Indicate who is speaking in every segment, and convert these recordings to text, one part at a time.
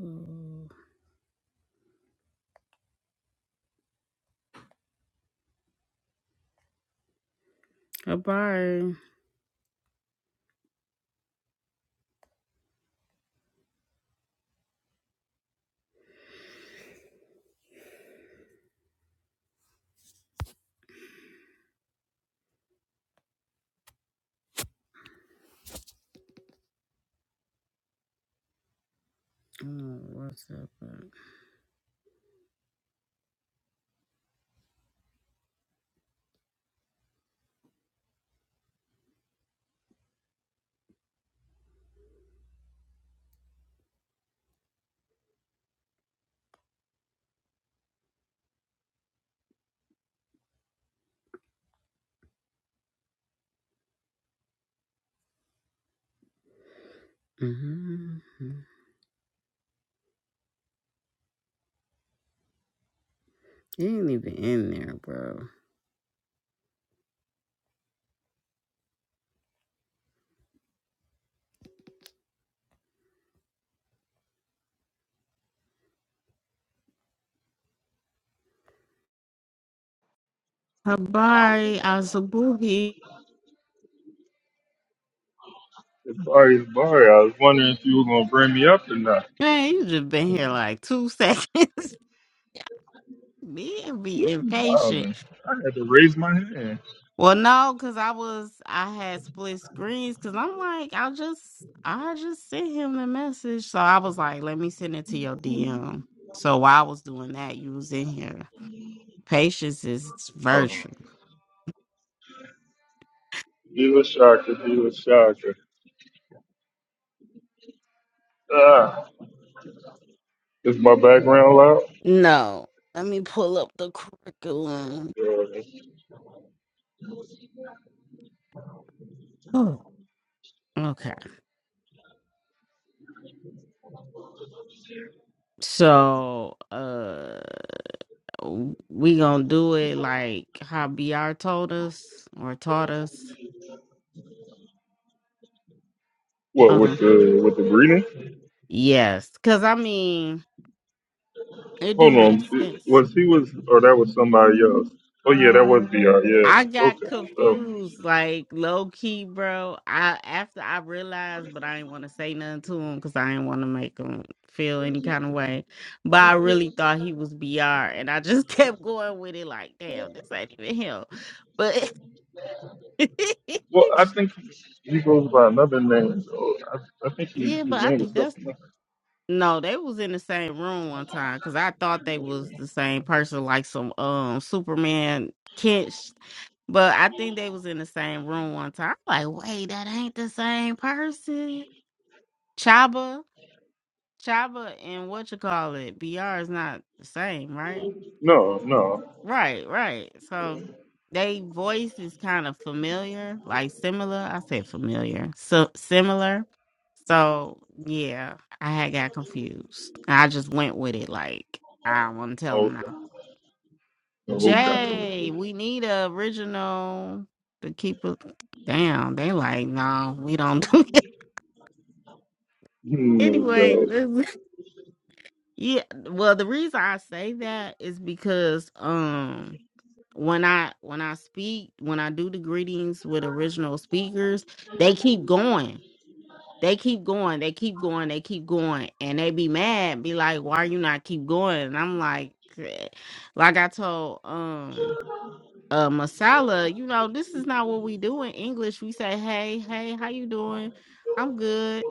Speaker 1: Mm. Abari. I do what's up, but. Mm-hmm. He ain't even in there, bro. Habari Asabuhi.
Speaker 2: Sorry, it's Barry. I was wondering if you were gonna bring me up or not.
Speaker 1: Man, you just been here
Speaker 2: Wow,
Speaker 1: like two seconds. Me be impatient.
Speaker 2: man. I had to raise my hand.
Speaker 1: Well, no, because I was, I had split screens because I'm like, I just, I just sent him the message. So I was like, let me send it to your DM. So while I was doing that, you was in here. Patience is
Speaker 2: Uh-huh.
Speaker 1: virtue.
Speaker 2: Dealer Shocker, Dealer Shocker. Ah, is my background loud?
Speaker 1: No. Let me pull up the curriculum.
Speaker 2: Uh,
Speaker 1: Oh, Okay. So uh we gonna do it like how BR told us or taught us.
Speaker 2: what with
Speaker 1: Um
Speaker 2: the with the greeting?
Speaker 1: yes. Cause I mean it do
Speaker 2: Hold
Speaker 1: make
Speaker 2: on.
Speaker 1: sense.
Speaker 2: Was he was or that was somebody else? Oh yeah, that was BR. Yeah.
Speaker 1: I got
Speaker 2: Okay. So,
Speaker 1: confused, like low key, bro. I after I realized, but I didn't want to say nothing to him because I didn't want to make him feel any kind of way. But I really thought he was BR, and I just kept going with it, like, damn, this ain't even him. But
Speaker 2: well, I think he goes by another name. So I, I think he,
Speaker 1: yeah,
Speaker 2: his
Speaker 1: but I
Speaker 2: name was
Speaker 1: think that's
Speaker 2: something. else.
Speaker 1: No, they was in the same room one time because I thought they was the same person, like some um Superman Kent, But I think they was in the same room one time. I'm like, wait, that ain't the same person. Chaba, Chaba, and what you call it? Br is not the same, right?
Speaker 2: No, no.
Speaker 1: Right, right. So they voice is kind of familiar, like similar. I said familiar. So similar. So yeah, I had got confused. I just went with it like I want to tell them now.
Speaker 2: Okay. Okay.
Speaker 1: Jay, we need a original to keep it down. They like, no, we don't do it.
Speaker 2: Hmm, No
Speaker 1: Anyway,
Speaker 2: doubt.
Speaker 1: this is- yeah. Well, the reason I say that is because um when I when I speak, when I do the greetings with original speakers, they keep going. They keep going. They keep going. They keep going. And they be mad, be like, why you not keep going? And I'm like, "Eh." like I told um uh Masala, you know, this is not what we do in English. We say, Hey, hey, how you doing? I'm good.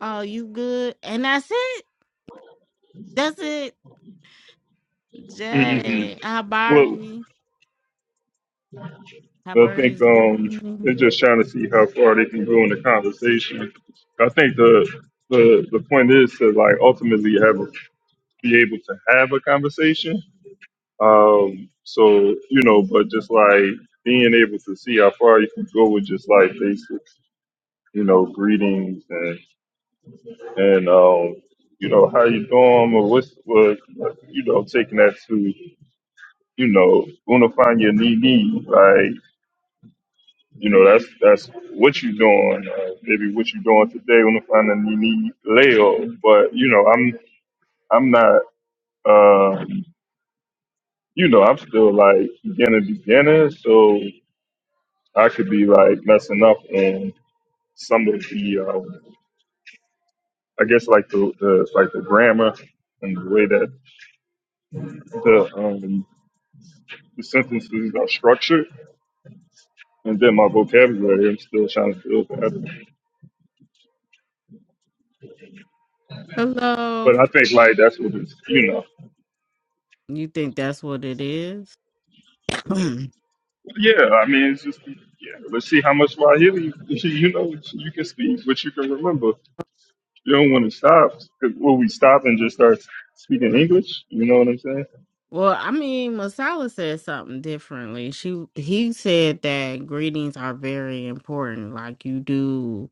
Speaker 1: Oh, you good? And that's it. That's it.
Speaker 2: Mm-hmm.
Speaker 1: Jay
Speaker 2: Well,
Speaker 1: Habari.
Speaker 2: I
Speaker 1: Habari
Speaker 2: think um,
Speaker 1: is
Speaker 2: they're just trying to see how far they can go in the conversation. I think the the the point is to like ultimately have a, be able to have a conversation. Um, so you know, but just like being able to see how far you can go with just like basic, you know, greetings and and um, you know how you doing or what's what you know taking that to you know gonna find your knee knee right. You know, that's that's what you're doing. Uh, maybe what you're doing today on the finding you need Leo. But you know, I'm I'm not. Um, you know, I'm still like beginner beginner, so I could be like messing up on some of the. Um, I guess like the, the like the grammar and the way that the um, the sentences are structured, and then my vocabulary. I'm still trying to build that.
Speaker 1: Hello,
Speaker 2: But I think like that's what it's. You know.
Speaker 1: You think that's what it is? well,
Speaker 2: Yeah, I mean, it's just yeah. Let's see how much Swahili you know you can speak, what you can remember. You don't want to stop. 'cause Will we stop and just start speaking English? You know what I'm saying?
Speaker 1: I mean, Masala said something differently. She he said that greetings are very important. Like you do,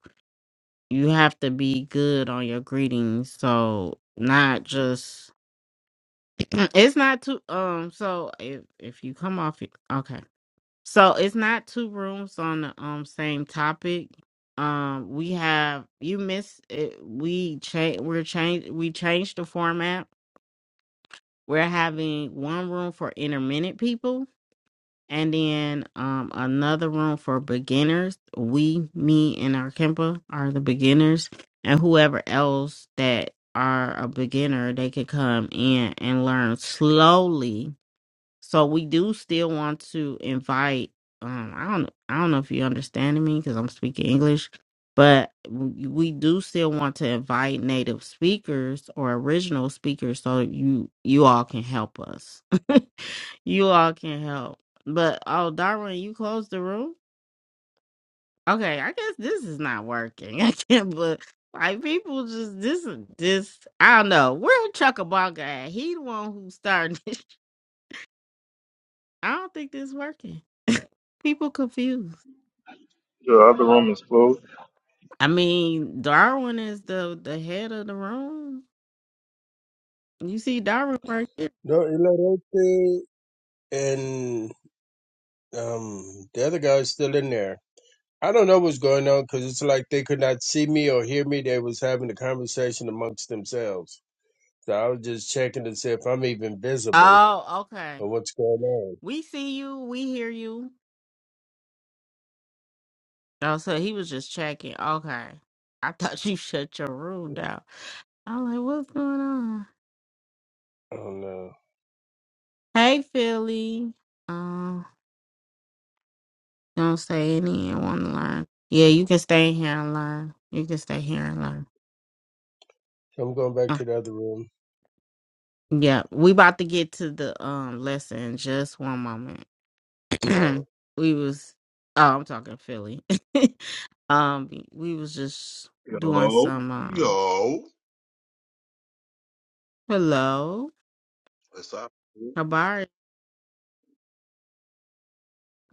Speaker 1: you have to be good on your greetings. So not just it's not two. um. So if if you come off it- okay, so it's not two rooms on the um same topic. Um, we have you miss it. We change. We're change. We changed the format We're having one room for intermittent people and then um, another room for beginners. We, me, and our Kempa are the beginners, and whoever else that are a beginner, they could come in and learn slowly so we do still want to invite. Um, I don't, I don't know if you're understanding me because I'm speaking English, but we we do still want to invite native speakers or original speakers so you you all can help us. you all can help. But oh, Darwin, you closed the room. Okay, I guess this is not working. I can't, but like people just this this I don't know. Where Chuckabanga at? He the one who started. I don't think this working. People confused.
Speaker 2: The other room is closed.
Speaker 1: I mean, Darwin is the the head of the room. You see Darwin right there.
Speaker 3: No, Ilarete and um, the other guy is still in there. I don't know what's going on because it's like they could not see me or hear me. They was having a conversation amongst themselves. So I was just checking to see if I'm even visible
Speaker 1: Oh, okay.
Speaker 3: or what's going on.
Speaker 1: We see you. We hear you. Oh, so he was just checking. Okay. I thought you shut your room down. I'm like, what's going on?
Speaker 3: I don't know.
Speaker 1: Hey, Philly. Um, don't say any and want to learn. Yeah, you can stay here and learn. You can stay here and learn.
Speaker 3: So I'm going back
Speaker 1: Uh,
Speaker 3: to the other room.
Speaker 1: yeah, we about to get to the um lesson. Just one moment.
Speaker 3: So
Speaker 1: we was oh, I'm talking Philly. um, we was just doing
Speaker 4: Yo,
Speaker 1: some um
Speaker 4: yo.
Speaker 1: hello,
Speaker 4: What's up?
Speaker 1: habari,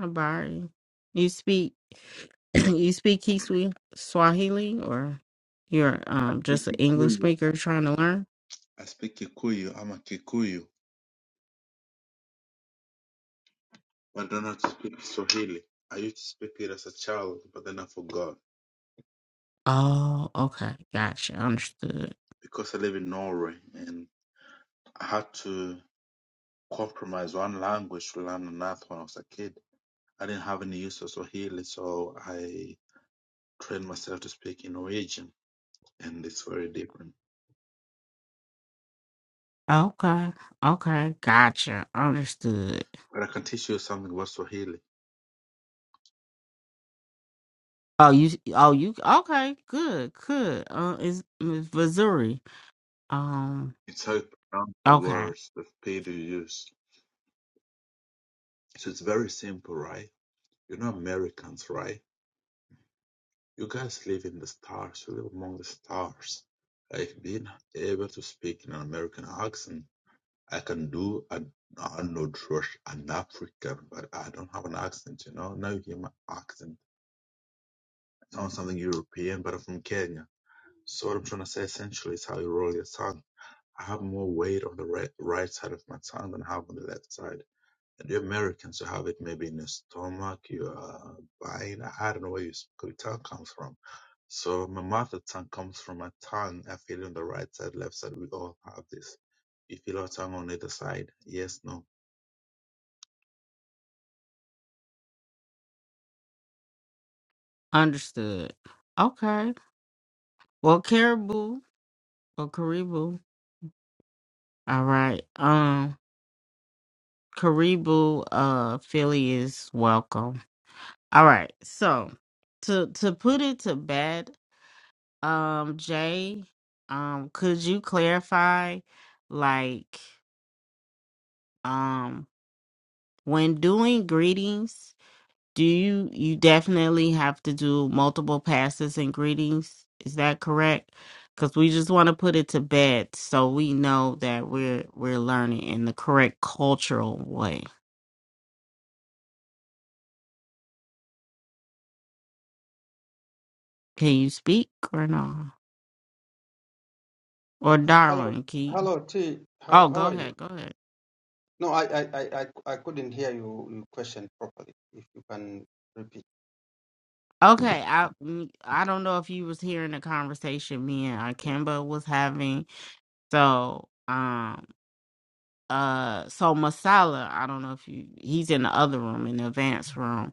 Speaker 1: habari. You speak you speak Kiswi Swahili or you're
Speaker 4: I
Speaker 1: um
Speaker 4: speak
Speaker 1: just an English
Speaker 4: Kikuyu.
Speaker 1: speaker trying to learn?
Speaker 4: I speak Kikuyu. I'm a Kikuyu. But I don't know how to speak Swahili. I used to speak it as a child, but then I forgot.
Speaker 1: Oh, okay, gotcha, understood.
Speaker 4: Because I live in Norway and I had to compromise one language to learn another when I was a kid. I didn't have any use of Swahili, so I trained myself to speak in Norwegian, and it's very different.
Speaker 1: Okay, okay, gotcha, understood.
Speaker 4: But I can teach you something about Swahili.
Speaker 1: Oh, you, oh, you, okay, good, good. Uh, is Missouri? Um,
Speaker 4: It's how you pronounce the
Speaker 1: Okay,
Speaker 4: words, the speed you use. So it's very simple, right? You're not Americans, right? You guys live in the stars. You live among the stars. Like being able to speak in an American accent, I can do an I'm not Rush, an African, but I don't have an accent, you know? Now you hear my accent. I sound something European, but I'm from Kenya. So what I'm trying to say essentially is how you roll your tongue. I have more weight on the right, right side of my tongue than I have on the left side. the Americans you have it maybe in the stomach, you are buying. I don't know where your sp- tongue comes from. So my mother tongue comes from my tongue. I feel it on the right side, left side. We all have this. You feel our tongue on either side. Yes, no.
Speaker 1: understood. Okay, well, Caribou or Caribou. All right, um, Caribou, uh, Philly is welcome. All right, so to to put it to bed, um, Jay, um, could you clarify, like, um, when doing greetings? Do you you definitely have to do multiple passes and greetings? Is that correct? Because we just want to put it to bed so we know that we're we're learning in the correct cultural way. Can you speak or no? Or
Speaker 5: H- Hello,
Speaker 1: Darwin, can you?
Speaker 5: hello, T. How
Speaker 1: Oh,
Speaker 5: how
Speaker 1: go
Speaker 5: are you?
Speaker 1: ahead, go ahead.
Speaker 5: No, I I I I I couldn't hear you, your question properly. If you can repeat.
Speaker 1: Okay, I mm, I don't know if you was hearing the conversation me and Akemba was having. So um uh so Masala, I don't know if you he's in the other room in the advanced room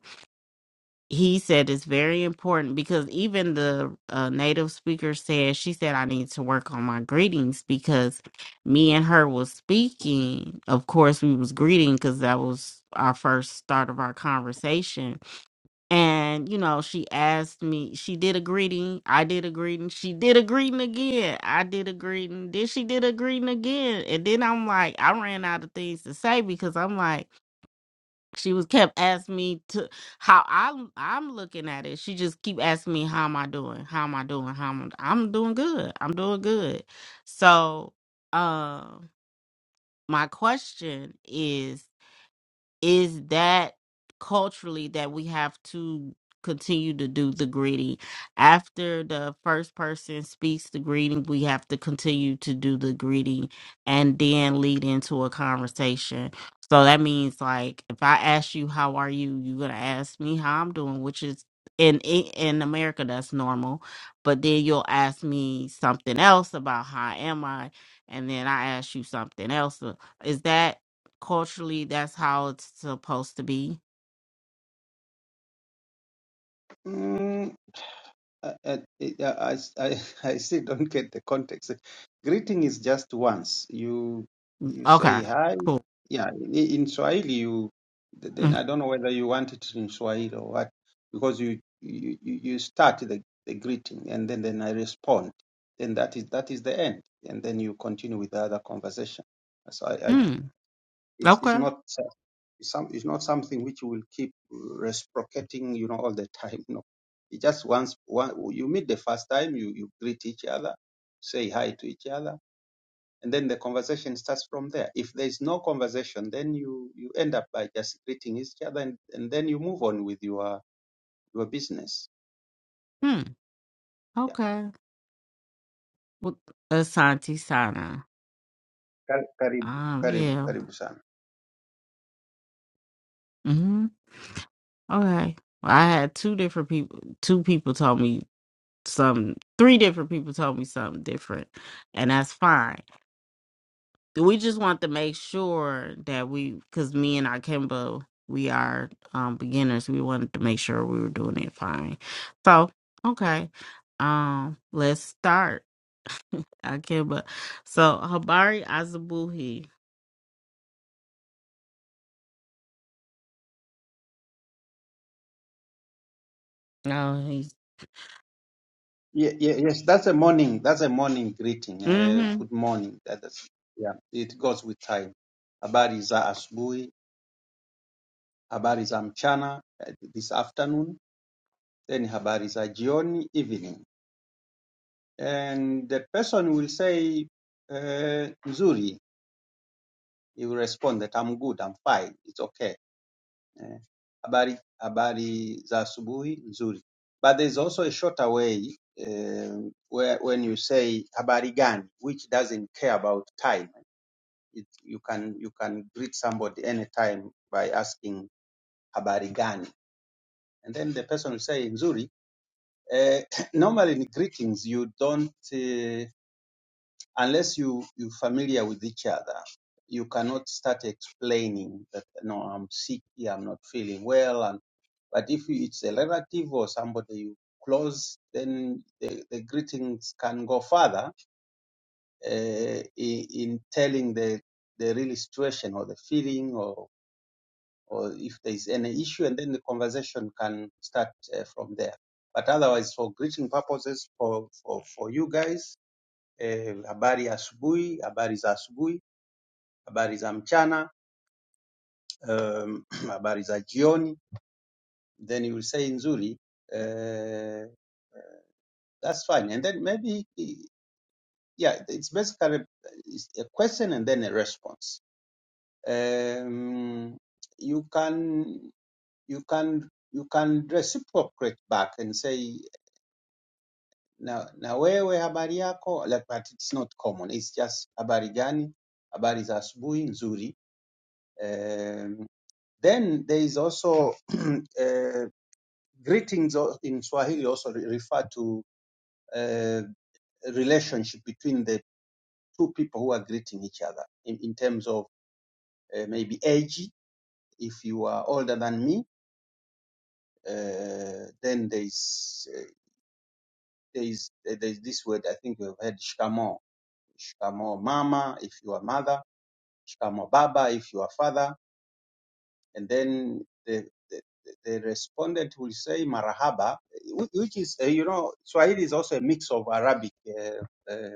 Speaker 1: he said it's very important because even the uh, native speaker said she said i need to work on my greetings because me and her was speaking of course we was greeting because that was our first start of our conversation and you know she asked me she did a greeting i did a greeting she did a greeting again i did a greeting then she did a greeting again and then i'm like i ran out of things to say because i'm like she was kept asking me to how I'm I'm looking at it. She just keep asking me how am I doing? How am I doing? How am I, I'm doing good. I'm doing good. So, um my question is is that culturally that we have to continue to do the greeting after the first person speaks the greeting we have to continue to do the greeting and then lead into a conversation so that means like if i ask you how are you you're going to ask me how i'm doing which is in in in america that's normal but then you'll ask me something else about how am i and then i ask you something else uh, is that culturally that's how it's supposed to be.
Speaker 5: I, I, I, I I still don't get the context. Greeting is just once. You you
Speaker 1: Okay,
Speaker 5: say hi.
Speaker 1: cool.
Speaker 5: Yeah, in, in Swahili, you th- then
Speaker 1: Mm.
Speaker 5: I don't know whether you want it in Swahili or what, because you you, you you start the, the greeting and then, then I respond. Then that is that is the end, and then you continue with the other conversation. So I, I
Speaker 1: mm,
Speaker 5: it's it's
Speaker 1: Okay.
Speaker 5: not. It's, some, it's not something which you will keep reciprocating, you know, all the time. No, it just once one, you meet the first time, you, you greet each other, say hi to each other, and then the conversation starts from there. If there is no conversation, then you you end up by just greeting each other, and, and then you move on with your your business.
Speaker 1: Hmm.
Speaker 5: Yeah,
Speaker 1: Okay. Well, Asante Sana.
Speaker 5: karibu,
Speaker 1: Um.
Speaker 5: karibu,
Speaker 1: Yeah.
Speaker 5: karibu sana.
Speaker 1: Hmm. Okay. Well, I had two different people. Two people told me some. Three different people told me something different, and that's fine. we just want to make sure that we because me and Akimbo, we are um beginners. We wanted to make sure we were doing it fine. So, okay. Um, let's start. Akimbo. So Habari Azabuhi. Oh he's
Speaker 5: Yeah, yeah, yes, that's a morning. That's a morning greeting. Uh,
Speaker 1: mm-hmm.
Speaker 5: good morning. That is, yeah, it goes with time. Habari za asubuhi habari za mchana eh, this afternoon then habari za jioni evening and the person will say eh, nzuri he will respond that I'm good I'm fine it's okay eh, habari habari za asubuhi nzuri but there's also a shorter way eh, where when you say habari gani which doesn't care about time it, you can you can greet somebody anytime by asking habari gani and then the person will say nzuri Uh, normally in greetings, you don't, uh, unless you, you're familiar with each other, you cannot start explaining that, no, I'm sick here, I'm not feeling well. And, but if it's a relative or somebody you close, then the, the greetings can go further uh, in, in telling the, the real situation or the feeling or or if there is any issue, and then the conversation can start uh, from there. But otherwise, for greeting purposes, for for, for you guys, eh, habari ya asubuhi, habari za asubuhi, habari za mchana, um, habari za jioni, then you will say nzuri. Uh, that's fine, and then maybe yeah, it's basically it's a question and then a response. Um, you can you can you can reciprocate back and say na, na wewe habari yako like, but it's not common it's just habari gani habari za asubuhi nzuri um, then there is also uh, greetings al- in swahili also re- refer to uh, relationship between the two people who are greeting each other in, in terms of uh, maybe age if you are older than me uh, then there is uh, there is there is this word i think we have heard shikamo shikamo mama if you are mother shikamo baba if you are father and then the, the the respondent will say marahaba whi- which is uh, you know swahili is also a mix of arabic uh, uh,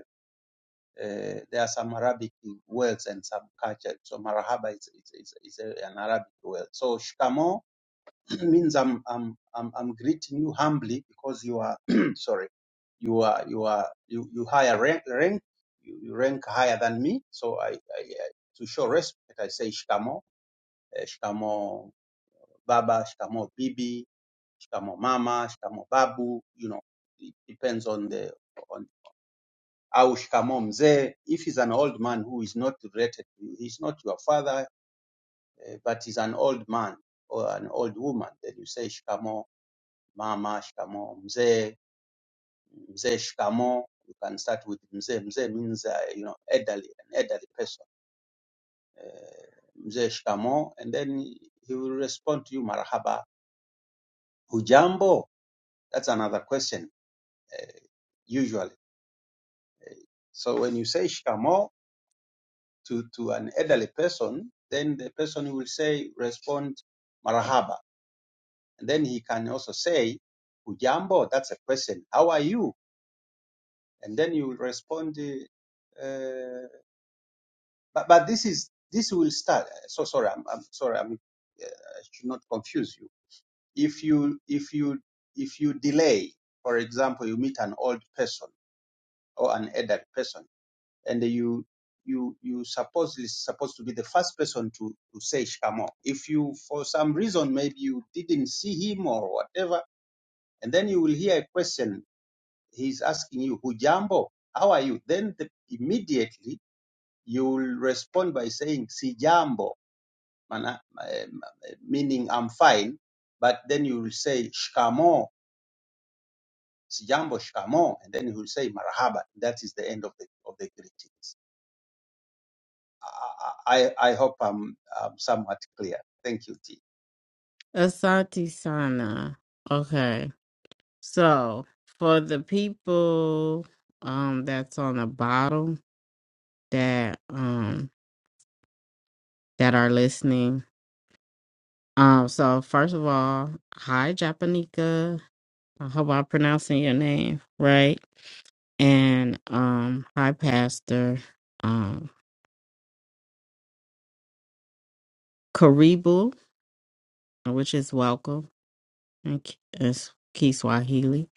Speaker 5: uh, there are some arabic words and some culture so marahaba is, is, is, is a- an arabic word so shikamo means I'm, I'm i'm i'm greeting you humbly because you are sorry you are you are you, you higher rank, rank you, you rank higher than me so I, I, I to show respect i say shikamo eh, shikamo baba, shikamo bibi, shikamo mama, shikamo babu, you know, it depends on the on au shikamo mzee. If he's an old man who is not related to you, he's not your father, eh, but he's an old man or an old woman, then you say shikamo mama, shikamo mzee, mzee shikamo. You can start with mzee. Mzee means uh, you know elderly, an elderly person. Eh, mzee shikamo, and then he will respond to you marhaba, hujambo That's another question, uh, usually. So when you say "shikamo" to, to an elderly person, then the person will say, respond marahaba. And then he can also say, ujambo, that's a question. How are you? And then you will respond, uh, uh, but, but this is, this will start. So sorry, I'm, I'm sorry, I'm, uh, I should not confuse you. If you, if you, if you delay, for example, you meet an old person or an elderly person, and you you you supposedly supposed to be the first person to, to say Shamo. If you for some reason maybe you didn't see him or whatever, and then you will hear a question he's asking you, Hujambo, how are you? Then the, immediately you will respond by saying Sijambo, mana, eh, meaning I'm fine. But then you will say Shkamo, Sijambo Shkamo, and then you will say Marhaba. That is the end of the of the greetings. I, I I hope I'm, I'm somewhat clear. Thank you, T.
Speaker 1: Asante Sana. Okay. So for the people um that's on the bottom that um that are listening Um, so first of all, hi Japanika. I hope I'm pronouncing your name right. And um, hi Pastor um Karibu, which is welcome in K- is Kiswahili.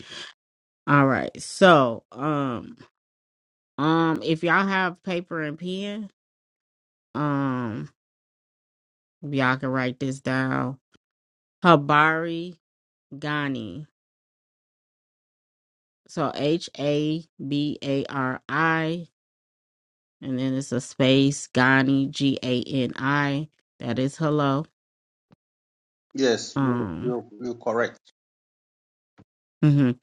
Speaker 1: All right. So um um if y'all have paper and pen, um y'all can write this down. Habari Gani. So H A B A R I and then it's a space Gani G A N I. That is hello.
Speaker 5: Yes, you,
Speaker 1: Um,
Speaker 5: you, you're correct.
Speaker 1: mhm.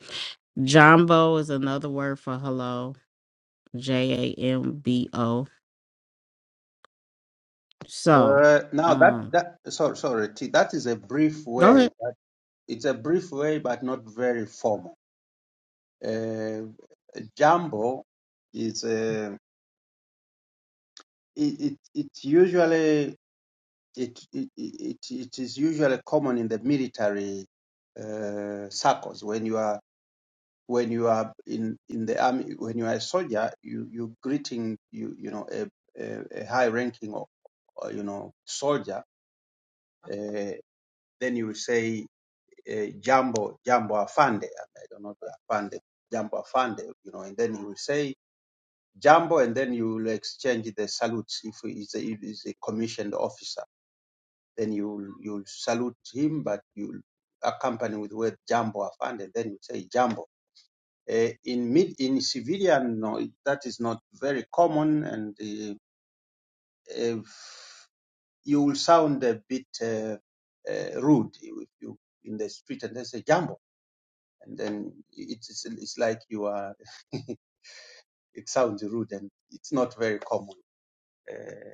Speaker 1: Jumbo is another word for hello. J A M B O. So,
Speaker 5: Uh, now that,
Speaker 1: um,
Speaker 5: that, sorry, sorry, T, that is a brief
Speaker 1: go
Speaker 5: way.
Speaker 1: ahead.
Speaker 5: That it's a brief way, but not very formal. Uh, Jambo is, uh, it, it, it's usually, it, it, it, it is usually common in the military, uh, circles when you are when you are in, in the army, when you are a soldier, you, you greeting, you, you know, a, a, a high ranking or, or, you know, soldier, uh, then you say, uh, jambo, jambo afande. I don't know, afande, jambo afande, you know, and then you will say jambo and then you will exchange the salutes. If he's a, if he's a commissioned officer, then you, you will salute him, but you will accompany with the word jambo afande, then you say jambo Uh, in mid in civilian, no, it- that is not very common, and uh, if you will sound a bit uh, uh, rude if you in the street and they say "jambo," and then it's it's, it's like you are. it sounds rude, and it's not very common. Uh,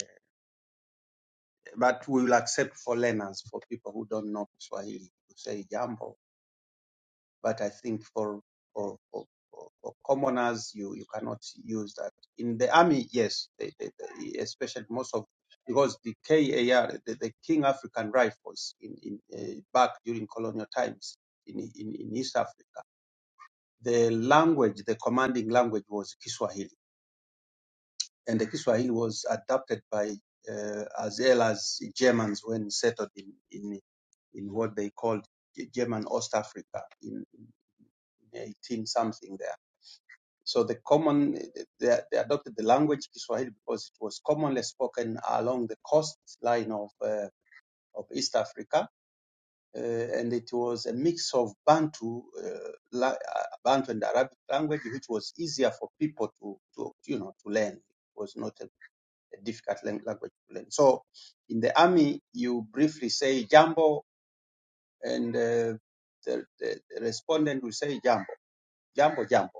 Speaker 5: but we will accept for learners, for people who don't know Swahili, to say "jambo." But I think for for, for, for for commoners, you, you cannot use that. In the army, yes, they, they, they, especially most of because the KAR, the, the King African Rifles, in, in uh, back during colonial times in, in in East Africa, the language, the commanding language was Kiswahili, and the Kiswahili was adopted by uh, as well as Germans when settled in in in what they called German Ost Africa in, in 18 something there. So the common, they, they adopted the language Kiswahili because it was commonly spoken along the coastline of, uh, of East Africa. Uh, and it was a mix of Bantu, uh, la, uh, Bantu and Arabic language, which was easier for people to, to you know, to learn. It was not a, a difficult language to learn. So in the army, you briefly say jambo and uh, the, the, the respondent will say jambo, jambo, jambo.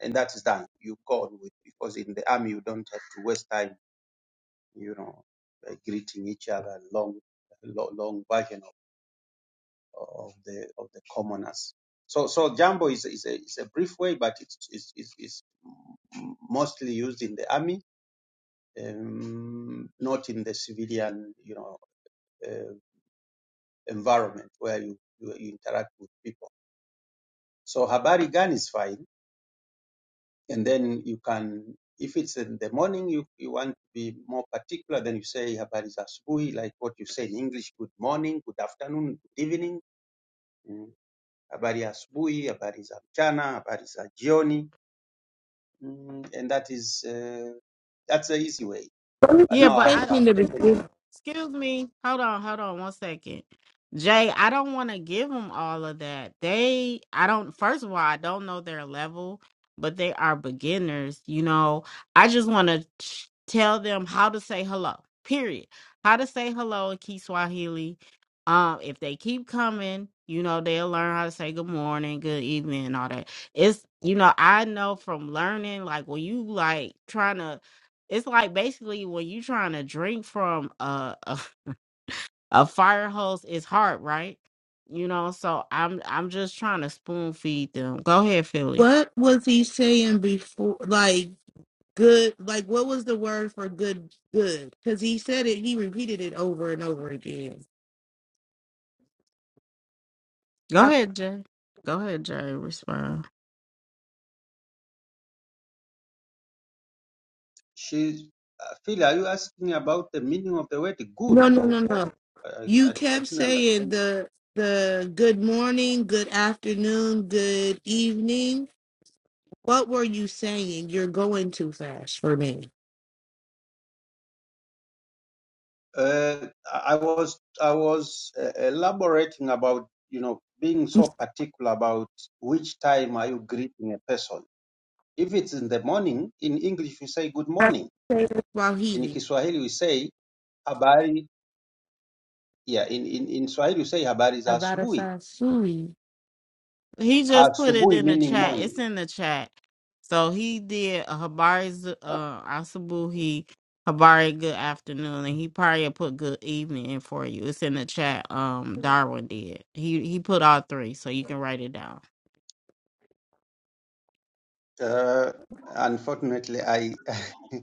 Speaker 5: and that is done. You go on with because in the army you don't have to waste time, you know, uh, greeting each other long, long, long version of, of the of the commoners. So so jambo is is a, is a brief way, but it's it's it's, it's m- mostly used in the army, um, not in the civilian, you know, uh, environment where you, you you interact with people. So habari gani is fine and then you can if it's in the morning you, you want to be more particular then you say habari za asubuhi like what you say in english good morning good afternoon good evening mm. habari ya asubuhi habari za mchana habari za jioni mm. and that is uh, that's the easy way
Speaker 6: What was
Speaker 5: but
Speaker 6: he
Speaker 1: Yeah,
Speaker 5: now
Speaker 1: but
Speaker 5: i've,
Speaker 6: saying
Speaker 1: I
Speaker 6: in
Speaker 5: I've
Speaker 6: the
Speaker 5: taken
Speaker 1: Excuse me. Hold on, hold on one second. Jay, I don't want to give them all of that. They, I don't, first of all, I don't know their level, but they are beginners. You know, I just want to tell them how to say hello, period. How to say hello in Kiswahili. Um, if they keep coming, you know, they'll learn how to say good morning, good evening, and all that. It's, you know, I know from learning, like when you like trying to it's like basically when you trying to drink from a, a a fire hose, it's hard, right? You know, so I'm I'm just trying to spoon feed them. Go ahead, Philly.
Speaker 6: What was he saying before? Like good, like what was the word for good? Good, because he said it. He repeated it over and over again.
Speaker 1: Go
Speaker 6: I-
Speaker 1: ahead, Jay. Go ahead, Jay. Respond.
Speaker 5: she uh, Phil, are you asking about the meaning of the word good
Speaker 6: No, no,
Speaker 5: or
Speaker 6: no,
Speaker 5: what
Speaker 6: no.
Speaker 5: i, I,
Speaker 6: You
Speaker 5: I
Speaker 6: kept
Speaker 5: didn't
Speaker 6: saying
Speaker 5: understand
Speaker 6: the the good morning, good afternoon, good evening. What were you saying? You're going too fast for me.
Speaker 5: Uh, I was I was uh, elaborating about you know being so particular about which time are you greeting a person. If it's in the morning, in English we say good
Speaker 6: I
Speaker 5: morning.
Speaker 6: say this while
Speaker 5: In
Speaker 6: healing
Speaker 5: Kiswahili we say habari. Yeah, in in, in Swahili we say habari za
Speaker 6: about a
Speaker 5: asubuhi.
Speaker 6: sasui.
Speaker 1: He just put it
Speaker 5: Asubuhi
Speaker 1: in the
Speaker 5: meaning
Speaker 1: chat.
Speaker 5: morning.
Speaker 1: It's in the chat. So he did a Habari Z- uh Asabuhi Habari good afternoon and he probably put good evening in for you. It's in the chat. Um Darwin did. He he put all three, so you can write it down.
Speaker 5: Uh, unfortunately, I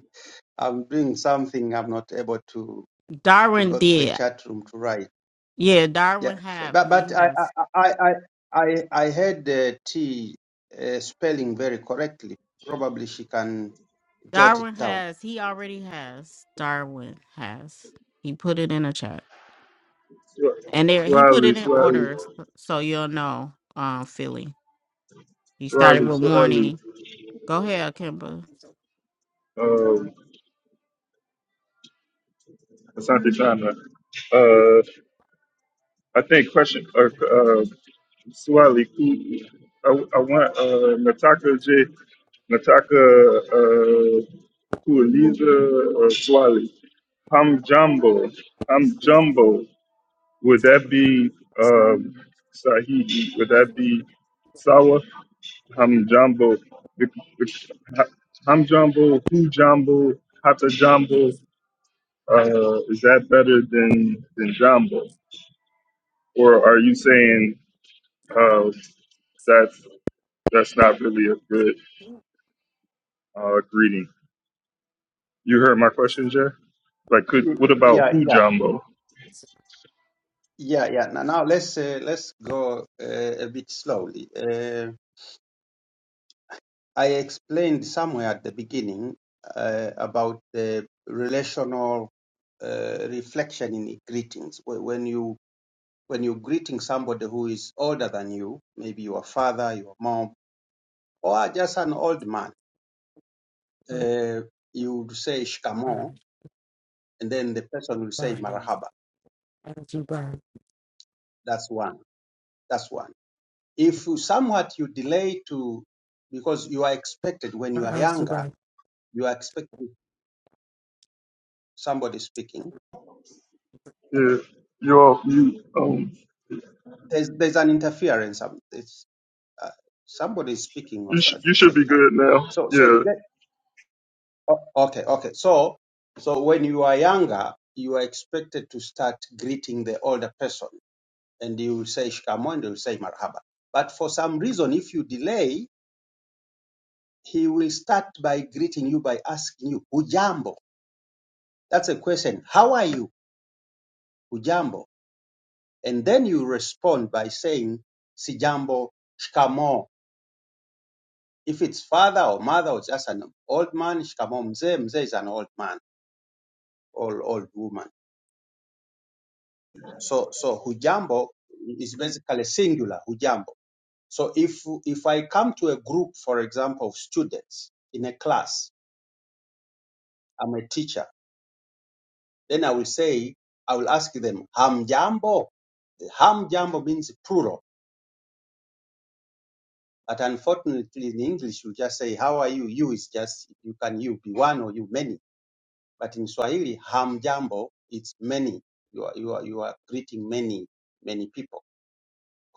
Speaker 5: I'm doing something. I'm not able to to
Speaker 1: Darwin
Speaker 5: go to the
Speaker 1: did
Speaker 5: chat room to write.
Speaker 1: Yeah, Darwin
Speaker 5: Yeah,
Speaker 1: have.
Speaker 5: but
Speaker 1: He
Speaker 5: but I
Speaker 1: has.
Speaker 5: I I I I I heard the T uh, spelling very correctly. Probably she can jot it
Speaker 1: Darwin
Speaker 5: down.
Speaker 1: has. He already has. Darwin has. He put it in a chat.
Speaker 2: Swa-
Speaker 1: And there he put
Speaker 2: Swahili,
Speaker 1: it in
Speaker 2: Swahili,
Speaker 1: order s- so you'll know, um, Philly. He started
Speaker 2: Swahili,
Speaker 1: with
Speaker 2: Swahili.
Speaker 1: morning. Go ahead, Kimba.
Speaker 2: Um, Asante Sana. Uh, I think question uh, uh, Swali, who, I, I want uh, Nataka J, Nataka uh, Kualiza or Swali. Hamjambo, Hamjambo, would that be um, Sahihi? Would that be Sawa? Hamjambo, Bec- bec- ha- Hamjambo, Hujambo, Hatajambo, uh, is that better than, than Jambo? Or are you saying uh, that's that's not really a good uh, greeting. You heard my question, Jay. Like,
Speaker 5: Y-
Speaker 2: could what about
Speaker 5: Yeah,
Speaker 2: who
Speaker 5: yeah,
Speaker 2: Jumbo?
Speaker 5: yeah, yeah. Now, now let's uh, let's go uh, a bit slowly. Uh, I explained somewhere at the beginning uh, about the relational uh, reflection in greetings. Wh- When you when you're greeting somebody who is older than you, maybe your father, your mom, or just an old man
Speaker 6: Bye,
Speaker 5: uh, you would say
Speaker 6: bye,
Speaker 5: shikamo, and then the person will say
Speaker 6: bye,
Speaker 5: marahaba.
Speaker 6: bye,
Speaker 5: That's one. That's one. If you- somewhat you delay to, because you are expected when you are
Speaker 6: bye,
Speaker 5: younger,
Speaker 6: bye,
Speaker 5: you are expected somebody
Speaker 6: bye.
Speaker 5: speaking.
Speaker 2: Yeah, you all you um
Speaker 5: There's there's an interference. um, It's, uh, somebody is speaking
Speaker 2: you
Speaker 5: also
Speaker 2: sh-
Speaker 5: at
Speaker 2: you
Speaker 5: the
Speaker 2: should
Speaker 5: same
Speaker 2: be
Speaker 5: time.
Speaker 2: good now.
Speaker 5: So so you
Speaker 2: Yeah,
Speaker 5: get o- okay okay. So so when you are younger, you are expected to start greeting the older person and he will say shikamoo he will say marhaba. But for some reason, if you delay, he will start by greeting you by asking you hujambo. That's a question. How are you? Hujambo. And then you respond by saying sijambo, shikamoo. If it's father or mother or just an old man, shikamoo mzee. Mzee is an old man or old woman. So so hujambo is basically singular hujambo. So if if I come to a group, for example, of students in a class I'm a teacher. Then I will say, I will ask them, hamjambo? Hamjambo means plural. But unfortunately, in English, you just say, how are you? You is just, you can you be one or you many. But in Swahili, hamjambo, it's many. You are, you are, you are greeting many, many people.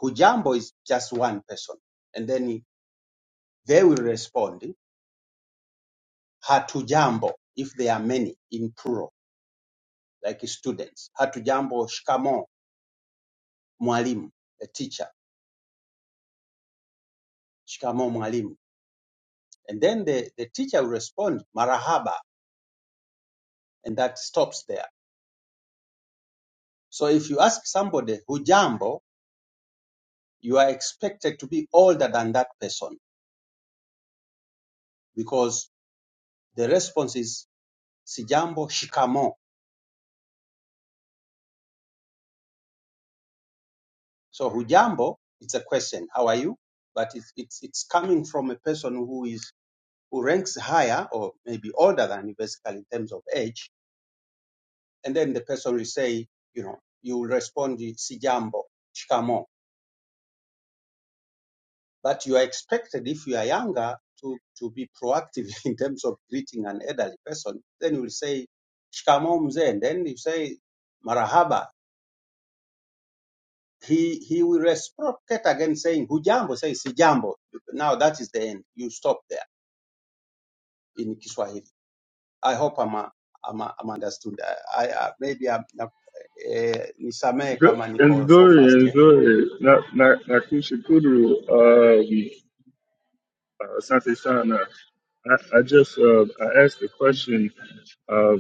Speaker 5: Hujambo is just one person. And then they will respond, hatujambo, if they are many in plural, like students. Hatujambo, shikamo, mwalimu, a teacher. Shikamo, mwalimu And then the, the teacher will respond, marahaba, and that stops there. So if you ask somebody hujambo, you are expected to be older than that person because the response is sijambo, shikamo. So hujambo, it's a question, how are you? But it's, it's, it's coming from a person who is who ranks higher or maybe older than you basically in terms of age. And then the person will say, you know, you will respond, sijambo, shikamo But you are expected, if you are younger, to, to be proactive in terms of greeting an elderly person. Then you will say, shikamo mzee. And then you say, marahaba. He, he will reciprocate again saying, hujambo, say sijambo. Now that is the end. You stop there in Kiswahili. I hope I'm, uh, I'm, uh, I'm understood. I, I, maybe I'm, eh, nisamehe
Speaker 2: good
Speaker 5: kama
Speaker 2: and
Speaker 5: niko so
Speaker 2: Zuri
Speaker 5: fast.
Speaker 2: and
Speaker 5: Yeah,
Speaker 2: Zuri. Not not not Kusha Kudru. Uh, Asante Sana, I, I just uh, I asked a question uh,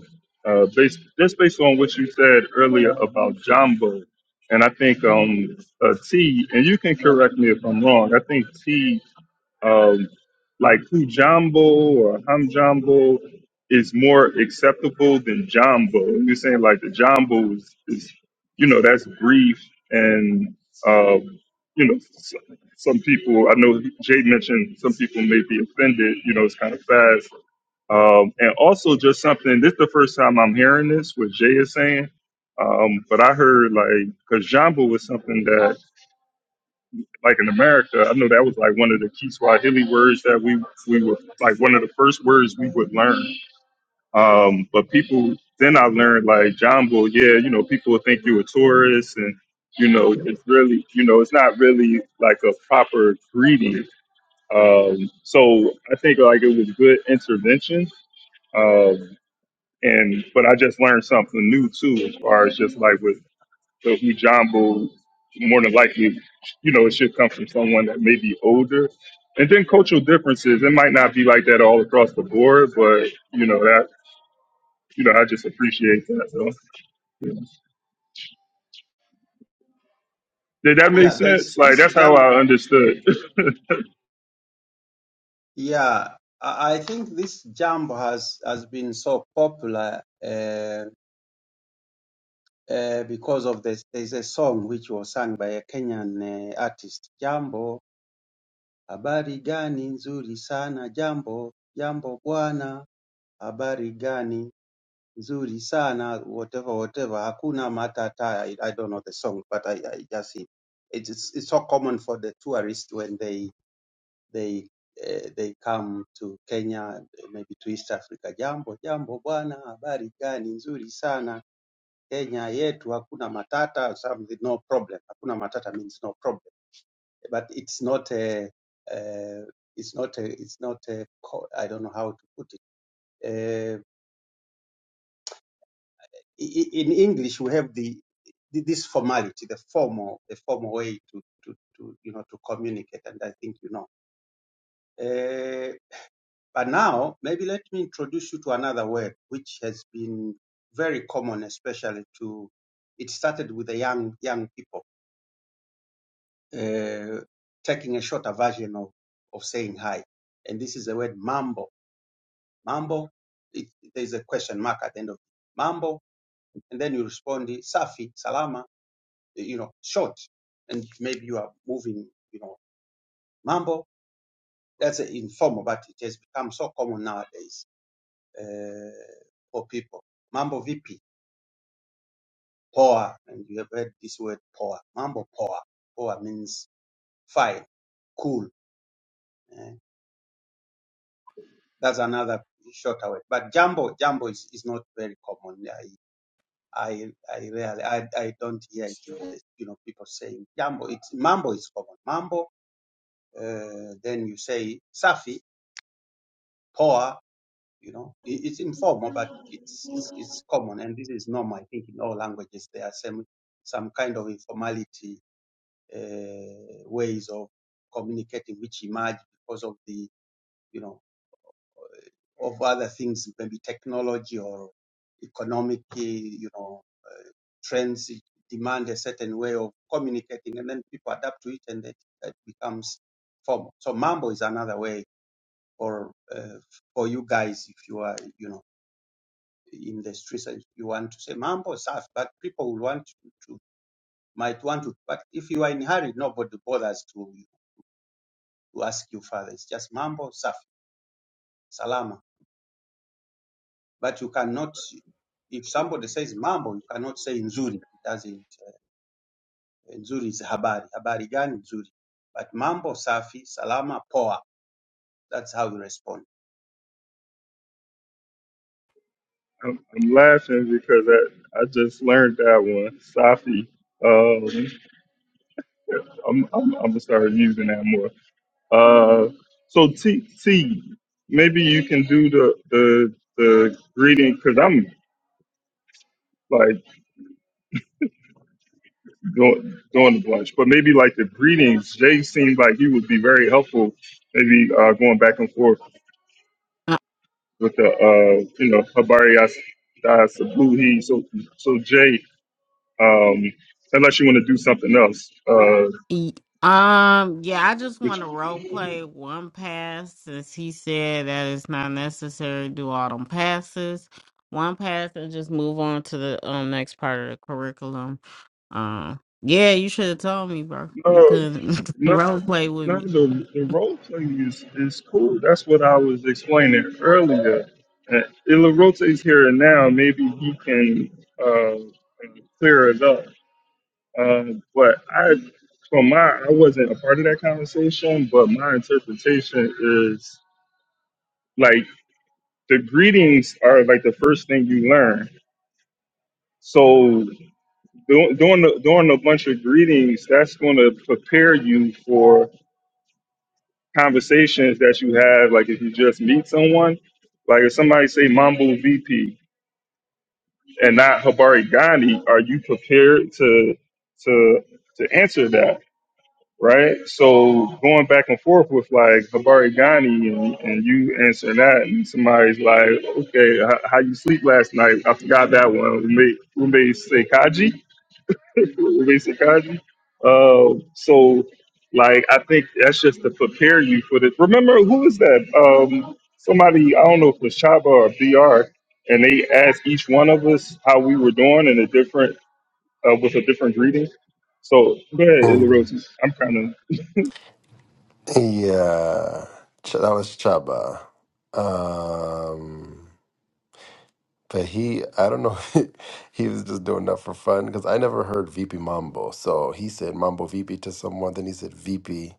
Speaker 2: uh, based just based on what you said earlier about Jumbo, and I think um, uh, T, and you can correct me if I'm wrong. I think T um, like Kujambo or Hamjambo is more acceptable than Jumbo. And You're saying like the Jumbo is, is you know, that's brief and, um, you know, s- some people, I know Jay mentioned some people may be offended, you know, it's kind of fast. Um, and also just something, this is the first time I'm hearing this, what Jay is saying. Um, but I heard like, cause Jumbo was something that like in America, I know that was like one of the key Swahili words that we we were like one of the first words we would learn. Um, but people then I learned like Jambo, yeah, you know, people would think you a tourist, and you know, it's really, you know, it's not really like a proper greeting. Um, so I think like it was good intervention. Um, and but I just learned something new too, as far as just like with so if we jumble, more than likely, you know, it should come from someone that may be older. And then cultural differences, it might not be like that all across the board, but you know that you know I just appreciate that. So yeah. did that make
Speaker 5: yeah there's,
Speaker 2: sense? Like
Speaker 5: this
Speaker 2: that's how
Speaker 5: jambo
Speaker 2: I understood.
Speaker 5: Yeah, I I think this jump has has been so popular uh, uh, because of this. There's a song which was sung by a Kenyan uh, artist, Jambo habari gani nzuri sana, Jambo Jambo bwana, habari gani nzuri sana, whatever whatever. Hakuna matata. I, I don't know the song, but I, I just it. It's, it's so common for the tourists when they they eh, they come to Kenya maybe to East Africa. Jambo jambo bwana, habari gani? Nzuri sana Kenya yetu, hakuna matata. Something, no problem. Hakuna matata means no problem, but it's not a uh, it's not a it's not a co- I don't know how to put it. Uh, i- i- in English, we have the th- this formality, the formal the formal way to to to you know to communicate, and I think you know. Eh, But now, maybe let me introduce you to another word which has been very common, especially to. It started with the young young people uh, taking a shorter version of of saying hi, and this is the word mambo. Mambo. It, there's a question mark at the end of it. mambo, and then you respond safi, salama. You know, short, and maybe you are moving. You know, mambo. That's informal, but it has become so common nowadays uh, for people. Mambo vipi Power and you have heard this word power. Mambo power. Power means fine, cool. eh. That's another shorter word. But jumbo, jumbo is, is not very common. I I I rarely I, I don't hear it in the, you know people saying jumbo. It's mambo is common. Mambo. Uh, then you say safi, power. You know, it, it's informal, but it's, it's it's common, and this is normal. I think in all languages there are some some kind of informality uh, ways of communicating which emerge because of the you know of other things maybe technology or economic uh, you know uh, trends demand a certain way of communicating and then people adapt to it and that, that becomes formal so mambo is another way or uh, for you guys if you are you know in the streets and you want to say mambo stuff but people will want to, to might want to but if you are in a hurry nobody bothers to To ask you, Father, it's just mambo, safi, salama. But you cannot, if somebody says mambo, you cannot say nzuri. It doesn't, uh, nzuri is habari. Habari gani nzuri. But mambo, safi, salama, poa. That's how you respond.
Speaker 2: I'm, I'm laughing because I, I just learned that one, Safi. Um, I'm, I'm I'm gonna start using that more. Uh, so T T, maybe you can do the the the greeting because I'm like doing doing the blush. But maybe like the greetings, Jay seemed like he would be very helpful. Maybe uh, going back and forth
Speaker 1: Uh,
Speaker 2: with the uh, you know Habari Yas Yas Sabuhi. So so Jay, um, unless you want to do something else, uh,
Speaker 1: e- um, yeah, I just
Speaker 2: which
Speaker 1: want to role play one pass since he said that it's not necessary to do all them passes. One pass and just move on to the um next part of the curriculum. Uh, yeah, you should have told me, bro. You
Speaker 2: no
Speaker 1: couldn't
Speaker 2: no
Speaker 1: role play with
Speaker 2: no
Speaker 1: me.
Speaker 2: the, the role playing is is cool. That's what I was explaining earlier. Uh, Ilarote's here and now. Maybe he can uh, clear it up Um, but I, from my, I wasn't a part of that conversation, but my interpretation is like the greetings are like the first thing you learn. So do- doing the, doing a bunch of greetings, that's going to prepare you for conversations that you have. Like if you just meet someone, like if somebody say Mambo VP and not Habari Gandhi, are you prepared to to to answer that? right? So going back and forth with like Habari Ghani and, and you answering that, and somebody's like, okay, how, how you sleep last night? I forgot that one. We made we made Sekaji. we made Sekaji. Uh, so like I think that's just to prepare you for the. Remember who is that? Um, somebody I don't know if it was Chaba or Br, and they asked each one of us how we were doing in a different uh, with a different greeting. So go ahead, Illa
Speaker 7: Mm.
Speaker 2: Rosie. I'm kind of
Speaker 7: Yeah, Ch- that was Chaba. Um, but he, I don't know, he was just doing that for fun because I never heard VP Mambo. So he said Mambo VP to someone, then he said VP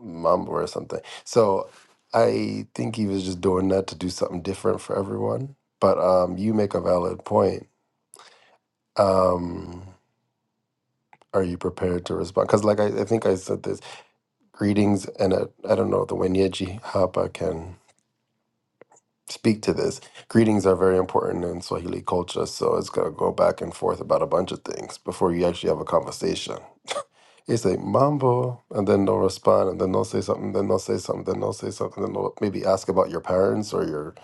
Speaker 7: Mambo or something. So I think he was just doing that to do something different for everyone. But um, you make a valid point. Um, are you prepared to respond? Because, like, I, I think I said this greetings, and I, I don't know, the Wenyeji Hapa can. speak to this. Greetings are very important in Swahili culture, so it's gonna go back and forth about a bunch of things before you actually have a conversation. It's like mambo, and then they'll respond, and then they'll say something, then they'll say something, then they'll say something, then they'll maybe ask about your parents or your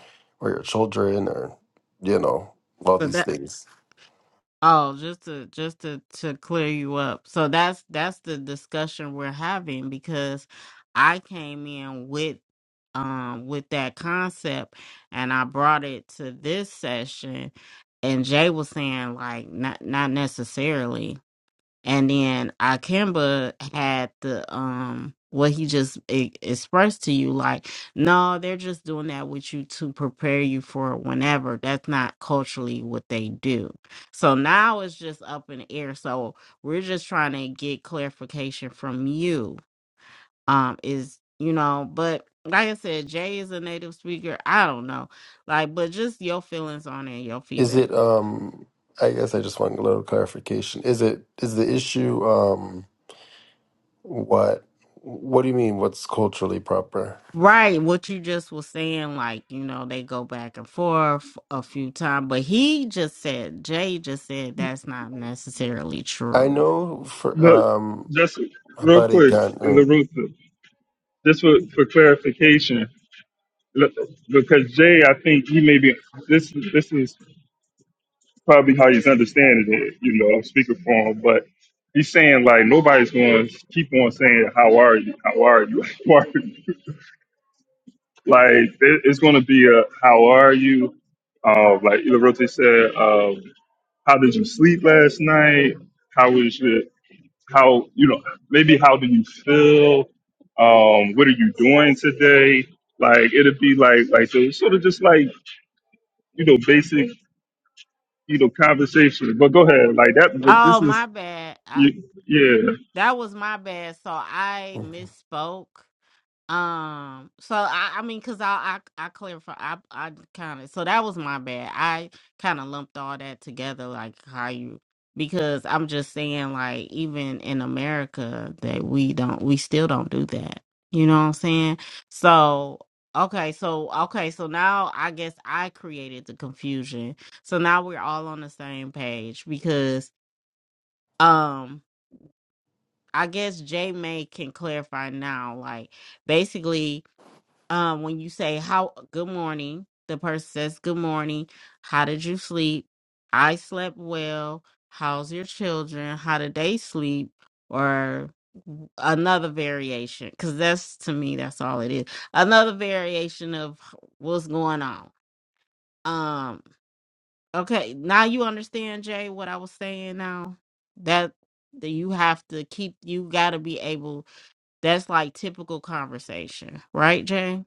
Speaker 7: or your children or you know all
Speaker 1: But
Speaker 7: these
Speaker 1: that
Speaker 7: things.
Speaker 1: oh, just to just to to clear you up. So that's that's the discussion we're having because I came in with um with that concept and I brought it to this session and Jay was saying like not not necessarily. And then Akemba had the um what he just e- expressed to you, like, no, they're just doing that with you to prepare you for whenever. That's not culturally what they do. So now it's just up in the air. So we're just trying to get clarification from you. Um, is you know, but like I said, Jay is a native speaker. I don't know, like, but just your feelings on it, and your
Speaker 7: Is
Speaker 1: feedback.
Speaker 7: it? um I guess I just want a little clarification. Is it? Is the issue um what? What do you mean? What's culturally proper?
Speaker 1: Right, what you just was saying, like, you know, they go back and forth a few times, but he just said, Jay just said that's not necessarily
Speaker 7: I
Speaker 1: true.
Speaker 7: know for
Speaker 2: Look,
Speaker 7: um
Speaker 2: just
Speaker 7: My
Speaker 2: real
Speaker 7: buddy
Speaker 2: quick,
Speaker 7: got. Uh,
Speaker 2: LaRusa, just for, for clarification, look, because Jay, I think he may be, this, this is probably how he's understanding it, you know, I'm speaking for him, but he's saying, like, nobody's going to keep on saying, how are you? How are you? How are you? Like, it- it's going to be a, how are you? Uh, like LaRusa said, um, how did you sleep last night? How was your, how you know maybe how do you feel um what are you doing today like it'd be like like so sort of just like you know basic you know conversation but go ahead like that but
Speaker 1: Oh,
Speaker 2: this is
Speaker 1: my bad. I,
Speaker 2: y- yeah
Speaker 1: that was my bad. So I misspoke. Um, so I, I mean, cause I, I, I clarify, I, I kind of, so that was my bad. I kind of lumped all that together, like how you, because I'm just saying, like, even in America, that we don't, we still don't do that. You know what I'm saying? So, okay, so, okay, so now I guess I created the confusion. So now we're all on the same page because, um, I guess J May can clarify now, like, basically um, when you say how good morning, the person says good morning. How did you sleep? I slept well. How's your children? How did they sleep? Or w- another variation, because that's to me that's all it is. Another variation of what's going on. Um. Okay, now you understand, Jay, what I was saying. Now that that you have to keep, you got to be able. That's like typical conversation, right, Jay?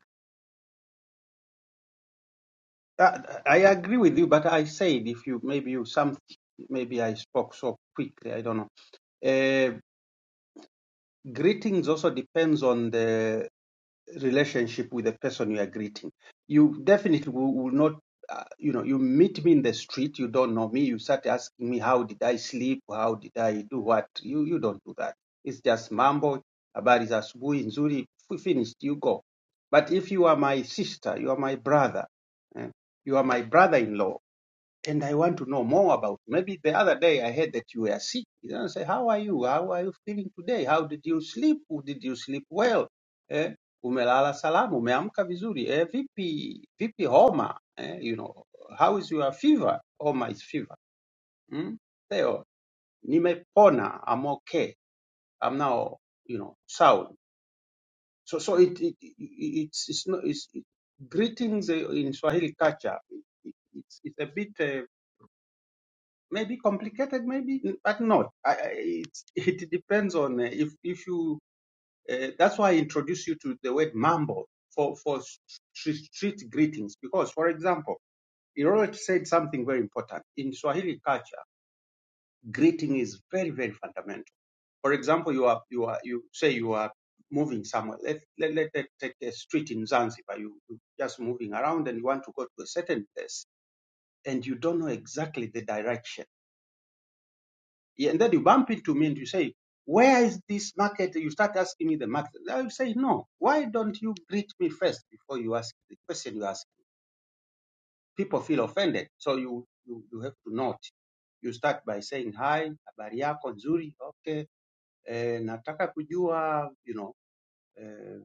Speaker 5: Uh, I agree with you, but I said if you, maybe you, some, maybe I spoke so quickly, I don't know. Uh, greetings also depends on the relationship with the person you are greeting. You definitely will, will not, uh, you know, you meet me in the street, you don't know me, you start asking me, how did I sleep? How did I do what? You, you don't do that. It's just mambo, habari za asubuhi nzuri, f- finished, you go. But if you are my sister, you are my brother, eh, you are my brother-in-law, and I want to know more about. you. Maybe the other day I heard that you were sick. You know, I say, how are you? How are you feeling today? How did you sleep? Did you sleep well? Eh, umelala salama, umeamka vizuri. Eh, vipi, vipi homa? Eh, you know, how is your fever? Homa is fever. Mm? Theo, nimepona. I'm okay. I'm now, you know, sound. So, so it, it, it it's, it's not, it's, it, greetings eh, in Swahili culture. It, it's, it's a bit uh, maybe complicated, maybe but not. I, I, it, it depends on uh, if if you. Uh, that's why I introduce you to the word mambo for for street, street greetings because, for example, Irot said something very important in Swahili culture. Greeting is very very fundamental. For example, you are you are you say you are moving somewhere. Let let let, let take a street in Zanzibar. You you just moving around and you want to go to a certain place and you don't know exactly the direction Yeah, and then you bump into me and you say, Where is this market? You start asking me the market. I will say, No. Why don't you greet me first before you ask the question you ask? People feel offended. So you, you, you have to note. You start by saying, Hi, habari yako nzuri, okay. Eh, nataka kujua, you know, eh,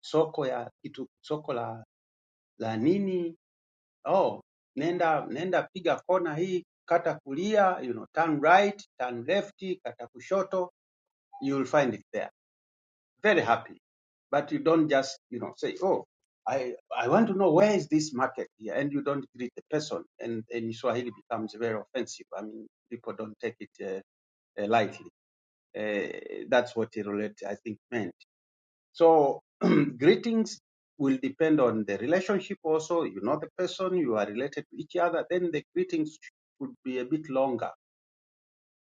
Speaker 5: soko ya kitu, soko la, la nini? Oh, nenda, nenda piga kona hii, kata kulia, you know, turn right, turn left, kata kushoto, you will find it there very happy. But you don't just, you know, say, oh, I, I want to know where is this market here, and you don't greet the person, and and in Swahili becomes very offensive. I mean, people don't take it uh, uh, lightly. Uh, that's what he relate, I think, meant. So greetings will depend on the relationship also. You know the person, you are related to each other. Then the greetings would be a bit longer.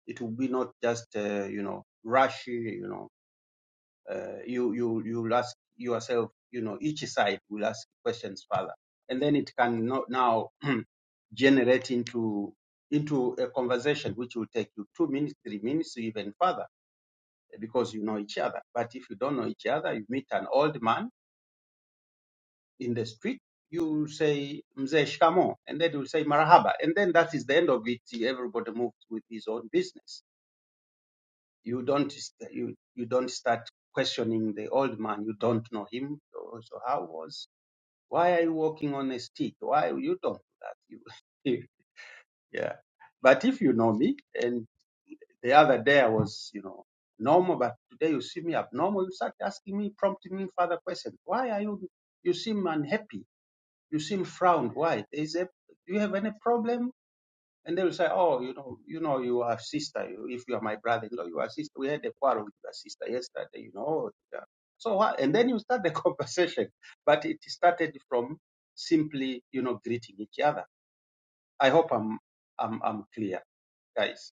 Speaker 5: It would be not just, uh, you know, rushy, you know uh, you you you'll ask yourself, you know, each side will ask questions further, and then it can no- now generate into into a conversation which will take you two minutes, three minutes, even further, because you know each other. But if you don't know each other, you meet an old man in the street, you say mzee shikamo, and then you say marahaba, and then that is the end of it. Everybody moves with his own business. you don't st- you you don't start questioning the old man you don't know him so so how was why are you walking on a stick why you don't do that you yeah but if you know me and the other day i was you know normal but today you see me abnormal you start asking me prompting me further questions why are you you seem unhappy you seem frowned why There is a do you have any problem and they will say, oh, you know, you know, you are sister. You, if you are my brother-in-law, you know, you are sister. We had a quarrel with your sister yesterday, you know. yeah." So what? And then you start the conversation, but it started from simply, you know, greeting each other. I hope I'm, I'm, I'm clear, guys.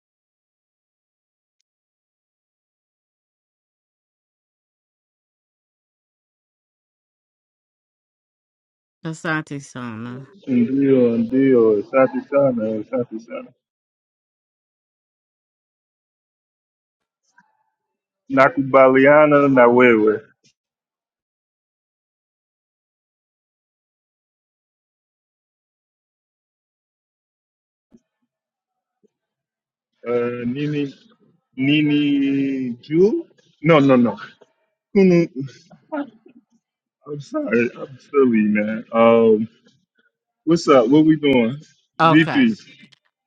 Speaker 1: Asante Sana.
Speaker 2: ndio ndio asante sana asante sana nakubaliana na wewe uh, nini nini juu no no no Kunu- i'm sorry i'm silly man um what's up what we doing
Speaker 1: Okay.
Speaker 2: vp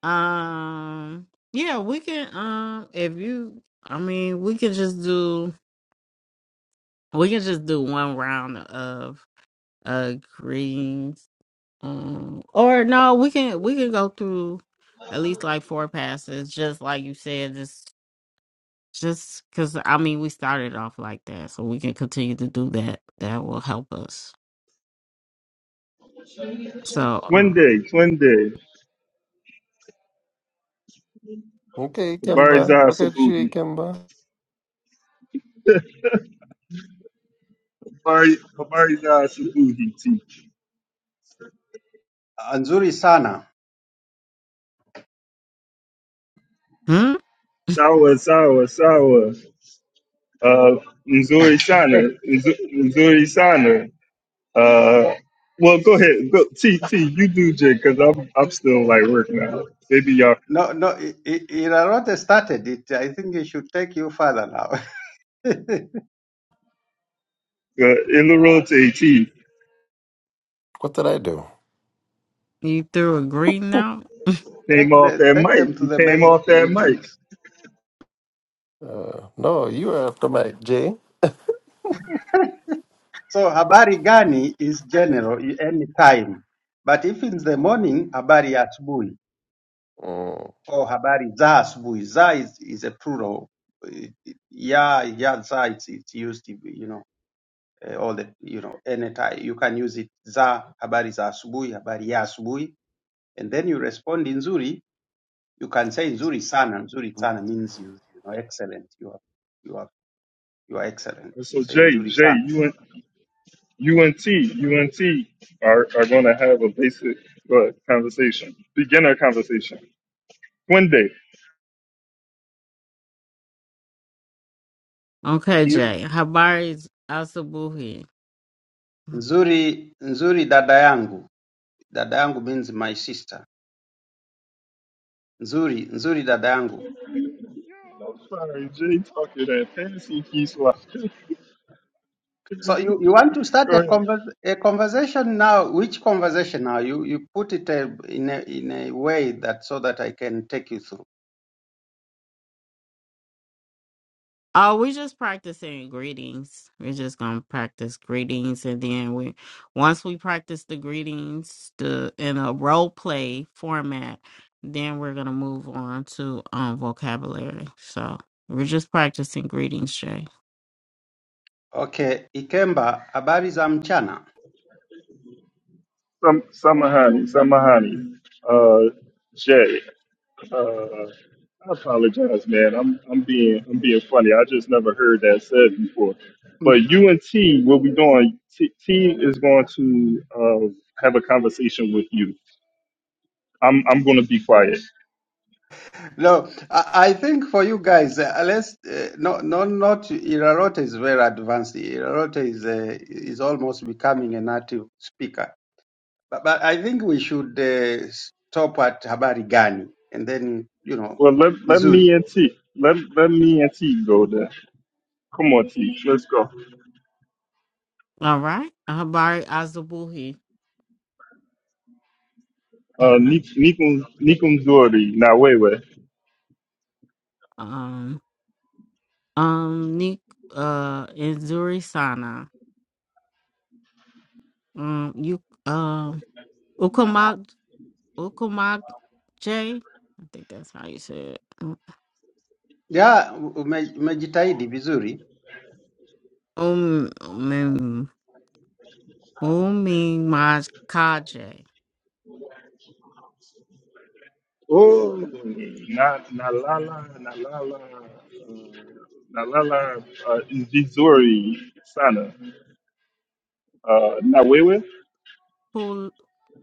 Speaker 1: Um yeah, we can um if you I mean we can just do we can just do one round of uh greens. Um or no, we can we can go through at least like four passes, just like you said, just just because I mean we started off like that, so we can continue to do that. That will help us. So
Speaker 2: One
Speaker 1: um
Speaker 2: day, one day,
Speaker 7: okay, Kimba.
Speaker 2: Babariza
Speaker 7: Look at you,
Speaker 2: Sabuhi,
Speaker 7: Kimba.
Speaker 2: Babari, Babariza Sabuhi teach.
Speaker 5: Anzuri sana.
Speaker 1: hmm?
Speaker 2: Sawa, Sawa, Sawa, uh, Nzuri Sana, Nzu- Nzuri Sana. Uh, well, go ahead, go, T, T, you do J, because I'm, I'm still like working out. Maybe y'all,
Speaker 5: No, no, it, it, it already started it. I think it should take you further now. take,
Speaker 2: uh, Ilarote T
Speaker 7: What did I do?
Speaker 1: you threw a green now?
Speaker 2: came off
Speaker 5: the,
Speaker 2: that
Speaker 5: take them
Speaker 2: mic.
Speaker 5: to
Speaker 2: You
Speaker 5: the
Speaker 2: came
Speaker 5: basic
Speaker 2: off that mic.
Speaker 5: greetings.
Speaker 7: Uh, no, you were after my Jay.
Speaker 5: So habari gani is general i- any time, but if it's the morning, habari ya asubuhi
Speaker 7: Mm,
Speaker 5: or habari za asubuhi. Za is, is a plural. Eh, Ya ya za it's, it's used, you know, eh, all the you know any time you can use it. Za habari za asubuhi, habari ya asubuhi, and then you respond nzuri. You can say nzuri sana. Nzuri sana means you you know excellent. You are you are you are excellent.
Speaker 2: And
Speaker 5: You
Speaker 2: so
Speaker 5: say
Speaker 2: J,
Speaker 5: nzuri
Speaker 2: J,
Speaker 5: sana.
Speaker 2: you and, you and T, you and T are, are going to have a basic uh, conversation, beginner conversation. One day.
Speaker 1: Okay,
Speaker 5: You,
Speaker 1: Jay. Habari's Asabuhi.
Speaker 5: nzuri nzuri dada yangu Dada yangu means my sister. Nzuri, nzuri dada yangu.
Speaker 2: Yo, I'm sorry, Jay talking that fantasy keys
Speaker 5: So you, you want to start
Speaker 2: Go
Speaker 5: a,
Speaker 2: ahead.
Speaker 5: conver- a conversation now. Which conversation now? You you put it uh, in a, in a way that so that I can take you through.
Speaker 1: Oh, we're just practicing greetings. We're just gonna practice greetings, and then we, once we practice the greetings, the in a role play format, then we're gonna move on to um vocabulary. So we're just practicing greetings, Jay.
Speaker 5: Okay, Ikemba, habari za mchana.
Speaker 2: Some Samahani, Samahani. Uh Jay. Uh I apologize, man. I'm I'm being I'm being funny. I just never heard that said before.
Speaker 5: Mm.
Speaker 2: But you and T, what we doing? T, T is going to uh, have a conversation with you. I'm I'm going to be quiet.
Speaker 5: No, I I think for you guys, uh, let's uh, no, no, not Irarote is very advanced. Irarote is uh, is almost becoming a native speaker. But, but I think we should uh, stop at habari gani and then you know
Speaker 2: Well, let let me
Speaker 5: nzuri.
Speaker 2: and T let let me and T go there. Come on, T. Let's go.
Speaker 1: All right, Habari Azabuhi,
Speaker 2: Uh, Nikum Nikum Dory, not way way.
Speaker 1: um, um, Nik, uh, Inzuri Sana, um, you, um, Ukumag, Ukumag, Jay. I think that's how you say it.
Speaker 5: Yeah, ume- umejitahidi vizuri.
Speaker 1: Um, um, Umi Makaje,
Speaker 2: Oh, not not Lala, not Lala, not Lala. Uh, Zizori Sana, uh, not way
Speaker 1: Kul-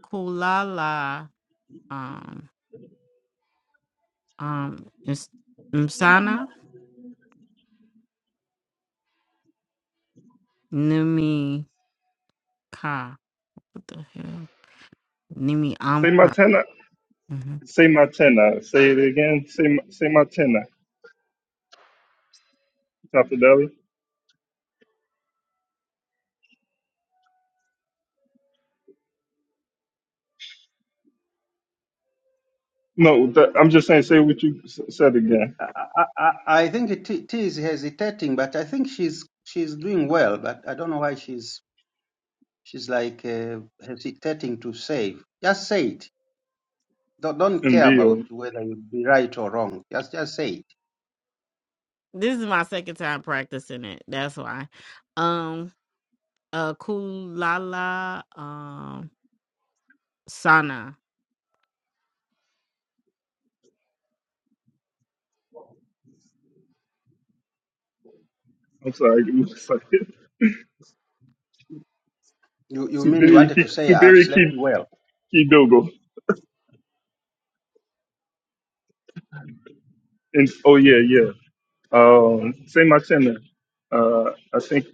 Speaker 1: Kulala, um, um, Is- Msana, Nimi Ka. What the hell? Nimi
Speaker 2: Say
Speaker 1: Amka.
Speaker 2: Matena,
Speaker 1: Mhm.
Speaker 2: say Matena. Say it again. Say Ma- say Matena. Top No, that, I'm just saying. Say what you s- said again.
Speaker 5: I, I, I I think T, T is hesitating, but I think she's she's doing well. But I don't know why she's she's like uh, hesitating to save. Just say it. Don't, don't
Speaker 2: And
Speaker 5: care about
Speaker 2: deal.
Speaker 5: whether you'll be right or wrong. Just just say it.
Speaker 1: This is my second time practicing it. That's why. Um, uh, Kulala, um, Sana.
Speaker 2: I'm sorry. I'm sorry.
Speaker 5: You you mean you
Speaker 2: Subiri
Speaker 5: wanted to
Speaker 2: Ki-
Speaker 5: say I've
Speaker 2: Subiri
Speaker 5: slept
Speaker 2: Ki-
Speaker 5: well?
Speaker 2: Kidogo. And oh yeah, yeah. Um, say my channel. Uh, I think,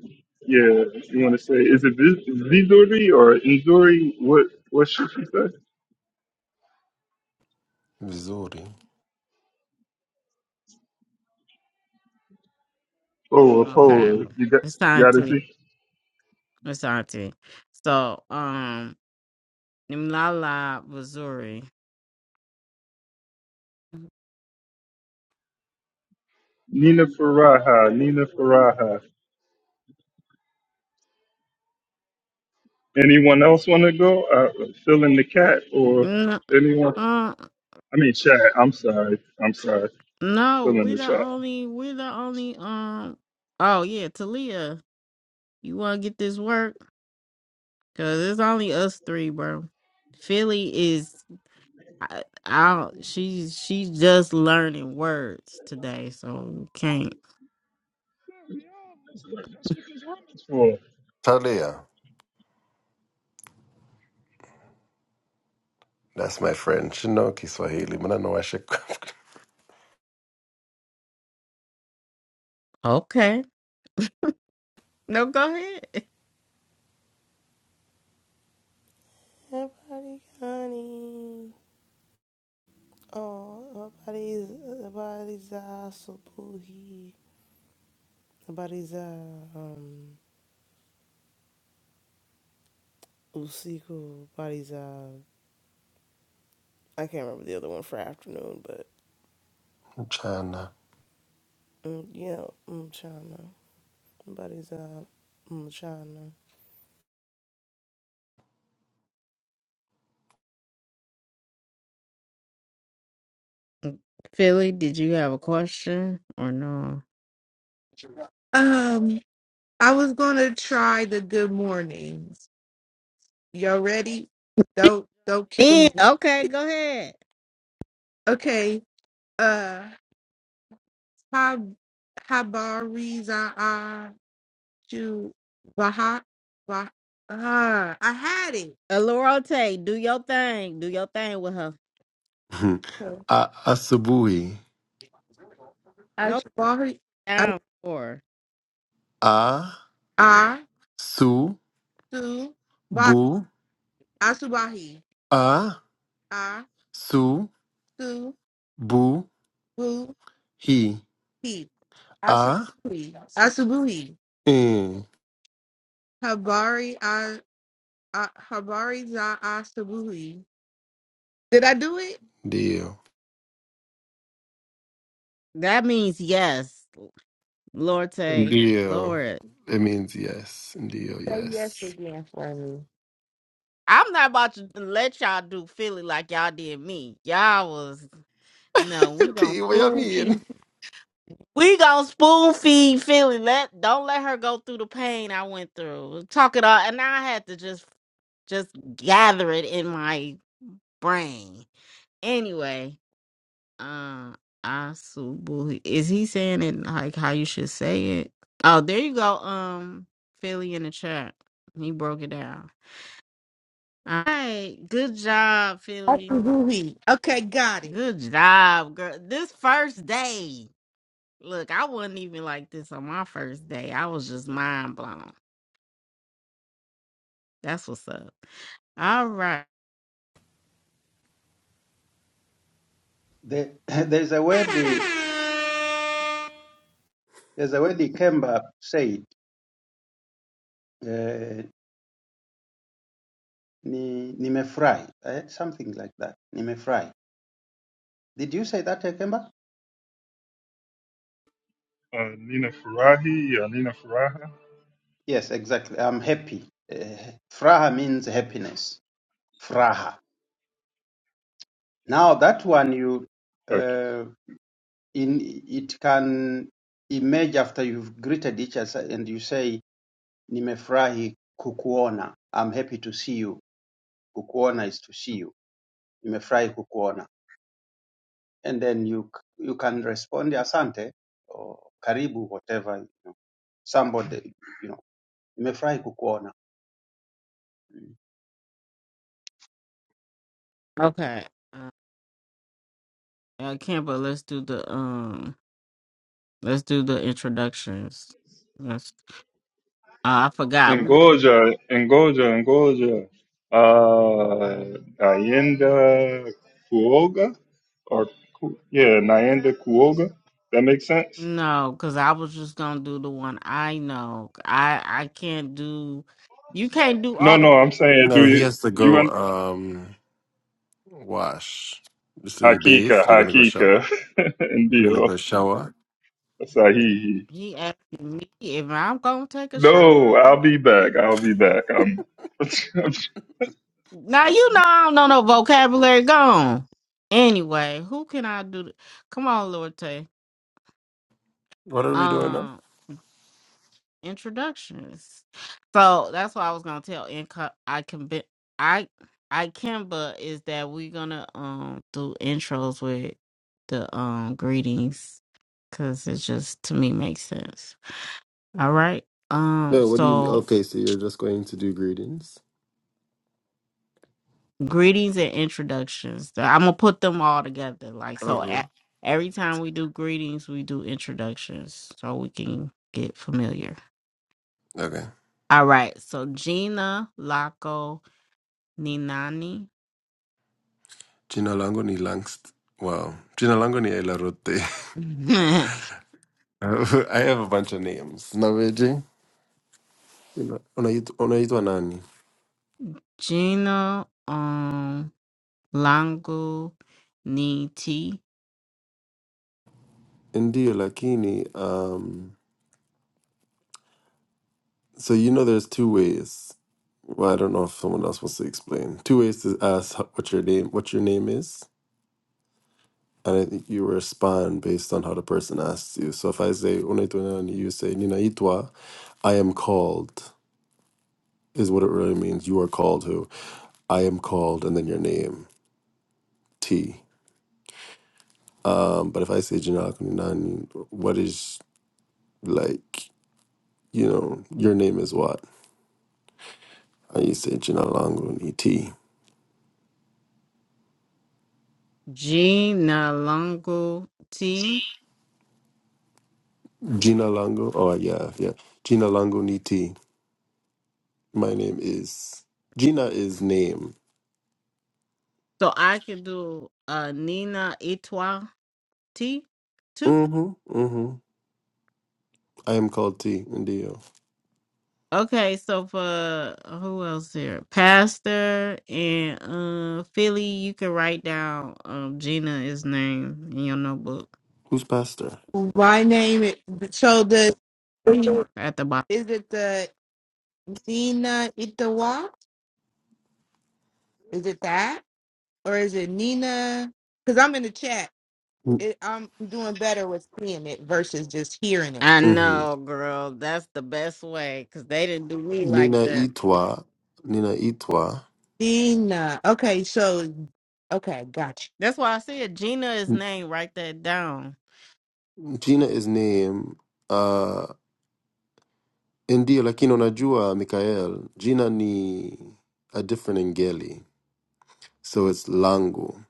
Speaker 2: yeah, you want to say, is it Viz- Vizuri or Inzuri? What what should you say?
Speaker 7: Vizuri.
Speaker 2: Oh, a
Speaker 1: Okay.
Speaker 2: pole. You got you got to
Speaker 1: Asante.
Speaker 2: see
Speaker 1: Asante. So, um, Nimlala, Missouri.
Speaker 2: Nina Faraha. Nina Faraha. Anyone else want to go? Uh, fill in the cat or anyone?
Speaker 1: Uh,
Speaker 2: I mean, chat. I'm sorry. I'm sorry.
Speaker 1: no,
Speaker 2: Fill in
Speaker 1: we
Speaker 2: the
Speaker 1: the
Speaker 2: chat.
Speaker 1: only, we the only, um, oh yeah, Talia, you want to get this work? Cause it's only us three, bro. Philly is, I, I don't, she's, she's just learning words today, so can't.
Speaker 2: That's what this room is for.
Speaker 7: Talia. That's my friend. She know Kiswahili. Mna know she
Speaker 1: Okay. No, go ahead.
Speaker 8: Everybody honey. Oh, everybody's everybody's a subuhi. Everybody's a um usiku. Everybody's a I can't remember the other one for afternoon, but
Speaker 7: mchana.
Speaker 8: mm, yeah, mchana. Everybody's a mchana.
Speaker 1: Philly, did you have a question or no?
Speaker 6: Um, I was gonna try the good mornings. Y'all ready? Don't don't kill
Speaker 1: Yeah,
Speaker 6: me.
Speaker 1: okay, go ahead.
Speaker 6: Okay. Uh, Hab Habari Za'a Ju Baha Bah. Uh, I had it.
Speaker 1: Alorote, do your thing. Do your thing with her.
Speaker 6: Okay.
Speaker 7: A asubuhi.
Speaker 1: No
Speaker 6: Ashbahi
Speaker 1: down for her.
Speaker 7: A
Speaker 6: Asu
Speaker 7: su
Speaker 6: Bah
Speaker 7: bu
Speaker 6: Asubahi
Speaker 7: a
Speaker 6: Asu
Speaker 7: su bu hi.
Speaker 6: Buhi
Speaker 7: A
Speaker 6: Asubuhi Asubuhi
Speaker 7: mm.
Speaker 6: Habari uh, Habari za Asabuhi. Did I do it?
Speaker 7: Ndio.
Speaker 1: That means yes. Lord, say,
Speaker 7: Ndio.
Speaker 1: Lord,
Speaker 7: It means yes. Ndio,
Speaker 6: Say yes
Speaker 7: yes.
Speaker 6: again for me.
Speaker 1: I'm not about to let y'all do Philly like y'all did me. Y'all was no, we gonna
Speaker 7: T, what you
Speaker 1: spoon
Speaker 7: mean?
Speaker 1: feed. We gonna spoon feed Philly. Let don't let her go through the pain I went through. Talk it all, and I had to just just gather it in my brain. Anyway, uh, Asubu, is he saying it like how you should say it? Oh, there you go. Um, Philly in the chat. He broke it down. All right. Good job, Philly.
Speaker 6: Asabuhi. Okay, got it.
Speaker 1: Good job, girl. This first day. Look, I wasn't even like this on my first day. I was just mind blown. That's what's up. All right.
Speaker 5: The, there's a word the there's a word the Kemba said. Uh, Ni, nimefurahi. Eh? Something like that. Nimefurahi. Did you say that, Kemba?
Speaker 2: Uh, Nina Farahi or Nina Faraha?
Speaker 5: Yes, exactly. I'm happy. Eh, Fraha means happiness. Fraha. Now that one you
Speaker 2: Okay.
Speaker 5: uh, in it can emerge after you've greeted each other and you say nimefurahi kukuona. I'm happy to see you. Kukuona is to see you. Nimefurahi kukuona. And then you c- you can respond asante or karibu whatever you know, somebody you know. Nimefurahi kukuona.
Speaker 1: Okay. Uh, I can't, but let's do the um let's do the introductions. Let's, uh, I forgot. We don't,
Speaker 2: Ngoja, ngoja, ngoja. Uh, naenda kuoga or ku- yeah, naenda kuoga. That makes sense.
Speaker 1: no, because I was just gonna do the one I know. I I can't do you can't do
Speaker 2: No, no, I'm
Speaker 1: audible.
Speaker 2: saying do
Speaker 7: No, he
Speaker 2: you
Speaker 7: has to
Speaker 2: do you
Speaker 7: go
Speaker 2: want
Speaker 7: um wash. So you bathe,
Speaker 2: hakika,
Speaker 7: you're gonna go
Speaker 2: hakika,
Speaker 7: shower. You're gonna
Speaker 2: ndio
Speaker 7: go shower.
Speaker 2: sahihi.
Speaker 1: He asked me if I'm gonna take a
Speaker 2: No,
Speaker 1: shower.
Speaker 2: I'll be back. I'll be back. Um, that
Speaker 1: Now you know I don't know no vocabulary. Gone. Anyway, who can I do? th- Come on, Lord Tay.
Speaker 7: What are we doing now?
Speaker 1: Um, introductions. So that's what I was gonna tell. Inco- I can be. I I can, but is that we gonna um do intros with the um greetings because it just to me makes sense. All right. Um.
Speaker 7: No, what do you mean?
Speaker 1: So
Speaker 7: Okay, so you're just going to do greetings.
Speaker 1: greetings and introductions. I'm gonna put them all together. Like so, a
Speaker 7: Okay.
Speaker 1: every time we do greetings, we do introductions so we can get familiar.
Speaker 7: Okay.
Speaker 1: All right. So Gina Laco Ninani,
Speaker 7: Gino Lango ni Langst. Wow. Gino Lango ni Elarote. I have a bunch of names. Naveji. Unaitwa unaitwa nani?
Speaker 1: Gina um Langu Niti,
Speaker 7: Ndio, lakini. Um, so you know there's two ways. Well, I don't know if someone else wants to explain. Two ways to ask ho- what your name what your name is, and I think you respond based on how the person asks you. So if I say "Unaituna," and you say "Nina itwa," I am called is what it really means. You are called who? I am called, and then your name T. Um, but if I say "Jina lako nani," what is like you know your name is what? And you say "Jina langu ni T."
Speaker 1: Gina Langu T.
Speaker 7: Jina langu. Oh yeah, yeah. Jina langu ni T. My name is Gina. Is name.
Speaker 1: So I can do uh Nina Itwa T too.
Speaker 7: Mm-hmm. Mm-hmm. I am called T. Ndio.
Speaker 1: Okay, so for uh, who else here? Pastor and uh Philly, you can write down um Gina's name in your notebook
Speaker 7: Who's pastor?
Speaker 6: My name is so the is
Speaker 1: Mm.
Speaker 6: it,
Speaker 1: at the bottom.
Speaker 6: is it the Nina Itawa? Is it that or is it Nina? Because I'm in the chat. It, I'm doing better with seeing it versus just hearing it.
Speaker 1: I
Speaker 7: Mm-hmm.
Speaker 1: know, girl. That's the best way because they didn't do me like
Speaker 7: Nina
Speaker 1: that.
Speaker 7: Itwa. Nina Itwa.
Speaker 6: Nina. Okay, so okay, gotcha.
Speaker 1: That's why I said Gina's
Speaker 7: N-
Speaker 1: name, write that down.
Speaker 7: Gina is name. Uh, ndio lakini unajua Mikael. Gina ni a different ngeli, so it's langu.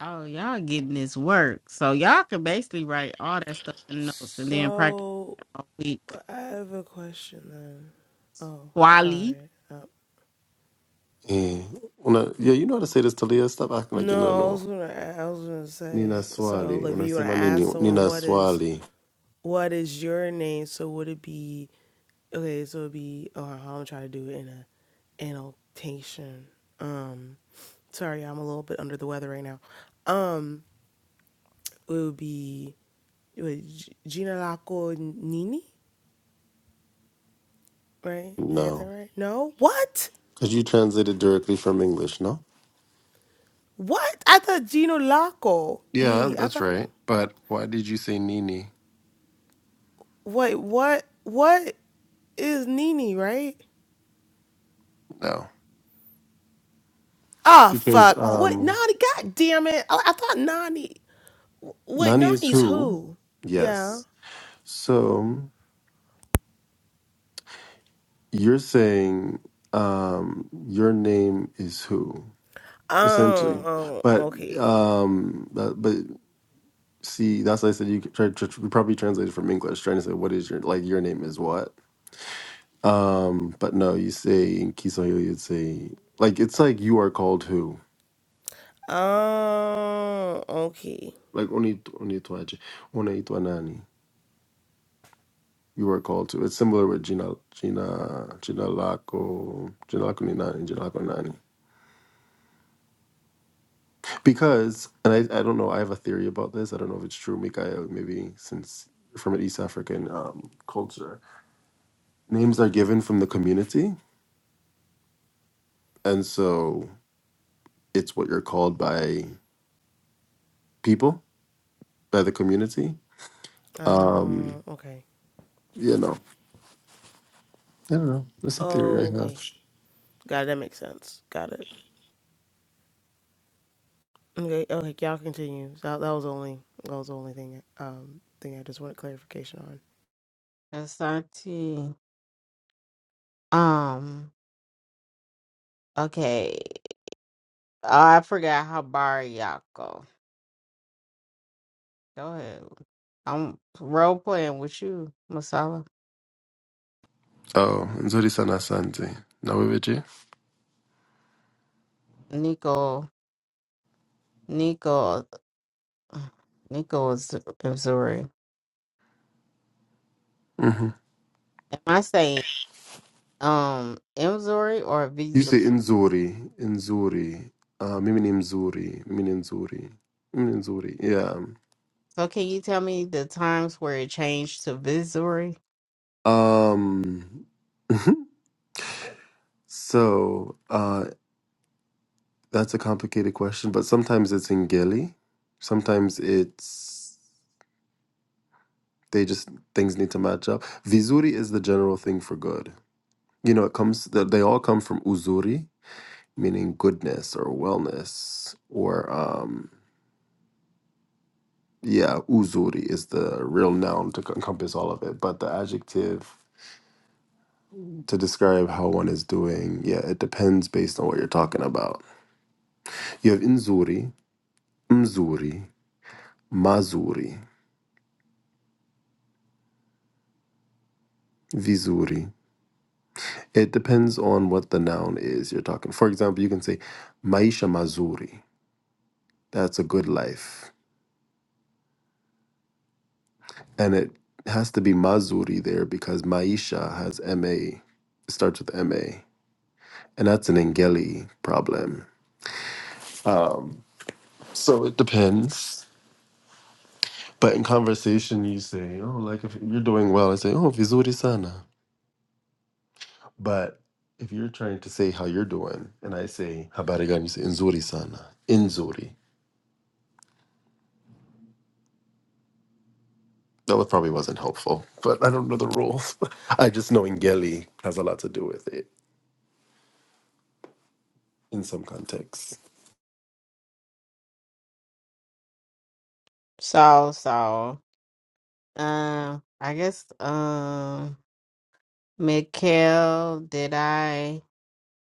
Speaker 1: Oh, y'all getting this work. So y'all can basically write all that stuff in notes and then practice
Speaker 8: So
Speaker 1: all week.
Speaker 8: I have a question then. Oh,
Speaker 1: Wally.
Speaker 8: sorry. Uh,
Speaker 7: Eh, una, yeah, you know how to say this, Talia. Stop acting like you don't
Speaker 8: No, I
Speaker 7: know.
Speaker 8: was gonna I was gonna
Speaker 7: Nina
Speaker 8: say so
Speaker 7: swali.
Speaker 8: like if you wanna
Speaker 7: Unasema nini?
Speaker 8: ask someone
Speaker 7: Nina
Speaker 8: what is
Speaker 7: swali.
Speaker 8: what is your name, so would it be okay, so it'd be oh I'm gonna try to do it in a annotation. Um sorry, I'm a little bit under the weather right now. Um it would be it would G- Gina Laco Nini, right? Did I got that
Speaker 7: No.
Speaker 8: right? No? What?
Speaker 7: Because you translated directly from English, no?
Speaker 8: What? I thought Gino Laco
Speaker 7: Yeah,
Speaker 8: Nini. I
Speaker 7: that's
Speaker 8: thought
Speaker 7: right. But why did you say Nini?
Speaker 8: Wait, what? What is Nini, right?
Speaker 7: No.
Speaker 8: Ah,
Speaker 7: Because
Speaker 8: fuck. What?
Speaker 7: um
Speaker 8: Nani? God damn it. I, I thought Nani. Wait,
Speaker 7: Nani is
Speaker 8: Nani's
Speaker 7: who?
Speaker 8: who? Yeah.
Speaker 7: Yes. So you're saying um your name is who, essentially.
Speaker 8: Oh, oh,
Speaker 7: But
Speaker 8: okay.
Speaker 7: um but, but see, that's why I said you could try to you probably translated from English, trying to say what is your like your name is what? Um but no, you say in Kiswahili you'd say like it's like you are called who.
Speaker 8: Oh, okay.
Speaker 7: Like only only Onaitwa nani. you were called to. It's similar with Gina Gina Gina Laco Gina Laco Ninani Gina Laco Nani. Because and I, I don't know, I have a theory about this. I don't know if it's true, Mikael, maybe since you're from an East African um, culture. Names are given from the community and so it's what you're called by people, by the community. Um
Speaker 8: Oh, okay.
Speaker 7: you know. I don't know. That's a theory
Speaker 8: Oh,
Speaker 7: I have.
Speaker 8: okay. Got it. That makes sense. Got it. Okay. Okay. Y'all continue. That, that was the only. That was the only thing. Um, thing I just wanted clarification on.
Speaker 1: Asante. Um. Okay. Oh, I forgot how bar y'all go. Go ahead. I'm role playing with you, Masala.
Speaker 7: Oh, Nzuri Sana Asante. Naweweje?
Speaker 1: Nico, Nico, Nico is Missouri. Am I saying um Missouri or
Speaker 7: You
Speaker 1: Missouri?
Speaker 7: say Nzuri, Nzuri. Uh, mimi ni mzuri, mimi ni nzuri, mimi ni nzuri. Yeah.
Speaker 1: So can you tell me the times where it changed to Missouri?
Speaker 7: Um. so uh, that's a complicated question, but sometimes it's in Geli. Sometimes it's they just things need to match up. Vizuri is the general thing for good. You know, it comes that they all come from uzuri, meaning goodness or wellness or um Yeah, uzuri is the real noun to c- encompass all of it, but the adjective to describe how one is doing, yeah, it depends based on what you're talking about. You have inzuri, mzuri, mazuri, vizuri. It depends on what the noun is you're talking. For example, you can say maisha mazuri. That's a good life. And it has to be mazuri there because maisha has ma, it starts with ma. And that's an Engeli problem Um, So it depends. But in conversation, you say, oh, like if you're doing well, I say, oh, vizuri sana. But if you're trying to say how you're doing, and I say, habari gani, you say, nzuri sana, inzuri. That was- probably wasn't helpful, but I don't know the rules. I just know Ngeli has a lot to do with it in some contexts.
Speaker 1: So so, um, I guess um, Mikhail, did I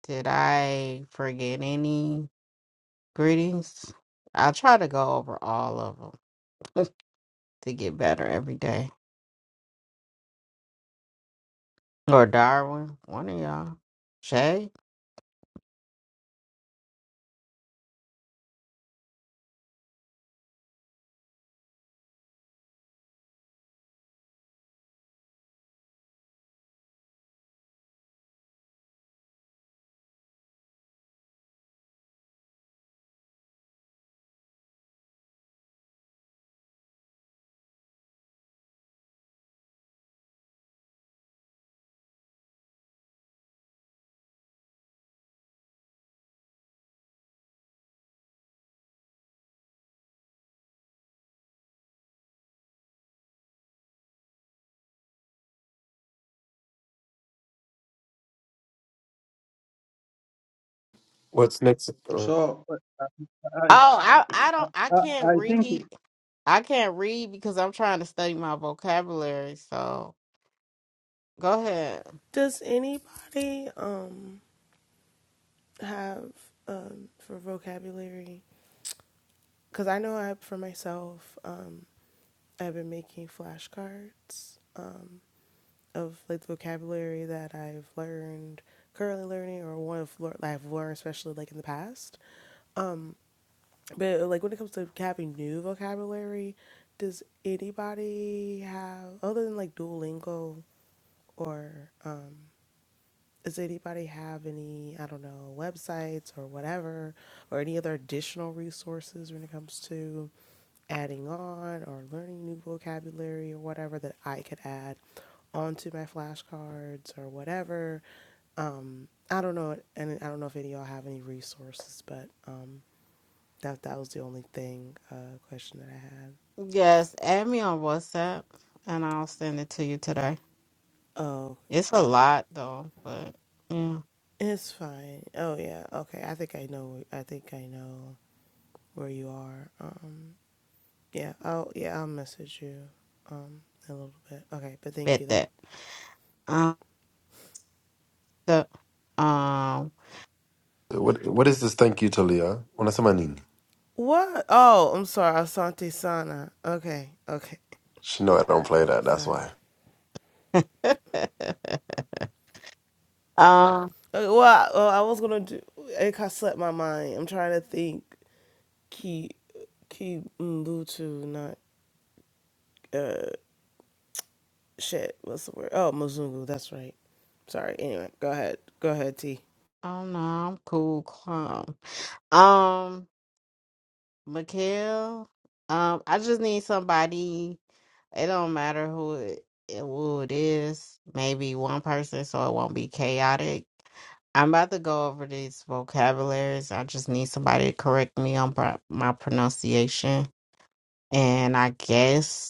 Speaker 1: did I forget any? Greetings. I try to go over all of them to get better every day. Or Darwin, one of y'all. Shay.
Speaker 7: What's next? uh,
Speaker 5: So I,
Speaker 1: Oh, I I don't I
Speaker 5: I,
Speaker 1: can't
Speaker 5: I think
Speaker 1: read. I can't read because I'm trying to study my vocabulary. So go ahead.
Speaker 8: Does anybody? Um. have um, for vocabulary because I know I for myself um, I've been making flashcards um, of like the vocabulary that I've learned currently learning or one of lear- I've learned especially like in the past. Um, but like when it comes to having new vocabulary, does anybody have other than like Duolingo or um, does anybody have any, I don't know, websites or whatever, or any other additional resources when it comes to adding on or learning new vocabulary or whatever that I could add onto my flashcards or whatever? Um, I don't know, and I don't know if any of y'all have any resources, but um, that that was the only thing uh, question that I had.
Speaker 1: Yes, add me on WhatsApp and I'll send it to you today.
Speaker 8: Oh,
Speaker 1: It's a lot though, but yeah,
Speaker 8: it's fine. Oh yeah, okay. I think I know. I think I know where you are. Um, Yeah, I'll yeah, I'll message you um in a little bit. Okay, but thank
Speaker 1: bet
Speaker 8: you though.
Speaker 1: that. Um, the, um,
Speaker 7: What What is this thank you, Talia? Unasema nini?
Speaker 8: What? Oh, I'm sorry. Asante Sana. Okay, okay.
Speaker 7: She know I don't play that, that's
Speaker 8: Sorry.
Speaker 7: why.
Speaker 1: um,
Speaker 8: Okay, well, I, well, I was gonna do. It kind of slipped my mind. I'm trying to think. Ki Ki Mbutu, not uh shit. What's the word? Oh, Muzungu. That's right. Sorry. Anyway, go ahead. Go ahead, T.
Speaker 1: Oh no, I'm cool, calm. Um, Mikhail, um, I just need somebody. It don't matter who it, who it is. Maybe one person, so it won't be chaotic. I'm about to go over these vocabularies. I just need somebody to correct me on pro- my pronunciation. And I guess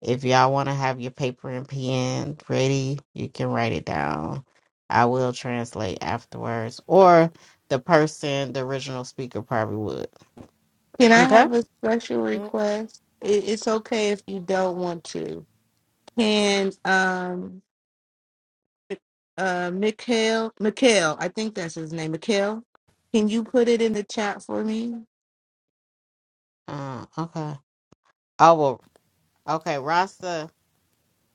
Speaker 1: if y'all want to have your paper and pen ready, you can write it down. I will translate afterwards, or the person, the original speaker, probably would.
Speaker 6: Can I
Speaker 1: Okay.
Speaker 6: have a special
Speaker 8: Okay.
Speaker 6: request? It, it's okay if you don't want to. Can um uh Mikhail Mikhail, I think that's his name. Mikhail, can you put it in the chat for me?
Speaker 1: Uh, okay. Oh well. Okay, Rasta.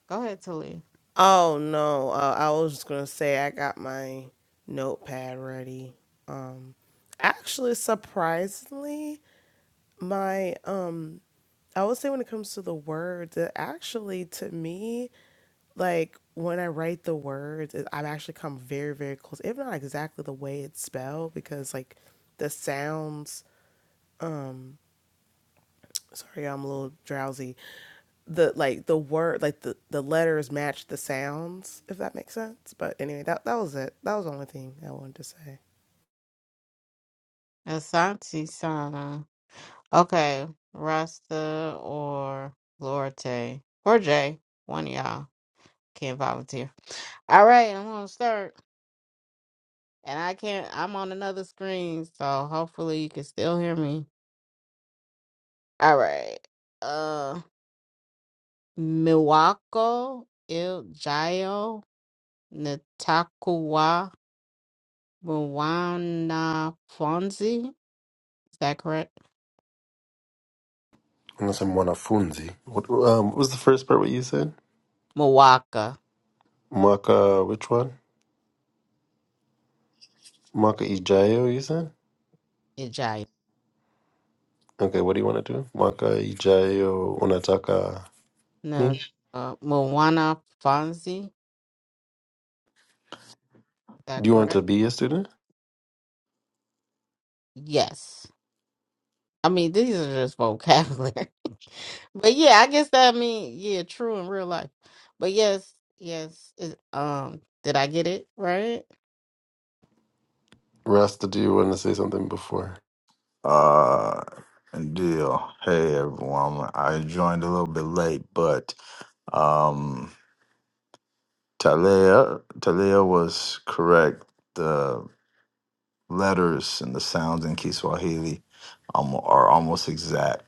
Speaker 1: Go ahead, Tuli.
Speaker 8: Oh no, uh, I was just gonna say I got my notepad ready. Um, actually, surprisingly, my um, I would say when it comes to the words, it actually to me, like when I write the words, it, I've actually come very, very close, if not exactly the way it's spelled, because like the sounds. Um, sorry, I'm a little drowsy. the like the word like the the letters match the sounds if that makes sense but anyway that that was it that was the only thing i wanted to say
Speaker 1: Asante Sana. Okay, Rasta or Lorte or Jay. One of y'all can volunteer. All right, I'm gonna start, and I can't. I'm on another screen, so hopefully you can still hear me. All right. Uh, Miwako Iljayo Natakuwa Mwana Fonzi. Is that correct?
Speaker 7: Unasema mwanafunzi. What, um, what was the first part what you said?
Speaker 1: Miwaka
Speaker 7: Mwaka, which one? mwaka ijayo you said?
Speaker 1: Iljayo
Speaker 7: Okay, what do you want to do? Mwaka ijayo unataka
Speaker 1: No,
Speaker 7: nini?
Speaker 1: uh, Mwana Fonzi. Is that
Speaker 7: Do you want to
Speaker 1: correct?
Speaker 7: be a student?
Speaker 1: Yes. I mean, these are just vocabulary. but yeah, I guess that I mean yeah, true in real life. But yes, yes. Is, um, did I get it right?
Speaker 7: Rasta, do you want to say something before?
Speaker 9: Uh, deal. Hey everyone. I joined a little bit late, but um, Talia Talia was correct. The letters and the sounds in Kiswahili um, are almost exact.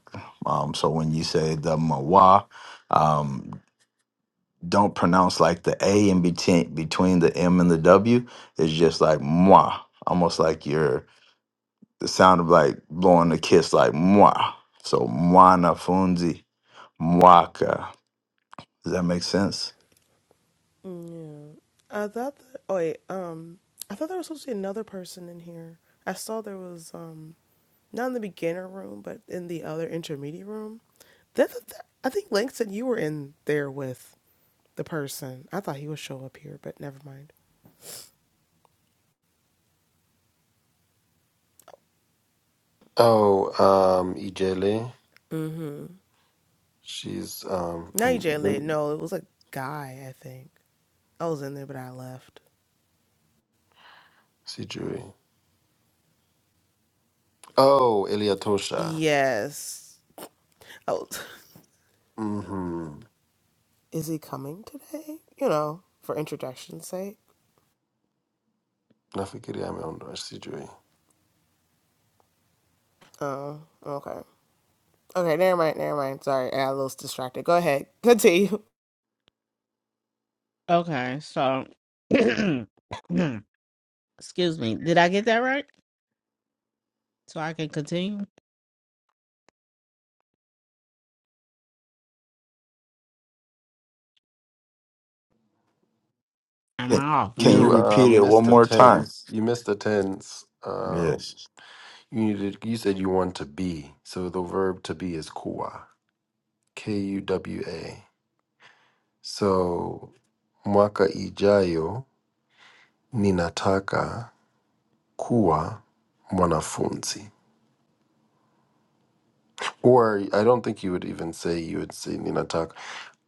Speaker 9: Um, so when you say the mawa, um, don't pronounce like the a in between between the m and the w. It's just like mwa, almost like you're the sound of like blowing a kiss, like mwa. So mwana funzi Mwaka. Does that make sense?
Speaker 8: yeah i thought that, oh wait um i thought there was supposed to be another person in here i saw there was um not in the beginner room but in the other intermediate room that, that, i think langston you were in there with the person i thought he would show up here but never mind
Speaker 7: Oh, um, Ijele,
Speaker 8: mm-hmm
Speaker 7: she's um,
Speaker 8: not
Speaker 7: and
Speaker 8: ej late no it was a guy i think i was in there but i left
Speaker 7: sijui. Oh, Eliatosha.
Speaker 8: Yes. Oh,
Speaker 7: Mm-hmm.
Speaker 8: is he coming today? You know, for introduction's sake.
Speaker 7: Nafikiria ameondoa sijui.
Speaker 8: Oh, okay. Okay, never mind, never mind. Sorry, I was distracted. Go ahead. Continue.
Speaker 1: Okay, so excuse me. Did I get that right? So I can continue? Am
Speaker 9: Can,
Speaker 1: I off
Speaker 9: can you
Speaker 7: You
Speaker 1: mute?
Speaker 7: uh,
Speaker 9: repeat it one
Speaker 7: missed the
Speaker 9: more time?
Speaker 7: tense. You missed the tense. Um,
Speaker 9: Yes.
Speaker 7: you needed. You said you want to be. So the verb to be is kuwa. K u w a. So mwaka ijayo ninataka kuwa mwanafunzi. Or I don't think you would even say you would say ninataka.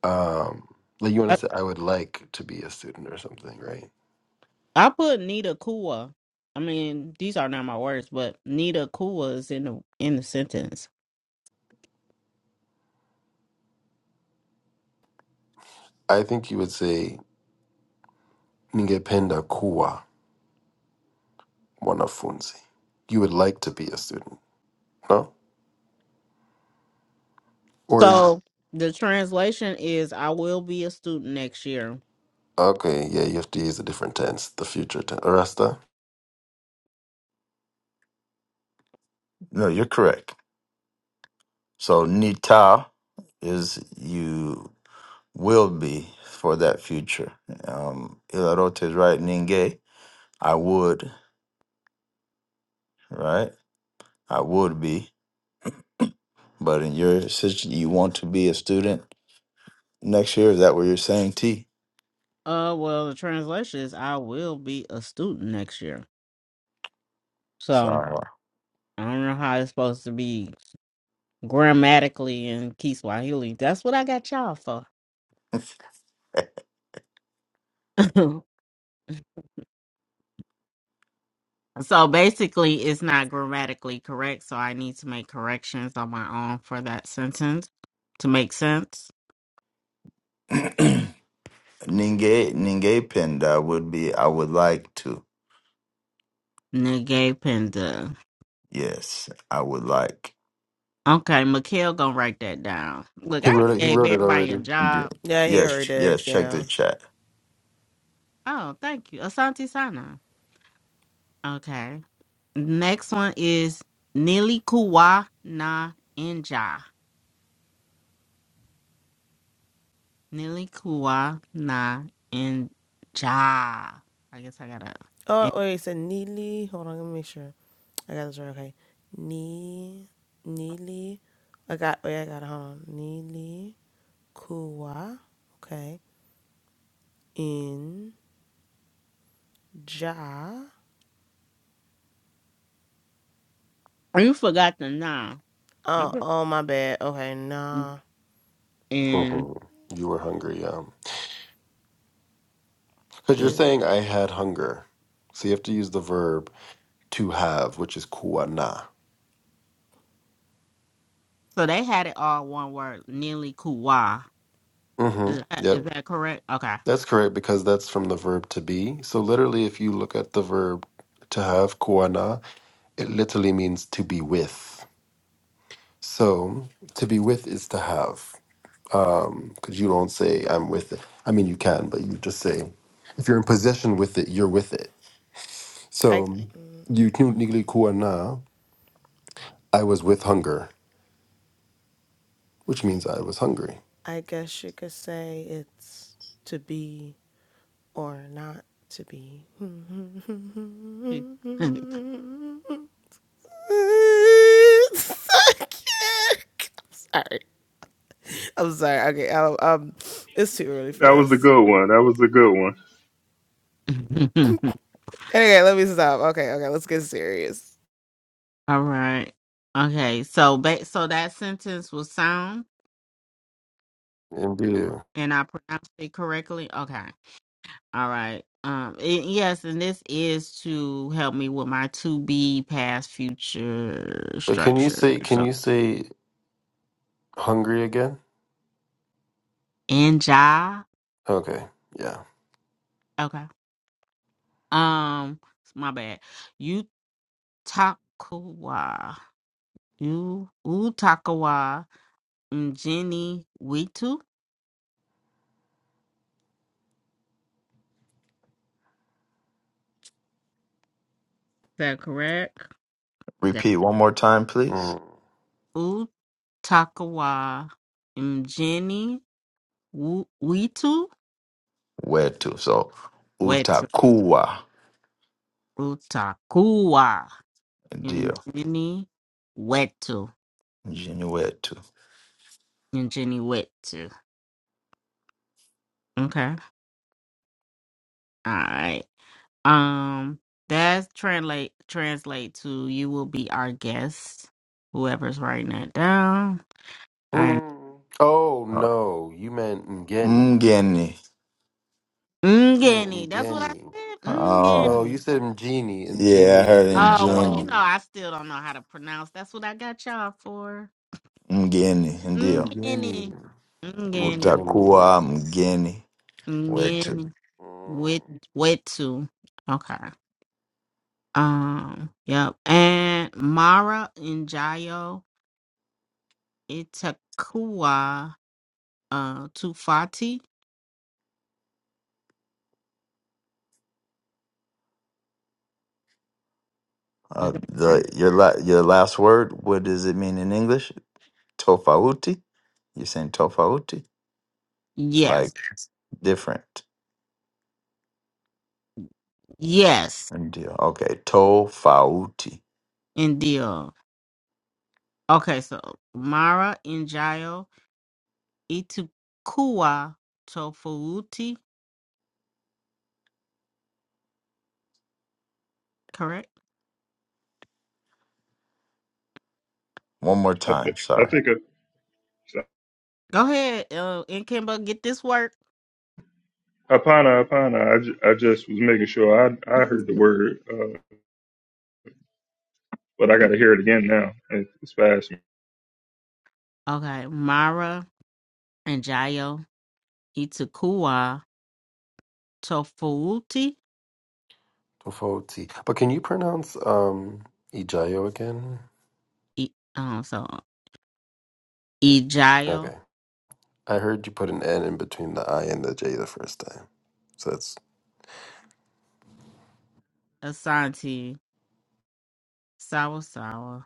Speaker 7: Um, like you want
Speaker 1: I,
Speaker 7: to say I would like to be a student or something, right?
Speaker 1: I put Nita Kua. I mean, these are not my words, but Nita Kua is in the in the sentence.
Speaker 7: I think you would say ningependa kuwa mwanafunzi. You would like to be a student, no? Or
Speaker 1: So the translation is I will be a student next year.
Speaker 7: okay, yeah, you have to use a different tense, the future tense. Arasta,
Speaker 9: No, you're correct. So nita is you will be for that future. Um, Ilarote is right. Ninge, I would, right? I would be. But in your situation, you want to be a student next year. Is that what you're saying, T?
Speaker 1: Uh well the translation is I will be a student next year. So
Speaker 9: Sorry.
Speaker 1: I don't know how it's supposed to be grammatically in Kiswahili. That's what I got y'all for. So basically, it's not grammatically correct. So I need to make corrections on my own for that sentence to make sense.
Speaker 9: Ninge, Ninge Pinda would be, I would like to.
Speaker 1: Nigga
Speaker 9: Yes, I would like.
Speaker 1: Okay, Mikhail gonna write that down. Look,
Speaker 7: he
Speaker 1: I
Speaker 7: wrote it. He
Speaker 1: gave
Speaker 7: wrote it
Speaker 1: everybody a
Speaker 7: already.
Speaker 9: D-
Speaker 1: job.
Speaker 8: Yeah, he already
Speaker 9: Yes,
Speaker 8: did.
Speaker 9: yes, check the
Speaker 8: Yeah.
Speaker 9: chat.
Speaker 1: Oh, thank you. Asante Sana. Okay. Next one is Nilikuwa na Inja. Nilikuwa na Inja. I guess I gotta.
Speaker 8: Oh, wait, he said Neely. Hold on, let me make sure. I got this right. Okay. Nee, Neely. I got, wait, I got it. Hold on. Neely Kuwa. Okay. In Ja.
Speaker 1: You forgot the na.
Speaker 8: Oh, oh, my bad. Okay, nah.
Speaker 1: And
Speaker 7: hmm You were hungry, yeah. Because you're
Speaker 8: In.
Speaker 7: saying I had hunger. So you have to use the verb to have, which is kuana.
Speaker 1: So they had it all one word, Nili Kuwa.
Speaker 7: Mm-hmm.
Speaker 1: Is that, is
Speaker 7: Yep.
Speaker 1: that correct? Okay.
Speaker 7: That's correct because that's from the verb to be. So literally, if you look at the verb to have, kuana, it literally means to be with. So to be with is to have. Um, Because you don't say I'm with it. I mean, you can, but you just say if you're in possession with it, you're with it. So
Speaker 8: I.
Speaker 7: you kuana, I was with hunger, which means I was hungry.
Speaker 8: I guess you could say it's to be or not to be. I can't. I'm Sorry. I'm sorry. Okay. Um, um, it's too early for
Speaker 2: was a
Speaker 8: this.
Speaker 2: good one. That was a good one.
Speaker 8: Okay, let me stop. Okay, okay, let's get serious.
Speaker 1: all right. Okay. So ba- so that sentence was sound
Speaker 7: Indeed.
Speaker 1: and I pronounced it correctly. Okay. All right. Um and yes, and this is to help me with my to be past future
Speaker 7: But can you
Speaker 1: structure.
Speaker 7: say can
Speaker 1: So
Speaker 7: you say hungry again?
Speaker 1: Inja.
Speaker 7: Okay, yeah.
Speaker 1: Okay. Um my bad. Utakawa. You Utakawa Mjini Witu Is that correct? Yeah.
Speaker 9: Repeat one more time, please.
Speaker 7: Mm.
Speaker 1: utakawa mjini wu- witu
Speaker 9: Where to? So,
Speaker 1: wetu
Speaker 9: utakuwa
Speaker 1: utakuwa
Speaker 9: ndio
Speaker 1: mjini wetu
Speaker 9: mjini wetu.
Speaker 1: mjini wetu okay all right um that's translate translate to you will be our guest whoever's writing that down all right
Speaker 7: Mm. Oh
Speaker 9: Oh,
Speaker 7: no, you meant Ngeni.
Speaker 9: mgeni.
Speaker 7: You meant
Speaker 1: mgeni that's what i
Speaker 7: Ngeni.
Speaker 1: said
Speaker 9: Oh,
Speaker 7: No,
Speaker 1: mgeni
Speaker 7: you said Mgeni.
Speaker 9: yeah, I
Speaker 7: Mgeni is
Speaker 9: heard
Speaker 7: in
Speaker 1: Oh well, you
Speaker 9: mjini.
Speaker 1: know
Speaker 7: town.
Speaker 1: I still don't know how to pronounce. That's what I got y'all for.
Speaker 9: Mgeni, ndio.
Speaker 1: Ngini,
Speaker 7: Ngeni.
Speaker 1: ngini,
Speaker 7: Ngeni.
Speaker 9: Utakuwa mgeni wetu.
Speaker 1: ngini.
Speaker 7: Mm.
Speaker 1: Wit, Witu. Okay. Um. Yep. And Mara Njayo Itakua uh, Tufati. Is
Speaker 9: Uh,
Speaker 1: that correct?
Speaker 9: the your la, your last word, what does it mean in English? Tofauti? You're saying tofauti?
Speaker 1: Yes.
Speaker 9: Like different.
Speaker 1: Yes.
Speaker 9: Ndio. Okay, tofauti.
Speaker 1: Indeed. Okay. So Mara Njayo Itakua Tofuti. Correct.
Speaker 9: One more
Speaker 2: I, th-
Speaker 9: time.
Speaker 2: I
Speaker 9: Sorry.
Speaker 2: think. I,
Speaker 1: Go ahead, uh, and Kimba, get this work.
Speaker 2: Apana, Apana. I, ju- I just was making sure I I heard the word. uh, but I got to hear it again now. It- It's fast.
Speaker 1: Okay, Mara and Jayo Itakua Tofuuti.
Speaker 7: Tofoti. But can you pronounce um Ijayo again?
Speaker 1: I, um, so Ijayo
Speaker 7: Okay. I heard you put an N in between the I and the J the first time. So that's
Speaker 1: Asante Sawasawa.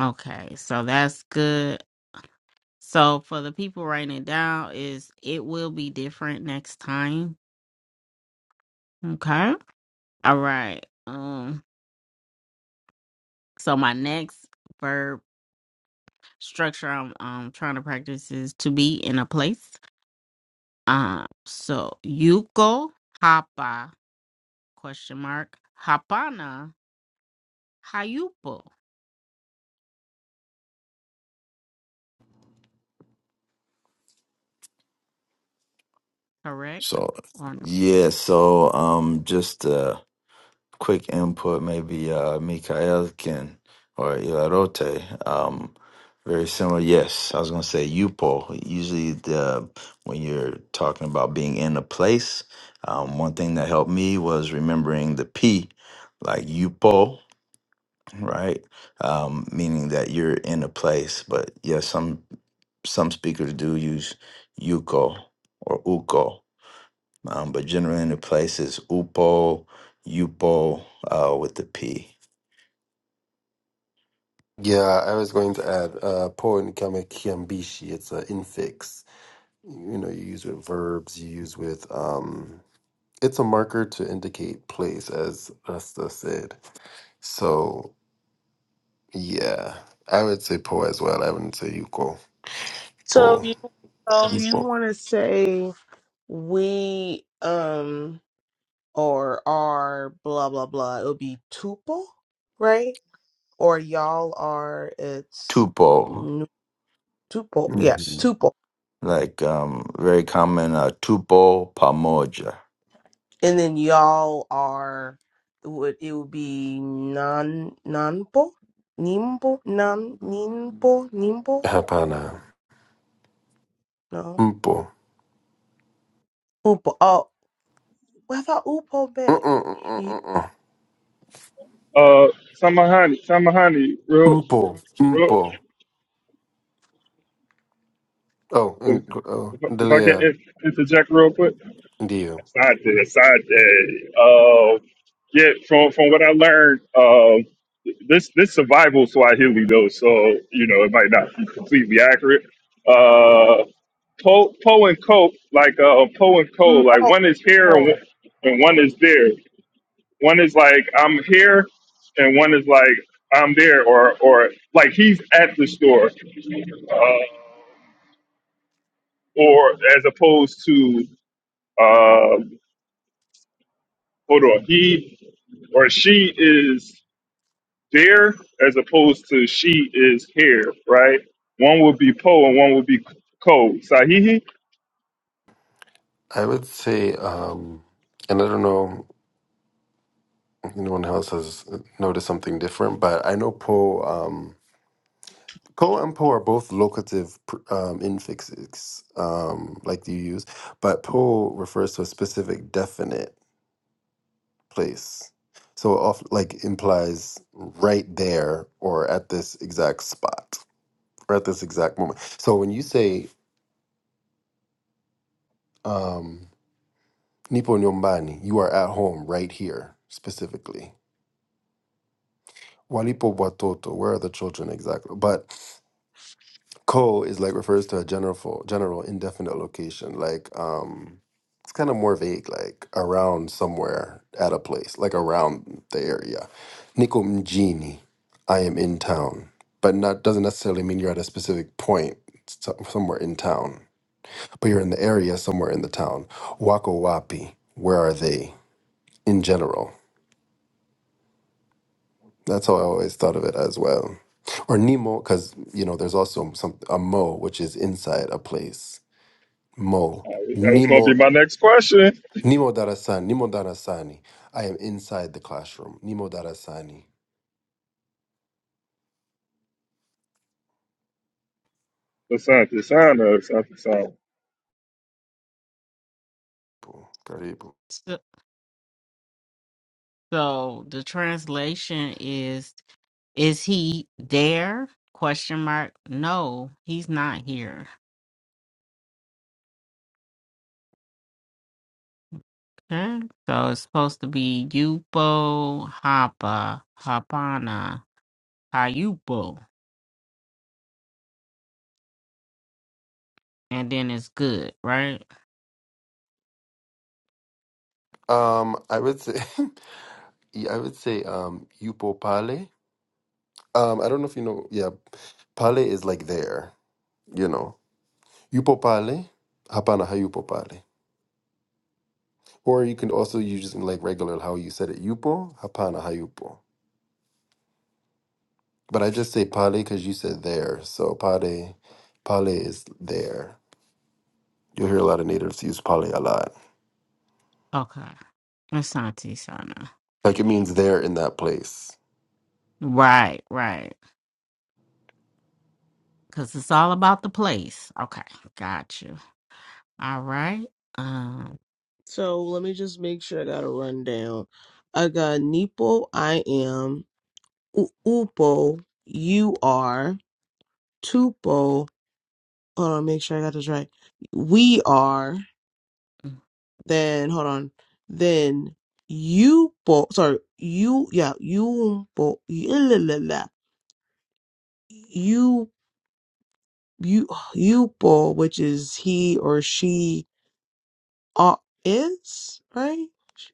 Speaker 1: Okay, so that's good. So for the people writing it down, is it will be different next time. Okay. All right. Um. So my next verb structure I'm um trying to practice is to be in a place. Um, so Yuko Hapa question mark Hapana Hayupo, correct?
Speaker 9: So
Speaker 1: Or not?
Speaker 9: yeah, so um just a quick input maybe uh Mikael can or Ilarote, um very similar. Yes, I was gonna say Yupo. Usually the when you're talking about being in a place, um one thing that helped me was remembering the P like Yupo right? Um, meaning that you're in a place, but yeah, some some speakers do use yuko or uko, um, but generally in the place is upo, yupo uh, with the p,
Speaker 7: Yeah, I was going to add uh po in kama kiambishi. It's an infix. You know, you use with verbs, you use with um it's a marker to indicate place as Rasta said. So yeah. I would say po as well. I wouldn't say yuko.
Speaker 8: So
Speaker 7: Po.
Speaker 8: if you so if you
Speaker 7: Mpo.
Speaker 8: want to say we um or are blah blah blah, it would be tuple, right? or y'all are it's
Speaker 9: tupo,
Speaker 8: nu- tuple yeah
Speaker 9: yes,
Speaker 7: Mhm.
Speaker 8: tuple
Speaker 9: like um, very common uh, tupo pamoja.
Speaker 8: and then y'all are would it would be non nanpo nimpo nan nimpo nimpo
Speaker 7: Hapana.
Speaker 8: no
Speaker 7: Mpo.
Speaker 8: upo oh well, I thought upo meant you
Speaker 7: Mm-mm-mm-mm-mm.
Speaker 2: Uh, Samahani, Samahani, real,
Speaker 7: Mpo.
Speaker 2: real.
Speaker 7: Mpo. Oh,
Speaker 2: If,
Speaker 7: ng- oh,
Speaker 2: if, if I can
Speaker 7: ndelea.
Speaker 2: in- interject real quick,
Speaker 7: Ndiyo.
Speaker 2: side day, side day. Uh, yeah, from from what I learned, um, this this survival Swahili though, so you know it might not be completely accurate. Uh, Poe po Po and Coke, like uh, Poe and Cole, like
Speaker 8: oh
Speaker 2: one is here and
Speaker 8: oh
Speaker 2: one, and one is there. One is like I'm here, and one is like I'm there, or or like he's at the store, uh, or as opposed to uh, hold on, he or she is there as opposed to she is here, right? One would be po and one would be co. Sahihi.
Speaker 7: I would say um and I don't know. anyone else has noticed something different, but I know po um ko and po are both locative pr- um, infixes um like you use, but po refers to a specific definite place. So off like implies right there or at this exact spot or at this exact moment. So when you say um nipo nyombani, you are at home right here specifically. Walipo watoto, where are the children exactly? But Ko is like refers to a general fo- general indefinite location. Like um it's kind of more vague, like around somewhere at a place, like around the area. Niko mjini, I am in town. But not doesn't necessarily mean you're at a specific point so- somewhere in town. But you're in the area somewhere in the town. Wako wapi, where are they? In general. That's how I always thought of it as well. Or Nemo, because you know, there's also some a mo, which is inside a place Mo.
Speaker 2: Uh, That was going to
Speaker 7: Nimo.
Speaker 2: be my next question.
Speaker 7: Nimo Darasani. Nimo Darasani. I am inside the classroom. Nimo Darasani.
Speaker 2: Asante sana, asante sana.
Speaker 7: Boom. Karibu.
Speaker 1: So, so the translation is is he there? Question mark. No, he's not here. Okay. So it's supposed to be Yupo Hapa Hapana Hayupo. And then it's good, right?
Speaker 7: Um, I would say, I would say, um, yupo pale. Um, I don't know if you know. Yeah, pale is like there. You know, yupo pale. Hapana hayupo pale. Or you can also use it in like regular how you said it. Yupo hapana hayupo. But I just say pale because you said there. So pale, pale is there. You'll hear a lot of natives use pale a lot.
Speaker 1: Okay. Asante Sana.
Speaker 7: Like it means there in that place.
Speaker 1: Right, right. Cause it's all about the place. Okay, got you. All right. Um,
Speaker 8: so let me just make sure I got a rundown I got nipo I am U- upo you are tupo hold on, make sure I got this right. We are, then hold on, then you both, sorry, you, yeah, you both, you, you, you both, which is he or she are, is, right?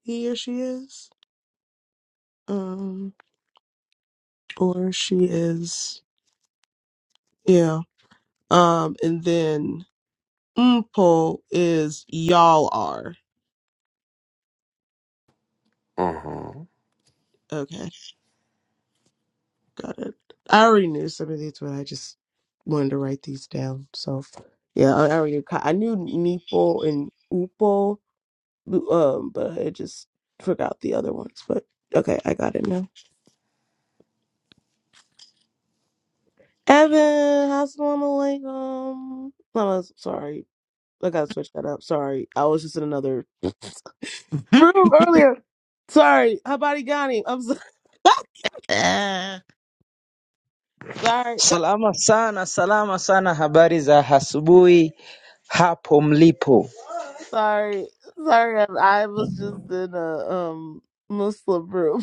Speaker 8: He or she is, um, or she is, yeah. Um, and then mpo is y'all are.
Speaker 7: Mhm.
Speaker 8: Okay. Got it. I already knew some of these, but I just wanted to write these down. So, yeah, I, I already ki- I knew Neepo and Upo, lu- um, but I just forgot the other ones. But okay, I got it now. Evan, assalamu alaikum. No, I'm sorry. I gotta switch that up. Sorry, I was just in another
Speaker 1: uh,
Speaker 8: room earlier. Sorry, Habari Ghani. I'm sorry. sorry.
Speaker 10: Salama sana, salama sana. Habari za asubuhi hapo mlipo.
Speaker 8: Sorry, sorry, I was just in a um Muslim group.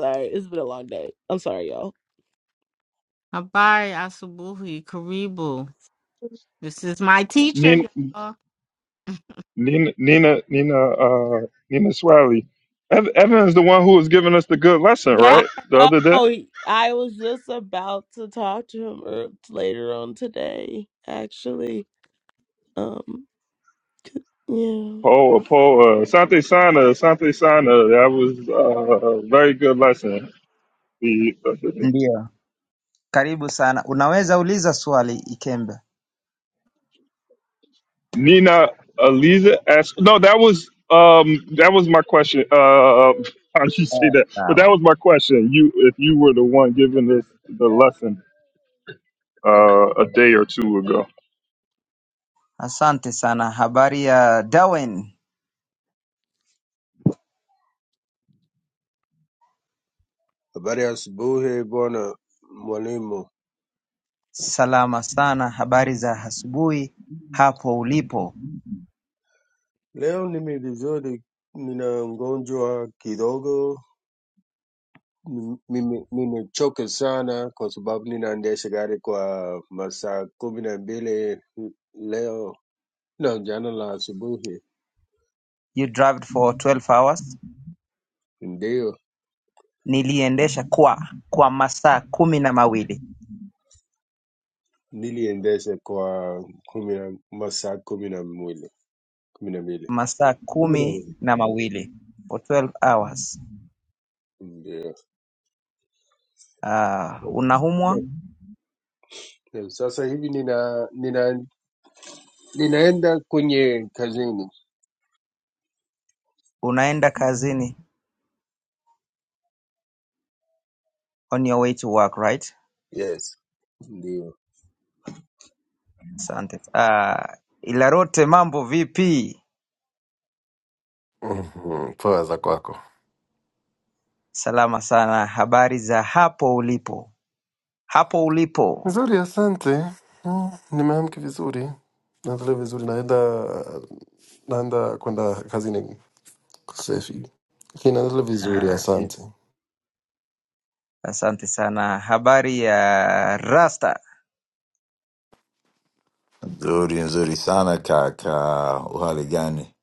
Speaker 8: sorry, it's been a long day. I'm sorry, y'all.
Speaker 1: Habari Asubuhi Karibu. This is my teacher, y'all.
Speaker 2: Nina Nina Nina uh Nina Swiley. Ev- Evan is the one who was giving us the good lesson,
Speaker 1: Yeah.
Speaker 8: I
Speaker 2: right? The other day.
Speaker 8: know I was just about to talk to him er- later on today, actually. Um, yeah.
Speaker 2: Paul uh, Paul uh, Sante Sana Sante Sana. That was uh, a very good lesson. The other day.
Speaker 10: Ndio, karibu sana. Unaweza uliza swali Ikembe.
Speaker 2: Nina Aliza asked. No, that was um that was my question. Uh, how do you say
Speaker 10: Eh,
Speaker 2: that? But that
Speaker 10: Sawa,
Speaker 2: was my question. You if you were the one giving us the lesson uh a day or two ago.
Speaker 10: asante sana. Habari ya Darwin?
Speaker 3: habari ya asubuhi bwana mwalimu.
Speaker 10: Salama sana. Habari za asubuhi hapo ulipo.
Speaker 3: Leo nimi vizuri, nina mgonjwa kidogo Mime- nimechoka sana kwa sababu ninaendesha gari kwa masaa kumi na mbili leo na jana la asubuhi
Speaker 10: You drove for 12 hours.
Speaker 3: ndio
Speaker 10: Niliendesha kwa kwa masaa kumi na mawili,
Speaker 3: niliendesha kwa kumi na masaa kumi na mbili kumi na mbili
Speaker 10: masaa
Speaker 3: kumi na
Speaker 10: kumi
Speaker 3: mbili
Speaker 10: na mawili for 12 hours.
Speaker 3: ndio
Speaker 10: Uh, unahumwa,
Speaker 3: Ndio, sasa hivi nina, nina, ninaenda kwenye kazini
Speaker 10: unaenda kazini. on your way to work right?
Speaker 3: yes ndio.
Speaker 10: Asante. Ah, Ilarote, mambo vipi?
Speaker 7: Mhm. Poa za kwako.
Speaker 10: Salama sana, habari za hapo ulipo? Hapo ulipo.
Speaker 7: Nzuri, asante. Mm, Nimeamka vizuri. Naendelea vizuri naenda naenda kwenda kazini safi. Lakini naendelea vizuri,
Speaker 10: Ah, vi-
Speaker 7: asante.
Speaker 10: asante sana. Habari ya Rasta?
Speaker 9: Nzuri nzuri sana kaka, uhali gani?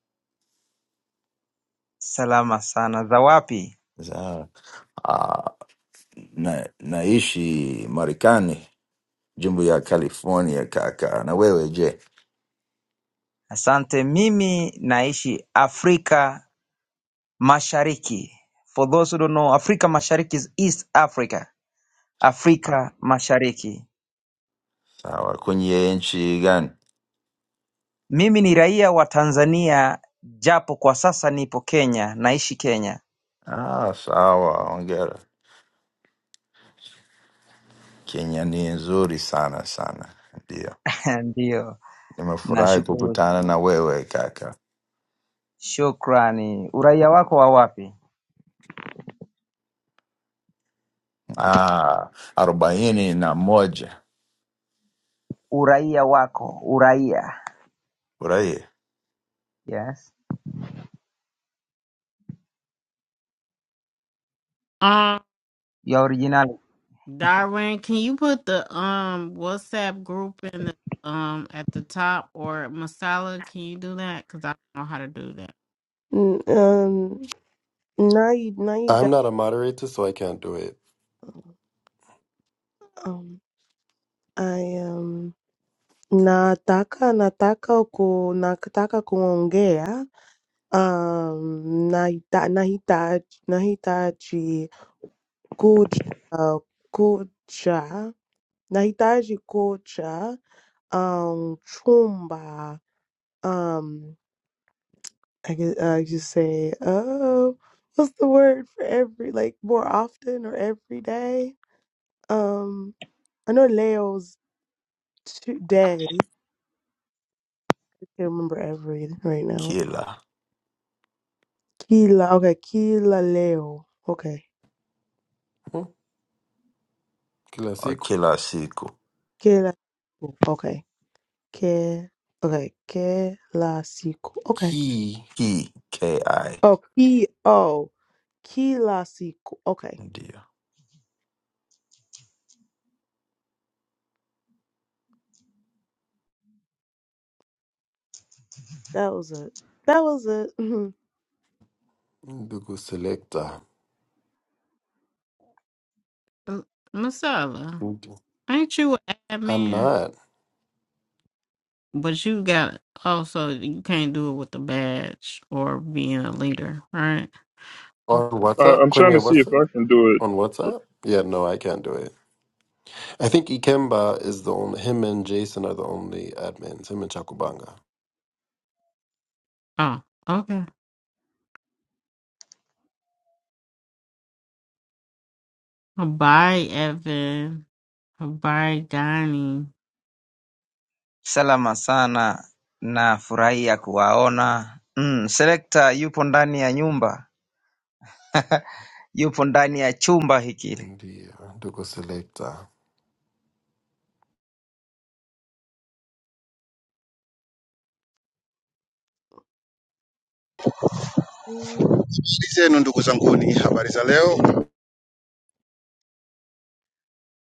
Speaker 10: Salama sana. Za wapi?
Speaker 9: Sawa. Ah, na, naishi Marekani, jimbo ya California kaka. Na wewe je?
Speaker 10: Asante, mimi naishi Afrika Mashariki. For those who don't know, Afrika Mashariki is East Africa. Afrika Mashariki.
Speaker 9: Sawa, kwenye nchi gani?
Speaker 10: Mimi ni raia wa Tanzania japo kwa sasa nipo Kenya, naishi Kenya.
Speaker 9: Ah, sawa, ongera. Kenya ni nzuri sana sana, ndio.
Speaker 10: Ndiyo,
Speaker 9: Nimefurahi
Speaker 10: nashukuru.
Speaker 9: kukutana na wewe kaka.
Speaker 10: Shukrani. Uraia wako wa wapi?
Speaker 9: Ah, arobaini na moja
Speaker 10: Uraia wako, uraia.
Speaker 9: furahi
Speaker 10: Yes.
Speaker 1: Um,
Speaker 10: Ya originali.
Speaker 1: Darwin, can you put the um WhatsApp group in the um at the top or Masala? Can you do that? Cause I don't know how to do that.
Speaker 8: N- Um, now you, now you
Speaker 7: I'm
Speaker 8: got.
Speaker 7: not a moderator so I can't do it.
Speaker 8: Um, I um nataka nataka ku nataka kuongea Um, Naita, Nahita, Nahitaji Koja, uh, Koja, Nahitaji Koja, um, Chumba, um, I guess I just say, oh, what's the word for every, like more often or every day? Um, I know Leo's two days. I can't remember every right now.
Speaker 9: kila
Speaker 8: Kila, okay, Kila Leo, okay,
Speaker 7: Hmm. Kila
Speaker 9: or
Speaker 7: siku.
Speaker 9: kila siku
Speaker 8: Kila, okay. que okay que la sequ okay
Speaker 7: Ki
Speaker 9: ki ki
Speaker 8: oh he oh que la sequ okay
Speaker 9: ndio
Speaker 8: that was it that was it Mhm.
Speaker 7: ndugu selector.
Speaker 1: Uh, Masala,
Speaker 7: I'm
Speaker 1: ain't you an admin?
Speaker 7: not.
Speaker 1: But you got also you can't do it with a badge or being a leader, right?
Speaker 7: On
Speaker 2: Uh,
Speaker 7: WhatsApp?
Speaker 2: I'm trying
Speaker 7: Kwenye
Speaker 2: to see if
Speaker 7: WhatsApp?
Speaker 2: I can do it
Speaker 7: On WhatsApp? Yeah, no, I can't do it. I think Ikemba is the only, him and Jason are the only admins, him and Chakubanga.
Speaker 1: Oh, okay. Bye, Evan. Bye, Donnie.
Speaker 10: Salama sana. Nafurahia kuwaona. Mm, selekta yupo ndani ya nyumba, yupo ndani ya chumba hiki.
Speaker 7: Ndiyo, ndugu selector.
Speaker 8: Mm,
Speaker 11: zenu ndugu zanguni, habari za leo?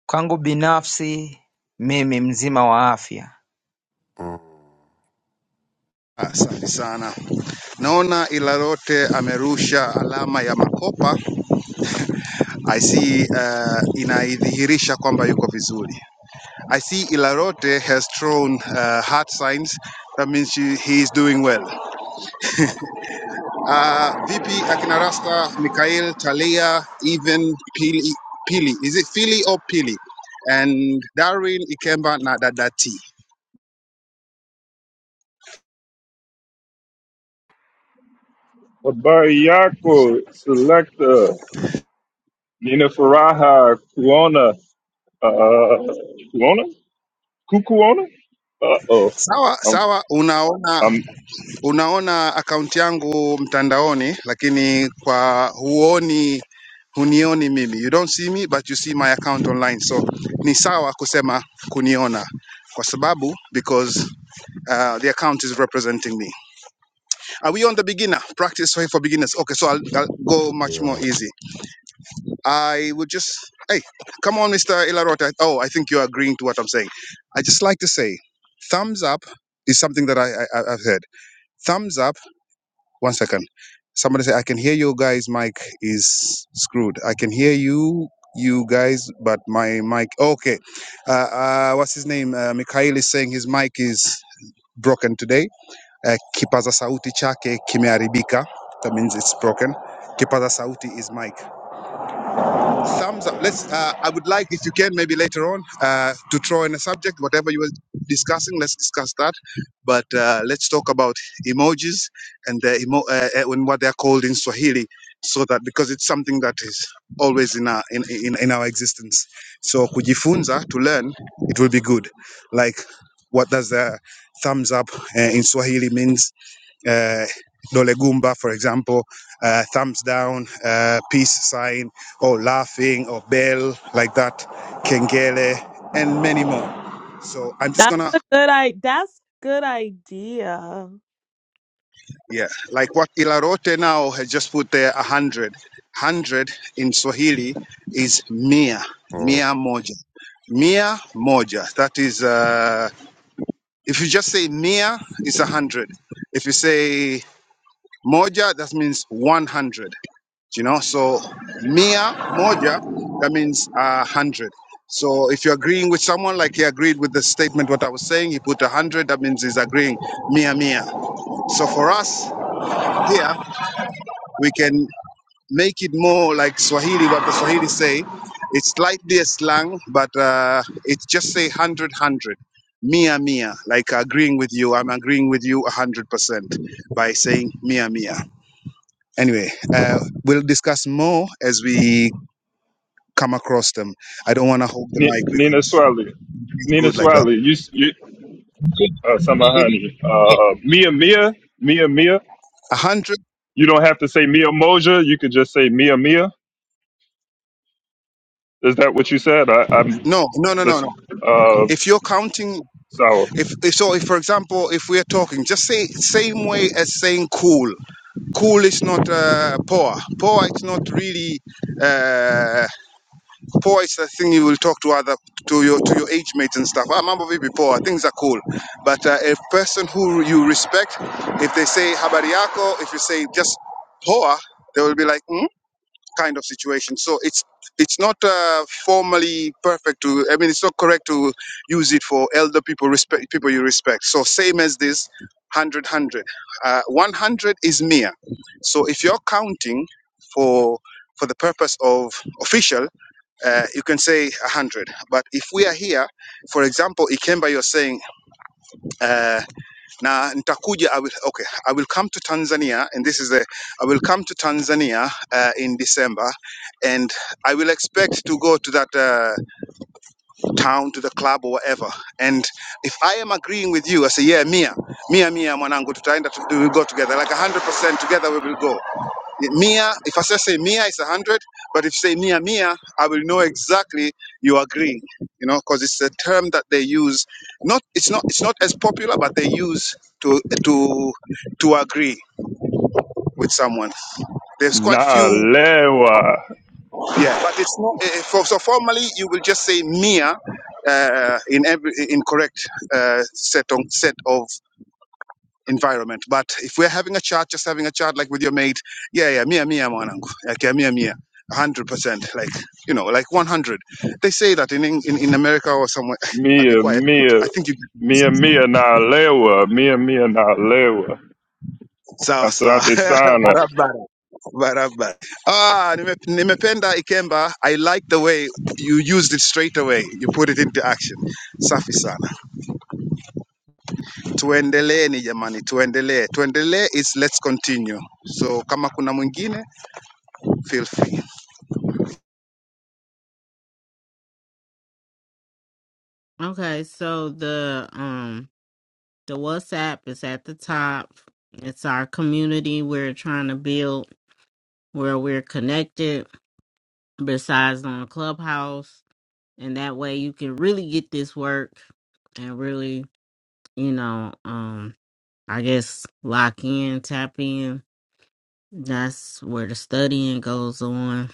Speaker 10: Kwangu binafsi, mimi mzima wa afya.
Speaker 7: Mm,
Speaker 11: Asante sana. Naona Ilalote amerusha alama ya makopa. I see uh, inaidhihirisha kwamba yuko vizuri. I see Ilarote has thrown uh, heart signs that means she, he is doing well. Uh, vipi akina Rasta, Mikhail, Talia, even Pili, Pili. Is it Philly or Pili? And Darwin Ikemba na Dadati.
Speaker 2: Abayako, Selecta, Nina Faraha, Kuona, uh, uh, Kuona? Kukuona? Uh oh.
Speaker 11: Sawa
Speaker 2: I'm,
Speaker 11: sawa, unaona
Speaker 2: I'm
Speaker 11: unaona akaunti yangu mtandaoni lakini kwa huoni hunioni mimi you don't see me but you see my account online so ni sawa kusema kuniona kwa sababu because uh, the account is representing me are we on the beginner practice for, for beginners okay so I'll, I'll go much more
Speaker 7: yeah.
Speaker 11: easy i would just hey come on mr ilarota oh i think you're agreeing to what i'm saying i just like to say thumbs up is something that I, I I- i've heard thumbs up one second. Somebody say, I can hear you guys' mic is screwed. I can hear you, you guys, but my mic. Okay. Uh, uh, what's his name? Uh, Mikhail is saying his mic is broken today. Uh, kipaza sauti chake kimeharibika. That means it's broken. Kipaza sauti is mic thumbs up. Let's. Uh, I would like, if you can, maybe later on, uh, to throw in a subject, whatever you were discussing. Let's discuss that. But uh, let's talk about emojis and the emo- uh, uh, and what they are called in Swahili, so that because it's something that is always in our in, in, in our existence. So kujifunza to learn, it will be good. Like, what does the thumbs up uh, in Swahili means? uh, Dole Gumba, for example, uh, thumbs down, uh, peace sign, or laughing, or bell, like that, kengele, and many more. So I'm just
Speaker 8: that's
Speaker 11: gonna,
Speaker 8: a good i that's good idea
Speaker 11: yeah, like what Ilarote now has just put there, a hundred. Hundred in Swahili is mia,
Speaker 7: Mm.
Speaker 11: mia moja. Mia moja. That is, uh, if you just say mia, it's a hundred. If you say moja, that means one hundred. you know so mia moja that means uh, 100 so if you're agreeing with someone like he agreed with the statement what i was saying he put 100 that means he's agreeing mia mia so for us here we can make it more like swahili what the swahili say it's slightly a slang but uh, it's just say hundred hundred mia mia like agreeing with you i'm agreeing with you 100% by saying mia mia anyway uh, we'll discuss more as we come across them. I don't want to hold the
Speaker 2: Ni-
Speaker 11: mic
Speaker 2: Nina
Speaker 11: because
Speaker 2: Swali.
Speaker 11: it's
Speaker 2: Nina
Speaker 11: good like that.
Speaker 2: Swali, you, s- you, uh, Samahani. Uh, Mia Mia, Mia Mia.
Speaker 11: A hundred?
Speaker 2: You don't have to say Mia Moja, you could just say Mia Mia. Is that what you said? I, I'm,
Speaker 11: No, no, no, no,
Speaker 2: this,
Speaker 11: no.
Speaker 2: uh,
Speaker 11: If you're counting,
Speaker 2: so,
Speaker 11: if if- so, if for example, if we are talking, just say same way as saying cool. Cool is not uh, poor. Poor is not really uh, poor. Is the thing you will talk to other to your to your age mates and stuff. I'm a baby poor. Things are cool. But uh, a person who you respect, if they say habari yako, if you say just poor, they will be like. "Hmm? kind of situation. So it's it's not uh, formally perfect to. I mean, it's not correct to use it for elder people, respect people you respect. So same as this, hundred hundred. Uh, One hundred is mere. So if you're counting for for the purpose of official, uh, you can say a hundred. But if we are here, for example, Ikemba, you're saying. Uh, na nitakuja I will, okay, I will come to Tanzania and this is the I will come to Tanzania uh, in December and I will expect to go to that uh, town to the club or whatever and if I am agreeing with you I say yeah Mia Mia Mia mwanangu tutaenda to, we will go together like 100% together we will go Mia, if I say, say Mia, it's a hundred. But if say Mia Mia, I will know exactly you agree. You know, because it's a term that they use. Not it's not it's not as popular, but they use to to to agree with someone. There's quite few,
Speaker 2: Nalewa.
Speaker 11: yeah. But it's not eh, eh, for, so formally you will just say Mia uh, in every in correct uh, set on set of environment. But if we're having a chat, just having a chat like with your mate, yeah, yeah, mia mia mwanangu, like yeah, mia mia, a hundred percent, like you know, like one hundred. They say that in, in in America or somewhere. I'll be
Speaker 2: Mia,
Speaker 11: quiet.
Speaker 2: Mia,
Speaker 11: I think you
Speaker 2: Mia, Mia na lewa, Mia, Mia na lewa.
Speaker 11: sawa sawa
Speaker 2: Asante sana.
Speaker 11: barabara barabara. Ah, nime- nimependa Ikemba. I like the way you used it straight away. You put it into action. Safi sana. Tuendelee ni jamani, tuendelee. Tuendelee is let's continue. So kama kuna mwingine, feel free.
Speaker 1: Okay, so the um the WhatsApp is at the top. It's our community we're trying to build where we're connected besides on Clubhouse. And that way you can really get this work and really, you know, um, I guess lock in, tap in That's where the studying goes on.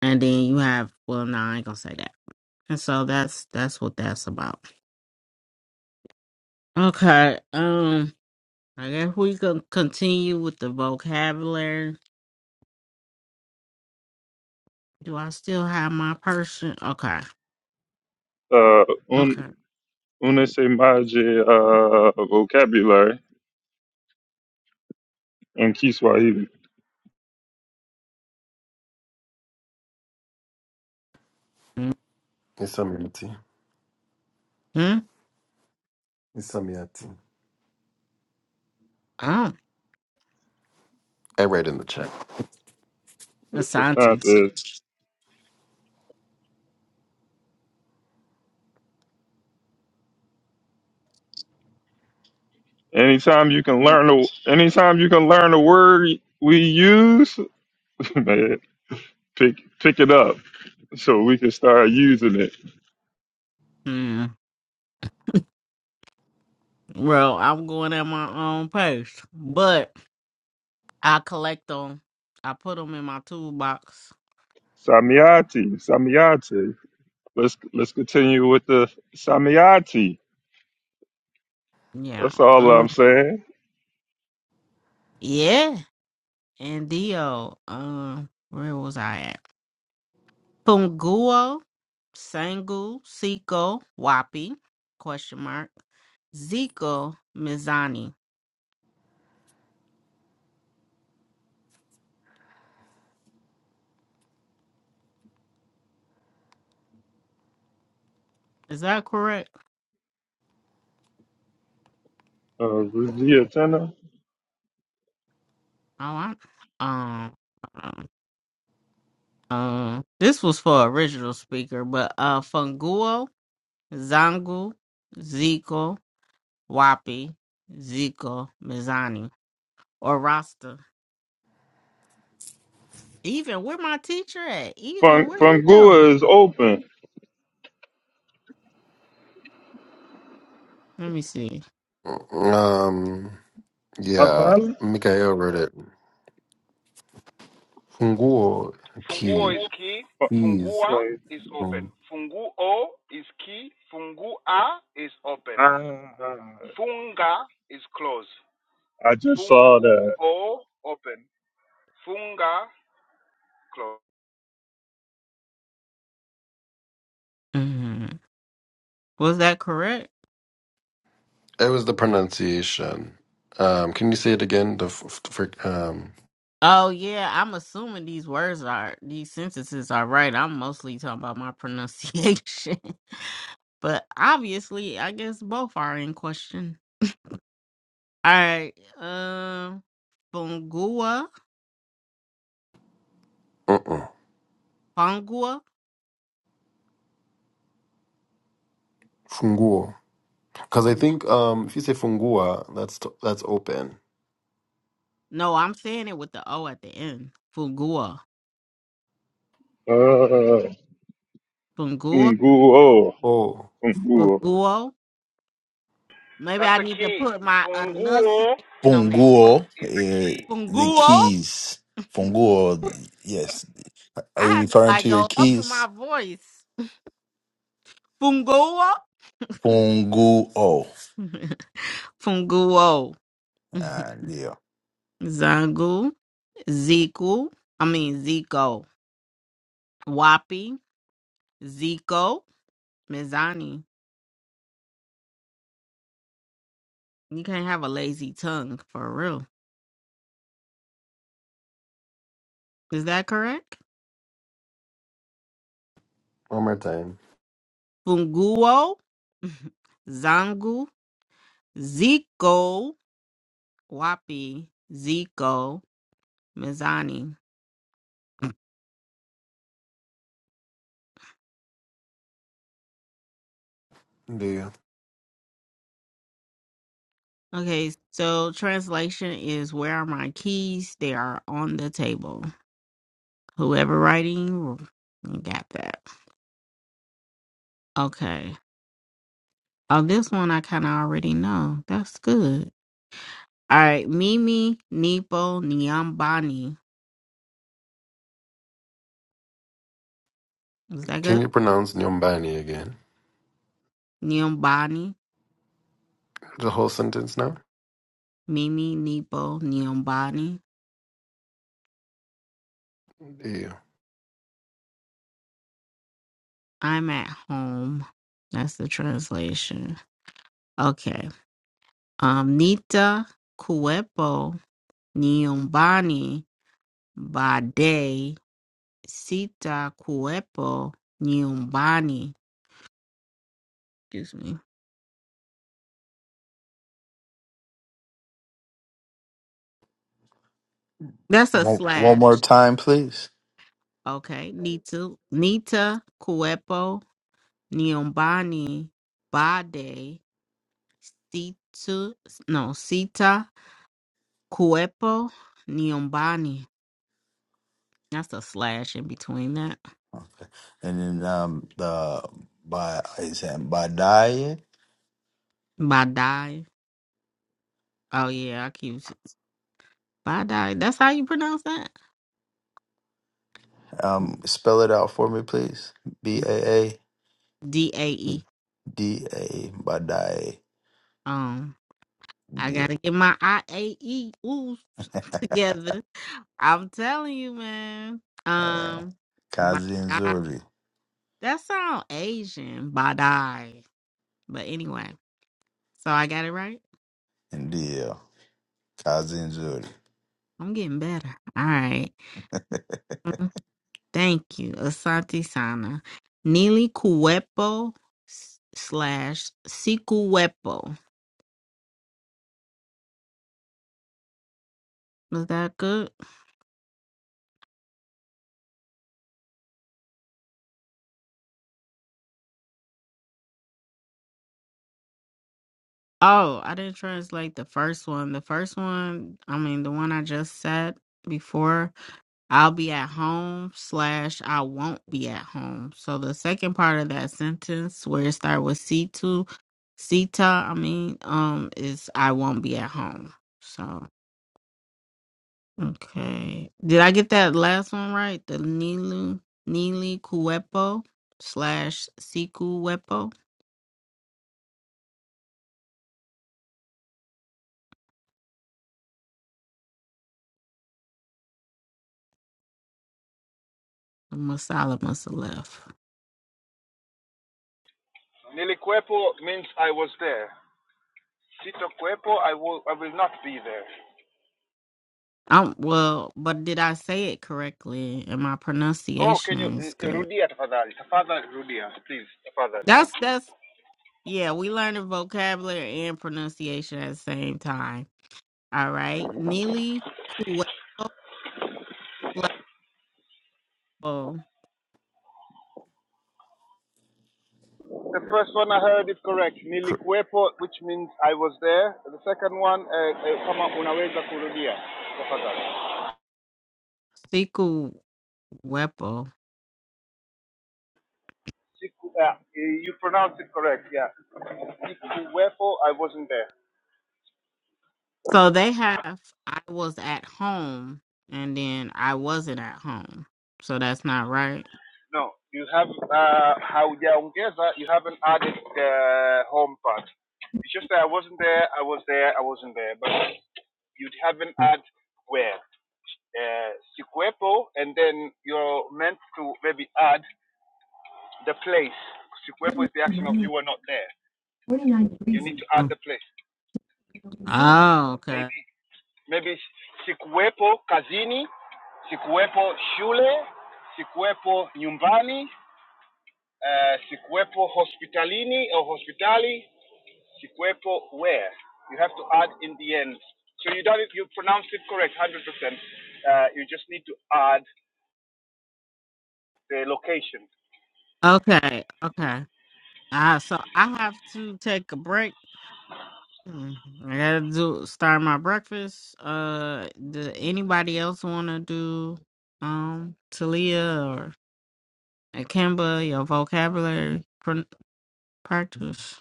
Speaker 1: And then you have well no, I ain't gonna say that. And so that's that's what that's about. Okay. Um I guess we can continue with the vocabulary. Do I still have my person? Okay.
Speaker 2: Uh, un,
Speaker 1: Okay.
Speaker 2: unesemaje uh, vocabulary in Kiswahili.
Speaker 7: Isamiati.
Speaker 1: Hmm?
Speaker 7: Isamiati.
Speaker 1: Oh.
Speaker 7: I read in the chat.
Speaker 1: Asante.
Speaker 2: Asante. Anytime you can learn a, anytime you can learn a word we use, man, pick pick it up so we can start using it.
Speaker 1: Hmm. Well, I'm going at my own pace. But I collect them. I put them in my toolbox.
Speaker 2: Samiati, Samiati. Let's let's continue with the Samiati.
Speaker 1: Yeah.
Speaker 2: That's all
Speaker 1: Um,
Speaker 2: I'm saying.
Speaker 1: yeah. and Dio. Um, where was I at? Punguo, Sangu, Siko, Wapi, question mark, Zico, Mizani. Is that correct?
Speaker 2: Uh, yeah, Tanner.
Speaker 1: Oh, I, um, um, um, this was for original speaker, but uh, Funguo, Zangu, Zico, Wapi, Zico, Mizani, or Rasta. Even where my teacher at? Even
Speaker 2: Fun-
Speaker 1: where he go?
Speaker 2: Fungua is open.
Speaker 1: Let me see.
Speaker 7: Mm, Um, yeah,
Speaker 2: Apollo?
Speaker 7: Mikael wrote it. Funguo key,
Speaker 2: Fu-
Speaker 7: keys.
Speaker 2: sorry. Ah, I just saw that.
Speaker 1: Mm-hmm. Was that correct?
Speaker 7: It was the pronunciation. Um, can you say it again? The f- f- for, um,
Speaker 1: Oh yeah, I'm assuming these words are these sentences are right. I'm mostly talking about my pronunciation. but obviously I guess both are in question. All right. Um Fungua.
Speaker 7: uh-uh.
Speaker 1: Fungua.
Speaker 7: funguo. Because I
Speaker 1: Fun-
Speaker 7: think um, if you say fungua, that's t- that's open.
Speaker 1: No, I'm saying it with the O at the end. Fungua.
Speaker 2: Uh,
Speaker 1: Fungua.
Speaker 2: Funguo.
Speaker 7: Oh,
Speaker 2: Funguo.
Speaker 1: Funguo. Maybe I need to put my enunciation on that O.
Speaker 9: funguo eh, the
Speaker 1: Funguo.
Speaker 9: keys funguo yes are
Speaker 1: I
Speaker 9: you
Speaker 1: had to
Speaker 9: referring
Speaker 1: like
Speaker 9: to your
Speaker 1: go up in
Speaker 9: keys
Speaker 1: my voice. Funguo.
Speaker 9: funguo
Speaker 1: Funguo,
Speaker 9: ah, ndio
Speaker 1: Zangu, Zico, I mean Zico, Wapi, Zico, Mizani. You can't have a lazy tongue for real. Is that correct?
Speaker 7: one more time.
Speaker 1: Funguo, Zangu, Zico, Wapi, Zico, Mizani.
Speaker 7: Ndio.
Speaker 1: Okay, so translation is where are my keys? They are on the table. Whoever writing, you got that. Okay. Oh, this one I kind of already know. That's good. All right. Mimi, Nipo, Niambani. Is that
Speaker 7: Can
Speaker 1: good?
Speaker 7: you pronounce nyombani again?
Speaker 1: Niambani.
Speaker 7: The whole sentence now.
Speaker 1: Mimi, Nipo, Niambani.
Speaker 7: Ndio.
Speaker 1: I'm at home. That's the translation. Okay. Um, Nita, Kuepo, Niambani, Bade, Sita, Kuepo, Niambani. Excuse me. That's a
Speaker 9: one one more
Speaker 1: slash.
Speaker 9: time please
Speaker 1: Okay, Nita, Nita Cuepo Niombani Bade Situ, no, Sita Cuepo Niombani. That's a slash in between that.
Speaker 9: and then um the by is that Badaye?
Speaker 1: Badai. Oh yeah, I keep Badai. That's how you pronounce that?
Speaker 9: Um, spell it out for me, please. B A
Speaker 1: D A
Speaker 9: A
Speaker 1: E.
Speaker 9: D A Badaye.
Speaker 1: Um, I
Speaker 9: D-
Speaker 1: gotta get my I A E ooh together. I'm telling you, man.
Speaker 9: uh,
Speaker 1: Um,
Speaker 9: Kazi
Speaker 1: Badai.
Speaker 9: Nzuri,
Speaker 1: That sound Asian, badai. But anyway, so I got it right.
Speaker 9: Ndio Kazi Nzuri.
Speaker 1: I'm getting better. All right. Mm, Thank you, Asante Sana. Nili Kuepo s- slash Sikuepo. Was that good? Oh, I didn't translate the first one. The first one, I mean, the one I just said before I'll be at home slash I won't be at home. So the second part of that sentence where it starts with C two Sita, I mean, um, is I won't be at home. So okay. Did I get that last one right? The Nilu Nili Kuepo slash Siku Wepo? Masala must have left. Um well, but did I say it correctly? And my pronunciation is good. That's that's Yeah, we learning vocabulary and pronunciation at the same time. All right. Neely Kuepo Flapo
Speaker 9: Cor-
Speaker 1: Siku Wepo. So they have I was at home and then I wasn't at home. So that's not right. Mhm. Oh, okay. Okay. Okay. Uh, so I have to take a break. Mm, I gotta do start my breakfast. Uh, does anybody else wanna do um Talia or Akimba your vocabulary pr- practice?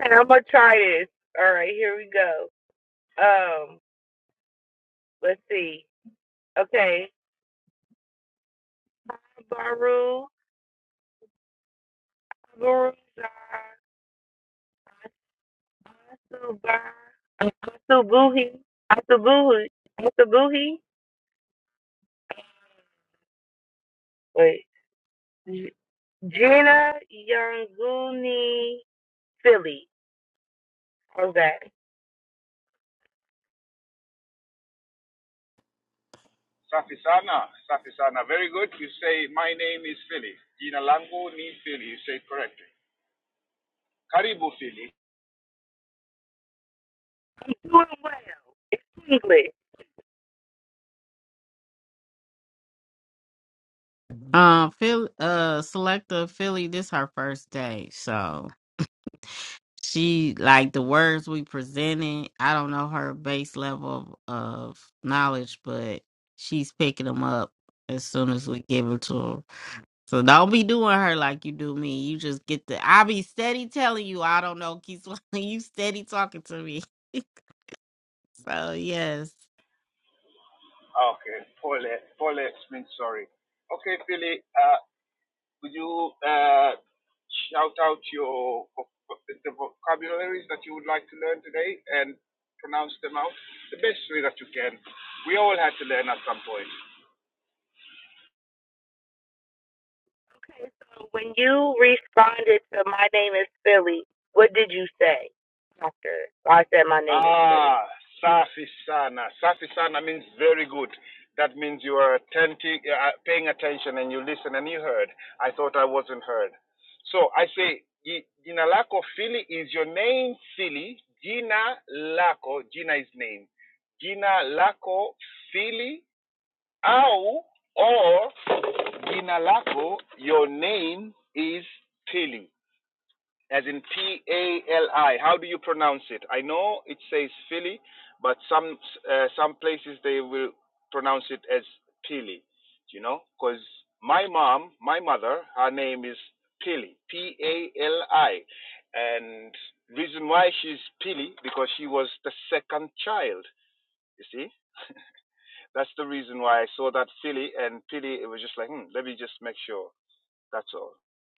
Speaker 6: And I'm gonna try this. All right, here we go. Um, let's see. Okay, Baru, Baru Asuba- Asubuhi, Asubuhi, Asubuhi, wait, J- Gina Yanguni Philly. How's that? You're Doing well. English.
Speaker 1: Uh, Phil, uh, Selecta Philly. This her first day, so she like the words we presented. I don't know her base level of, of knowledge, but she's picking them up as soon as we give them to her. So don't be doing her like you do me. You just get the. I be steady telling you I don't know. Keep you steady talking to me. so yes.
Speaker 6: Okay, so when you responded to my name is Philly, what did you say after I said my name is Philly?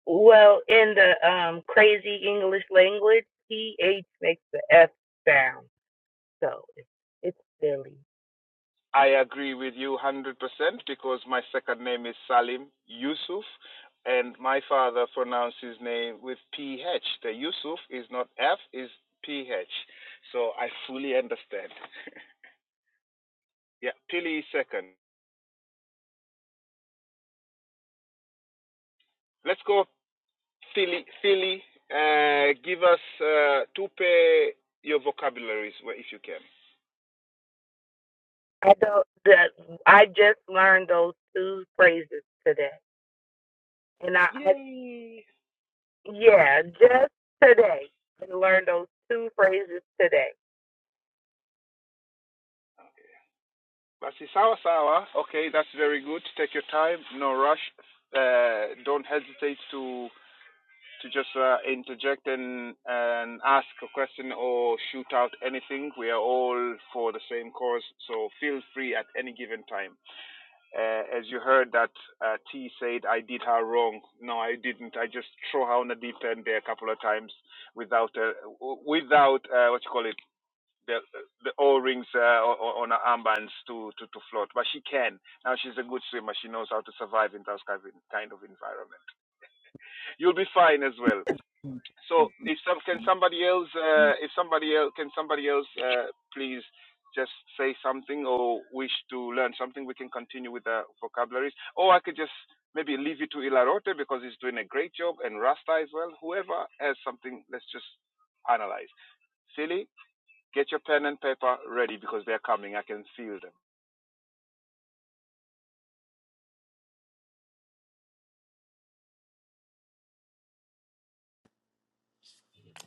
Speaker 6: Well, in the um crazy English language, TH makes the F sound, so it's, it's Philly. I don't. That I just learned those two phrases today, and I, I yeah, just today, I learned those two phrases today.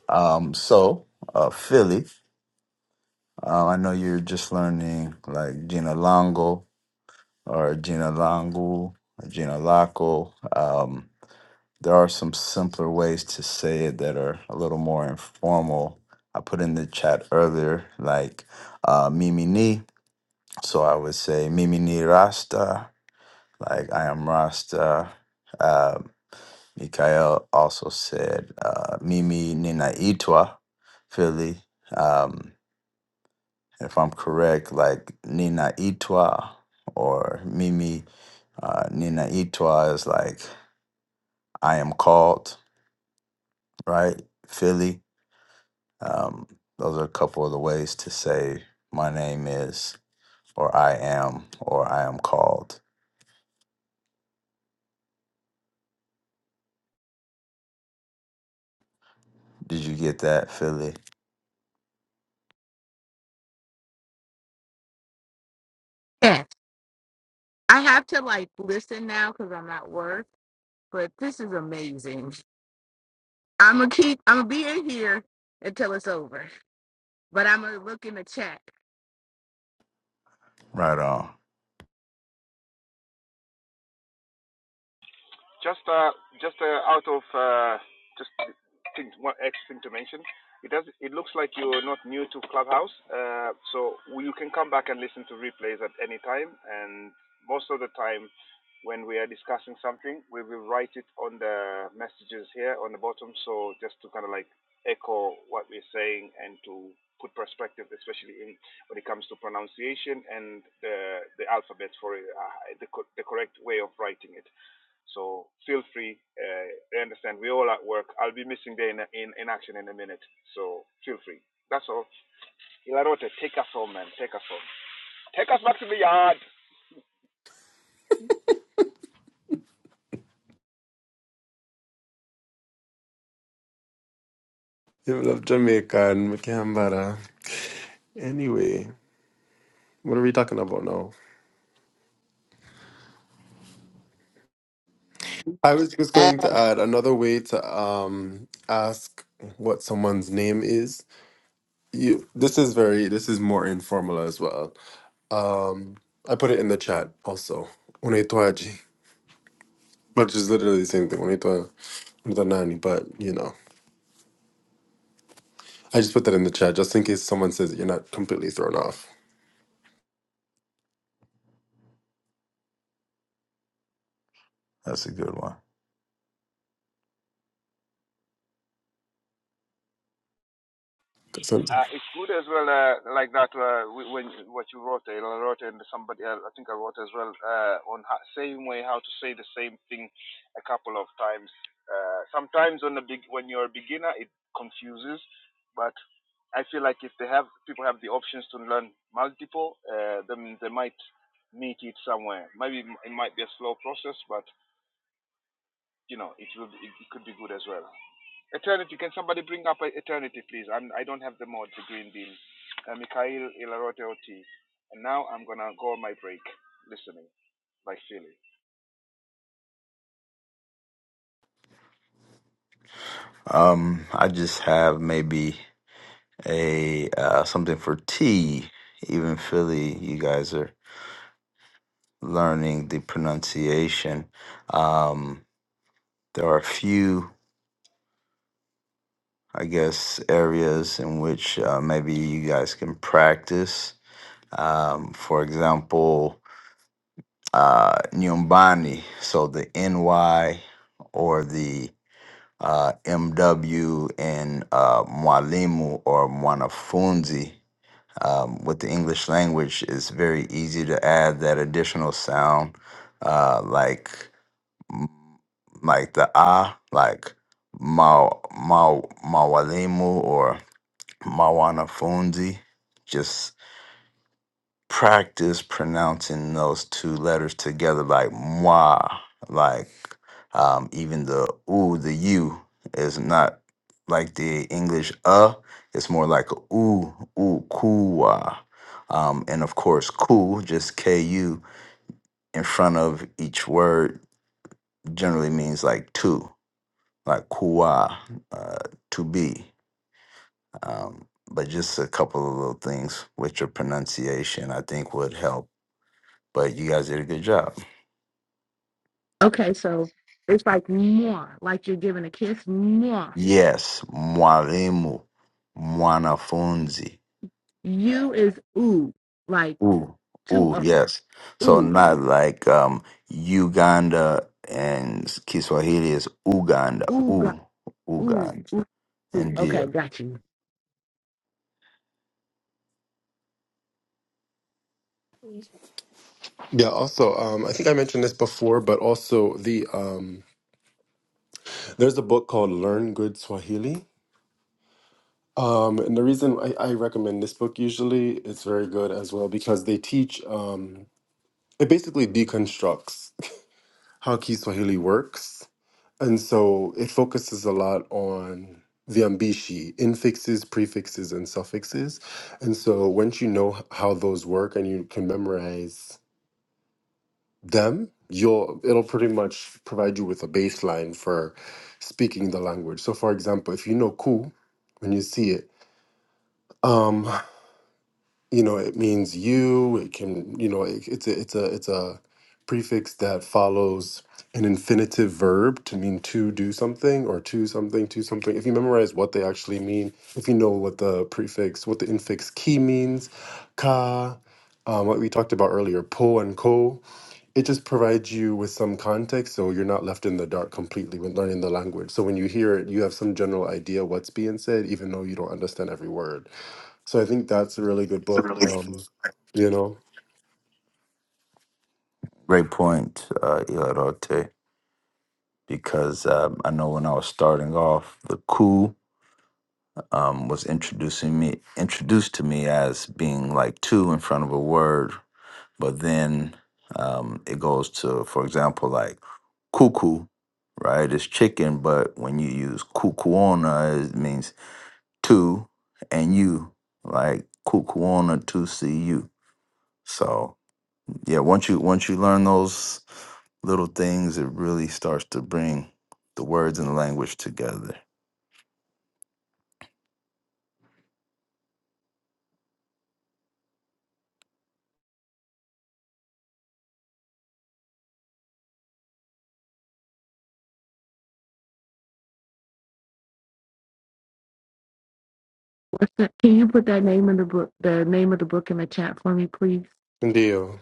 Speaker 9: Um, so uh, Philly. Uh, I know you're just learning like Gina Longo or Gina Longo, Gina Laco. There are some simpler ways to say it that are a little more informal. I put in the chat earlier, like uh, Mimi Ni. So I would say Mimi Ni Rasta, like I am Rasta. Uh, Mikael also said uh, Mimi Nina Itwa, Philly. Um, if I'm correct, like Nina Itwa or Mimi uh, Nina Itwa is like I am called, right? Philly Um, those are a couple of the ways to say my name is, or I am, or I am called. Did you get that, Philly?
Speaker 6: Yes. I have to like listen now because I'm at work, but this is amazing. I'm gonna keep. I'm gonna be in here until it's over, but I'm gonna look in the chat.
Speaker 9: Right on.
Speaker 7: You love Jamaica and Makambara. Anyway, what are we talking about now? I was just
Speaker 1: Uh,
Speaker 7: going to add another way to um ask what someone's name is. You. This is very. This is more informal as well Um, I put it in the chat also. Unaitwaji, which is literally the same thing. Unaitwa unaitwa nani, but you know, I just put that in the chat just in case someone says that you're not completely thrown off.
Speaker 9: That's a good one.
Speaker 7: So
Speaker 9: Um, I just have maybe a uh, something for T. Even Philly, you guys are learning the pronunciation. Um, there are a few, I guess, areas in which uh, maybe you guys can practice. Um, for example, uh, Nyumbani, so the NY or the uh, MW and uh, Mwalimu or Mwanafunzi. Um, with the English language, it's very easy to add that additional sound, uh, like like the ah, like ma ma mawalimu or mawanafunzi. Just practice pronouncing those two letters together like moi like um even the ooh the u is not like the english uh it's more like a ooh ooh kuwa um and of course ku just ku in front of each word generally means like to like kuwa uh, to be um but just a couple of little things with your pronunciation i think would help but you guys did a good job
Speaker 6: Okay, so it's like more, like you're giving a kiss. More.
Speaker 9: Yes, mwalimu, mwanafunzi.
Speaker 6: You is ooh, like
Speaker 9: Ooh,
Speaker 6: to
Speaker 9: ooh,
Speaker 6: a
Speaker 9: yes. So
Speaker 6: ooh,
Speaker 9: not like um Uganda and Kiswahili is Uganda.
Speaker 6: ooh, God,
Speaker 9: Ooh,
Speaker 6: ooh,
Speaker 9: Uganda.
Speaker 6: ooh. Okay,
Speaker 9: India.
Speaker 6: got you.
Speaker 7: yeah, also um, I think I mentioned this before, but also the um, there's a book called Learn Good Swahili. Um, and the reason I, I recommend this book usually it's very good as well because they teach um, it basically deconstructs how Kiswahili works And so it focuses a lot on the ambishi, infixes, prefixes, and suffixes. And so once you know h- how those work and you can memorize them, you'll it'll pretty much provide you with a baseline for speaking the language. So for example, if you know ku, when you see it, um, you know it means you it can you know it, it's a it's a it's a prefix that follows an infinitive verb to mean to do something or to something to something if you memorize what they actually mean if you know what the prefix what the infix ki means ka um, what we talked about earlier po and ko it just provides you with some context so you're not left in the dark completely when learning the language so when you hear it you have some general idea what's being said even though you don't understand every word so I think that's a really good
Speaker 9: It's a
Speaker 7: book.
Speaker 9: really
Speaker 7: Um, you know,
Speaker 9: Great point, uh, Ilarote, because um, I know when I was starting off, the coup um, was introducing me introduced to me as being like two in front of a word but then um, it goes to, for example, like cuckoo, right? It's chicken, but when you use kukuona, it means two and you, like kukuona two see you. So yeah, once you once you learn those little things, it really starts to bring the words and the language together.
Speaker 6: Can you put that name in the book, the name of the book in the chat for me, please?
Speaker 7: Indio,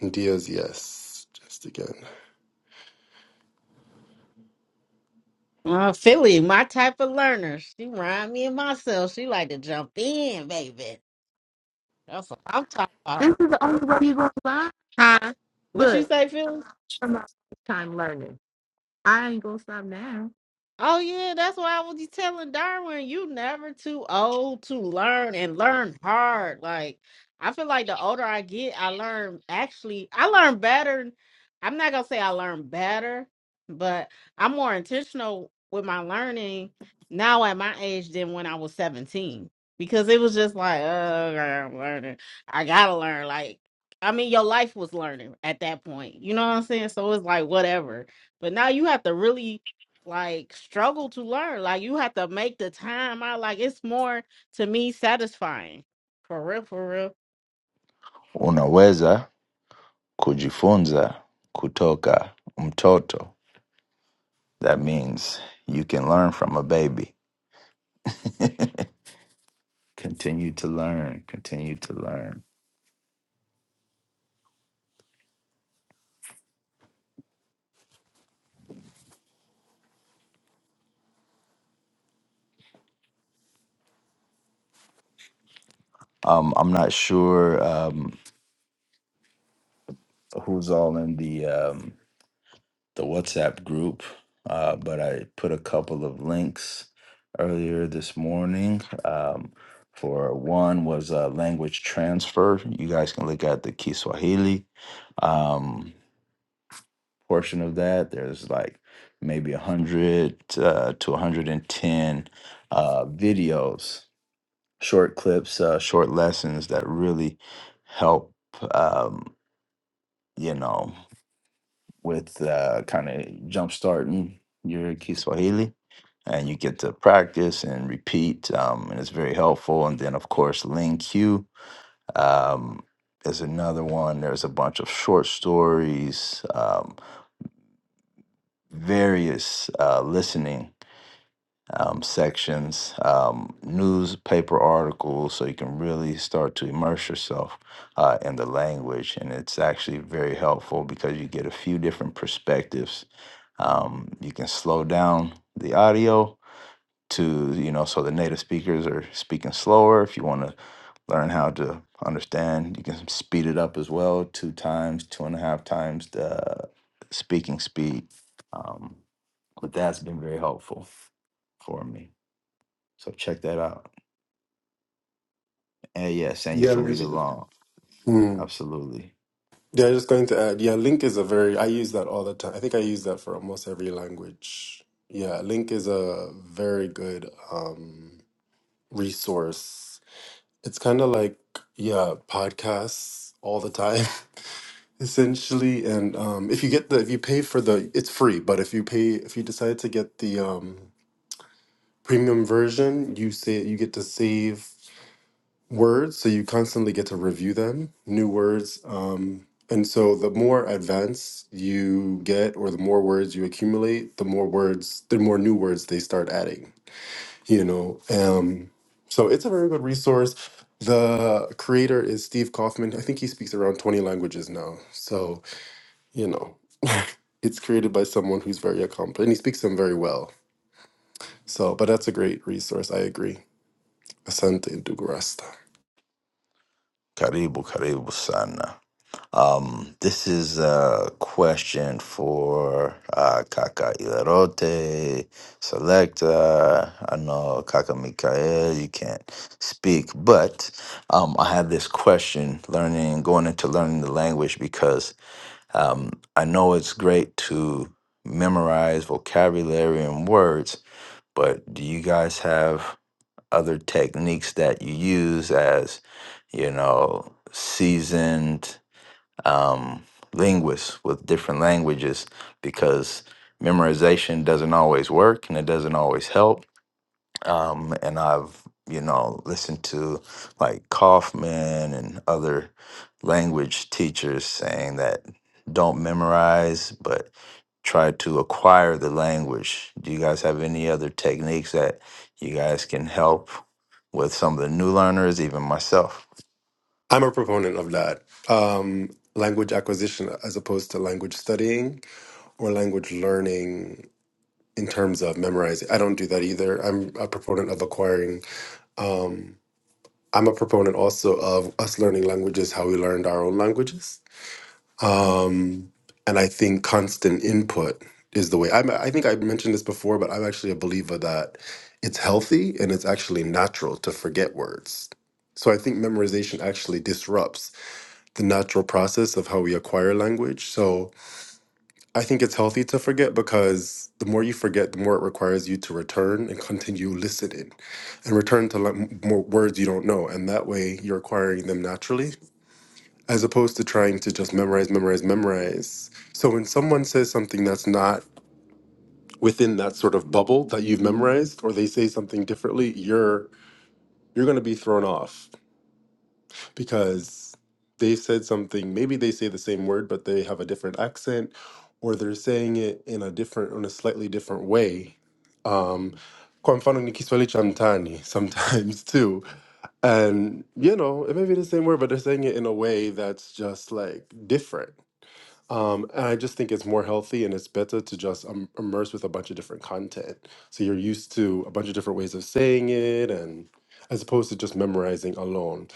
Speaker 7: India's yes, just again.
Speaker 1: Uh, Philly, my type of learner. She remind me of myself. She like to jump in, baby. That's what I'm talking
Speaker 6: This
Speaker 1: about.
Speaker 6: is the only way you're gonna survive.
Speaker 1: Huh? What you
Speaker 6: Look,
Speaker 1: say, Philly?
Speaker 6: I'm out time learning. I ain't gonna stop now.
Speaker 1: Oh yeah, that's why I was just telling Darwin, you never too old to learn and learn hard. Like I feel like the older I get, I learn actually I learn better. I'm not gonna say I learn better, but I'm more intentional with my learning now at my age than when I was 17. Because it was just like, oh, I'm learning. I gotta learn. Like, I mean, your life was learning at that point. You know what I'm saying? So it's like whatever. But now you have to really like struggle to learn. Like you have to make the time out. Like it's more to me satisfying. For real, for real.
Speaker 9: Unaweza kujifunza kutoka mtoto. That means you can learn from a baby. continue to learn continue to learn um i'm not sure um who's all in the um the whatsapp group uh but i put a couple of links earlier this morning um for one was uh, language transfer you guys can look at the kiswahili um portion of that there's like maybe 100 uh, to 110 uh videos short clips, uh, short lessons that really help, um, you know, with uh, kind of jumpstarting your Kiswahili. And you get to practice and repeat, um, and it's very helpful. And then, of course, Ling Q um, is another one. There's a bunch of short stories, um, various uh, listening. um, sections, um, newspaper articles, so you can really start to immerse yourself uh, in the language. And it's actually very helpful because you get a few different perspectives. Um, you can slow down the audio to, you know, so the native speakers are speaking slower. If you want to learn how to understand, you can speed it up as well, two times, two and a half times the speaking speed. Um, but that's been very helpful for me. So check that out. And yes, and you
Speaker 7: Yeah,
Speaker 9: can read along.
Speaker 7: mm.
Speaker 9: Absolutely.
Speaker 7: yeah. Just going to add, yeah, Link is a very. I use that all the time. I think I use that for almost every language. Yeah, Link is a very good um, resource. It's kind of like yeah, podcasts all the time. Essentially, and um, if you get the if you pay for the, it's free. But if you pay, if you decide to get the um, Premium version, you say you get to save words, so you constantly get to review them, new words. Um, and so the more advanced you get, or the more words you accumulate, the more words, the more new words they start adding. You know, um, so it's a very good resource. The creator is Steve Kaufman. I think he speaks around 20 languages now. So, you know, it's created by someone who's very accomplished and he speaks them very well. So, but that's a great resource. I agree. Asante Dugarasta.
Speaker 9: Karibu, karibu sana. Um, this is a question for uh, Kaka Ilarote, Selecta. I know Kaka Mikael, you can't speak, but um, I have this question learning, going into learning the language because um, I know it's great to memorize vocabulary and words, but do you guys have other techniques that you use as you know seasoned um, linguists with different languages because memorization doesn't always work and it doesn't always help um, and I've you know listened to like Kaufman and other language teachers saying that don't memorize, but try to acquire the language. Do you guys have any other techniques that you guys can help with some of the new learners, even myself?
Speaker 7: I'm a proponent of that. Um, language acquisition as opposed to language studying or language learning in terms of memorizing. I don't do that either. I'm a proponent of acquiring. Um, I'm a proponent also of us learning languages how we learned our own languages. Um, and I think constant input is the way. I'm, I think I mentioned this before, but I'm actually a believer that it's healthy and it's actually natural to forget words. So I think memorization actually disrupts the natural process of how we acquire language. So I think it's healthy to forget because the more you forget, the more it requires you to return and continue listening and return to le- more words you don't know. And that way you're acquiring them naturally as opposed to trying to just memorize, memorize, memorize. So when someone says something that's not within that sort of bubble that you've memorized or they say something differently, you're you're going to be thrown off because they said something maybe they say the same word but they have a different accent or they're saying it in a different in a slightly different way um kwa mfano ni Kiswahili cha mtaani sometimes too and you know it may be the same word but they're saying it in a way that's just like different um, and I just think it's more healthy and it's better to just um, immerse with a bunch of different content. So you're used to a bunch of different ways of saying it, and as opposed to just memorizing alone.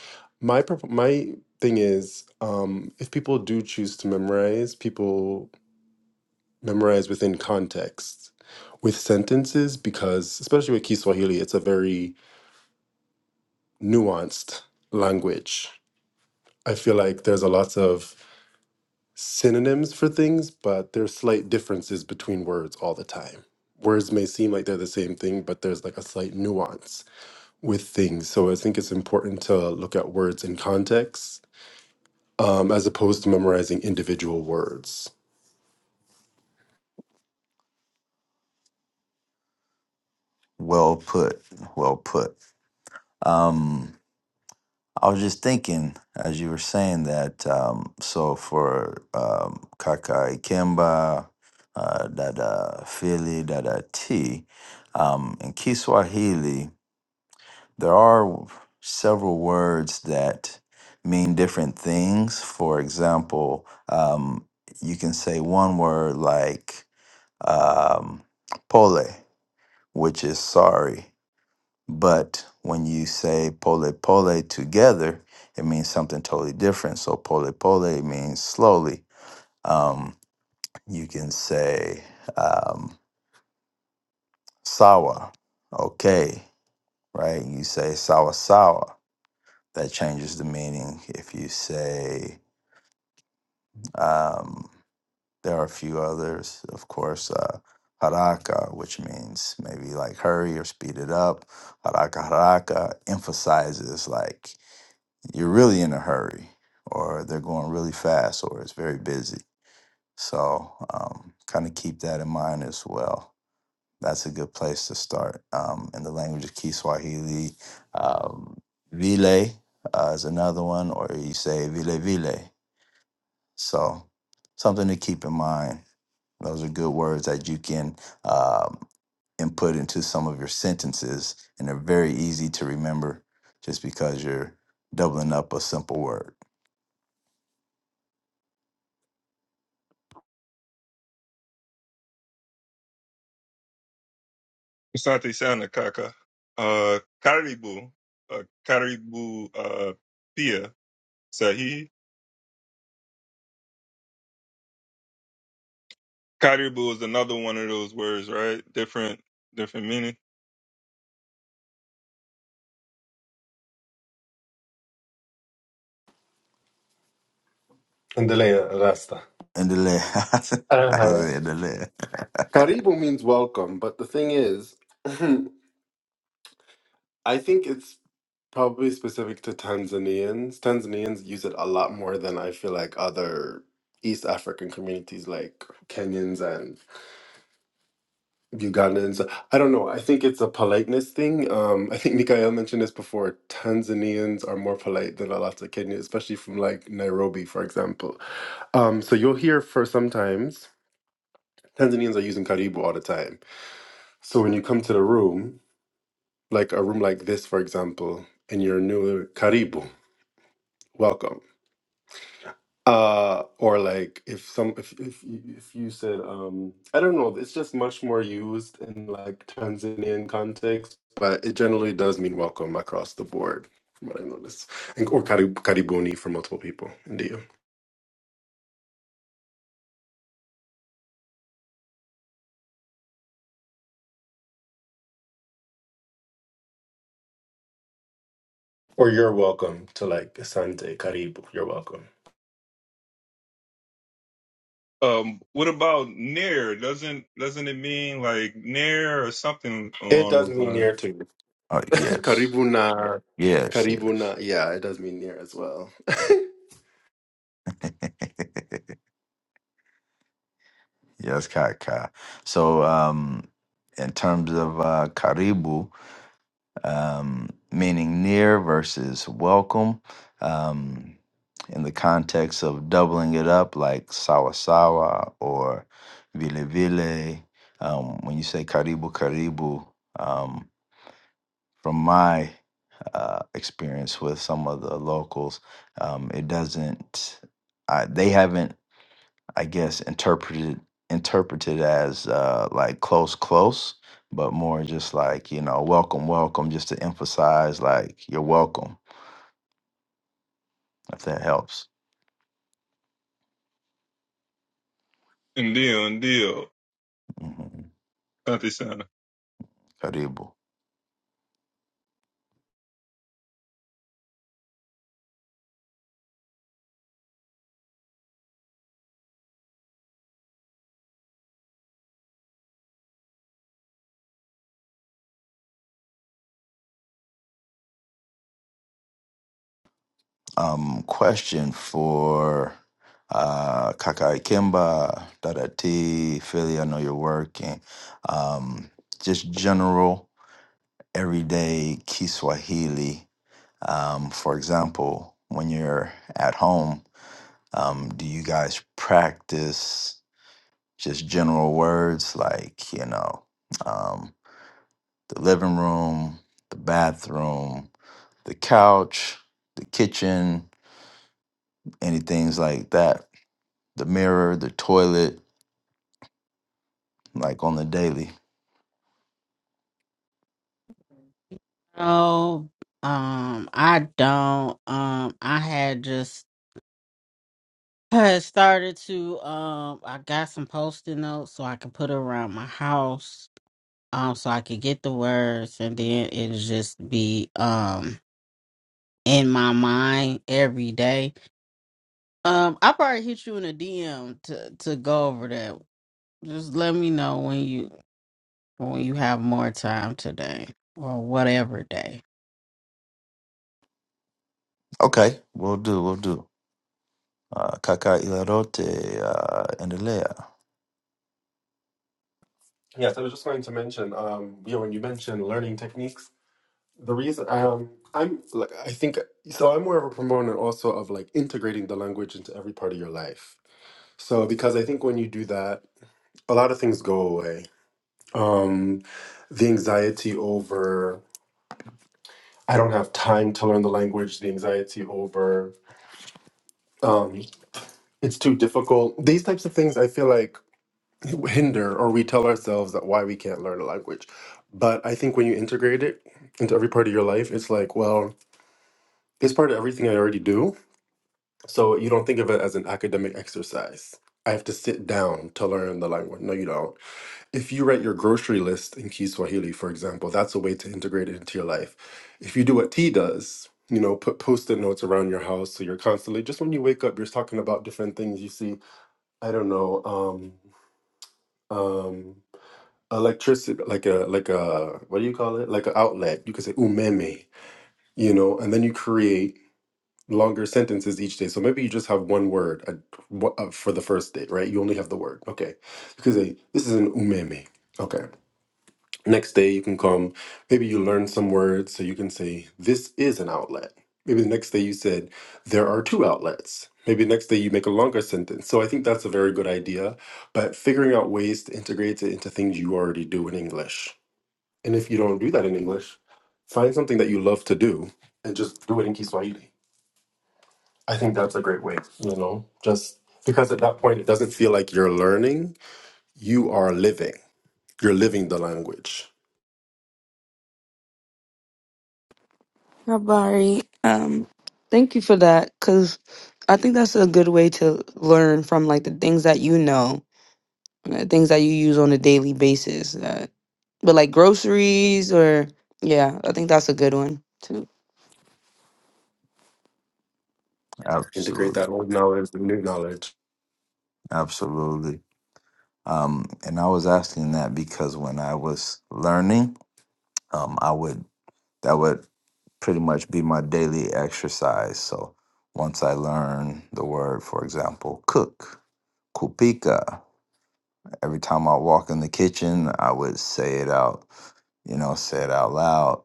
Speaker 7: My prop- my thing is, um, if people do choose to memorize, people memorize within context with sentences because, especially with Kiswahili, it's a very nuanced language. I feel like there's a lot of synonyms for things, but there's slight differences between words all the time. Words may seem like they're the same thing, but there's like a slight nuance with things. So I think it's important to look at words in context um, as opposed to memorizing individual words.
Speaker 9: Well put, well put. Um, I was just thinking as you were saying that. Um, so for um, Kaka Ikemba, uh, Dada Fili, Dada T, um, in Kiswahili, there are several words that mean different things. For example, um, you can say one word like um, pole, which is sorry but when you say pole pole together, it means something totally different. So pole pole means slowly. Um, you can say um, sawa, okay, right? You say sawa sawa. That changes the meaning. If you say, um, there are a few others, of course, uh, haraka, which means maybe like hurry or speed it up. Haraka haraka emphasizes like you're really in a hurry or they're going really fast or it's very busy. So um, kind of keep that in mind as well. That's a good place to start. Um, in the language of Kiswahili, um, vile uh, is another one, or you say vile vile. So something to keep in mind. Those are good words that you can um, input into some of your sentences, and they're very easy to remember just because you're doubling up a simple word.
Speaker 2: Asante sana kaka. Uh, karibu. Uh, karibu uh, pia Sahi. sahihi. Definitely.
Speaker 7: Endelea, Rasta.
Speaker 9: In the land. I said
Speaker 7: Uh,
Speaker 9: in the land.
Speaker 7: Karibu means welcome, but the thing is, I think it's probably specific to Tanzanians. Tanzanians use it a lot more than I feel like other East African communities like Kenyans and Ugandans. I don't know. I think it's a politeness thing. Um, I think Mikael mentioned this before. Tanzanians are more polite than a lot of Kenyans, especially from like Nairobi, for example. Um, so you'll hear for sometimes Tanzanians are using Karibu all the time. So when you come to the room, like a room like this, for example, and you're new, Karibu, welcome uh or like if some if if you, if you said um i don't know it's just much more used in like tanzanian context but it generally does mean welcome across the board from what i notice and, or karib, karibuni for multiple people in or you're welcome to like asante karibu you're welcome it does mean near to
Speaker 9: Oh, yes.
Speaker 7: karibuna
Speaker 9: Yes,
Speaker 7: karibuna
Speaker 9: yes.
Speaker 7: yeah it does mean near as well
Speaker 9: yes, Kaka. So, um, in terms of uh, karibu, um, meaning near versus welcome, um, in the context of doubling it up, like sawasawa or vilevile, um, when you say karibu, karibu, um, from my uh, experience with some of the locals, um, it doesn't. I, they haven't, I guess, interpreted interpreted as uh, like close, close, but more just like you know, welcome, welcome, just to emphasize like you're welcome, if that helps. Mm-hmm.
Speaker 2: Asante sana.
Speaker 9: Karibu. Um, question for uh, Kakai Kimba, Dada T, Philly. I know you're working. Um, just general. everyday Kiswahili. Um, for example, when you're at home, um, do you guys practice just general words like, you know, um, the living room, the bathroom, the couch, the kitchen, any things like that, the mirror, the toilet, like on the daily?
Speaker 1: Oh, um, I don't. Um, I had just had started to um I got some post-it notes so I could put around my house. Um, so I could get the words and then it just be um in my mind every day. Um, I probably hit you in a DM to to go over that just let me know when you when you have more time today or whatever day.
Speaker 9: Okay, we'll do, we'll do. Uh, kaka ilarote, uh, endelea.
Speaker 7: yes i was just going to mention um yeah when you mentioned learning techniques the reason um i'm like i think so i'm more of a proponent also of like integrating the language into every part of your life so because i think when you do that a lot of things go away um the anxiety over i don't have time to learn the language the anxiety over um it's too difficult these types of things i feel like hinder or we tell ourselves that why we can't learn a language but i think when you integrate it into every part of your life it's like well it's part of everything i already do So you don't think of it as an academic exercise. I have to sit down to learn the language. No, you don't. If you write your grocery list in Kiswahili, for example, that's a way to integrate it into your life. If you do what T does, you know, put post-it notes around your house so you're constantly just when you wake up, you're talking about different things you see. I don't know, um, um, electricity, like a like a what do you call it? Like an outlet. You could say umeme, you know, and then you create longer sentences each day. So maybe you just have one word uh, wha- uh, for the first day, right? You only have the word. Okay. Because uh, this is an umeme. Okay. Next day you can come. Maybe you learn some words. So you can say, this is an outlet. Maybe the next day you said, there are two outlets. Maybe next day you make a longer sentence. So I think that's a very good idea. But figuring out ways to integrate it into things you already do in English. And if you don't do that in English, find something that you love to do and just do it in Kiswahili I think that's a great way, you know, just because at that point it doesn't feel like you're learning, you are living. You're living the language.
Speaker 12: Habari, um, thank you for that because I think that's a good way to learn from like the things that you know, and the things that you use on a daily basis. That, but like groceries or yeah, I think that's a good one too.
Speaker 7: Integrate
Speaker 9: Absolutely,
Speaker 7: that old knowledge with new knowledge.
Speaker 9: absolutely. Um, and I was asking that because when I was learning, um, I would that would pretty much be my daily exercise. So once I learn the word, for example, cook, kupika, every time I walk in the kitchen, I would say it out, you know, say it out loud,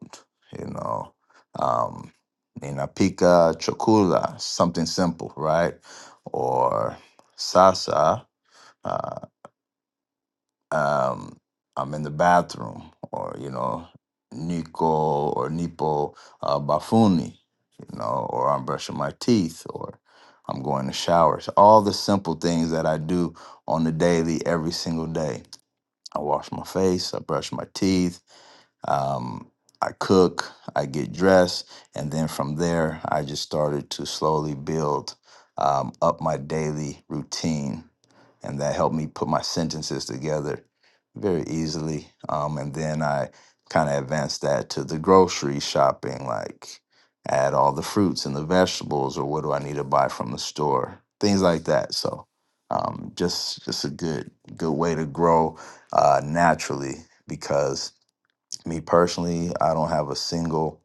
Speaker 9: you know, um, ninapika chokula, something simple, right? Or sasa. um, I'm in the bathroom, or you know, Nico or Nipo uh, Bafuni, you know, or I'm brushing my teeth, or I'm going to showers. All the simple things that I do on the daily, every single day. I wash my face, I brush my teeth, um, I cook, I get dressed, and then from there, I just started to slowly build um, up my daily routine. And that helped me put my sentences together very easily. Um, and then I kind of advanced that to the grocery shopping, like add all the fruits and the vegetables, or what do I need to buy from the store, things like that. So um, just just a good good way to grow uh, naturally because me personally, I don't have a single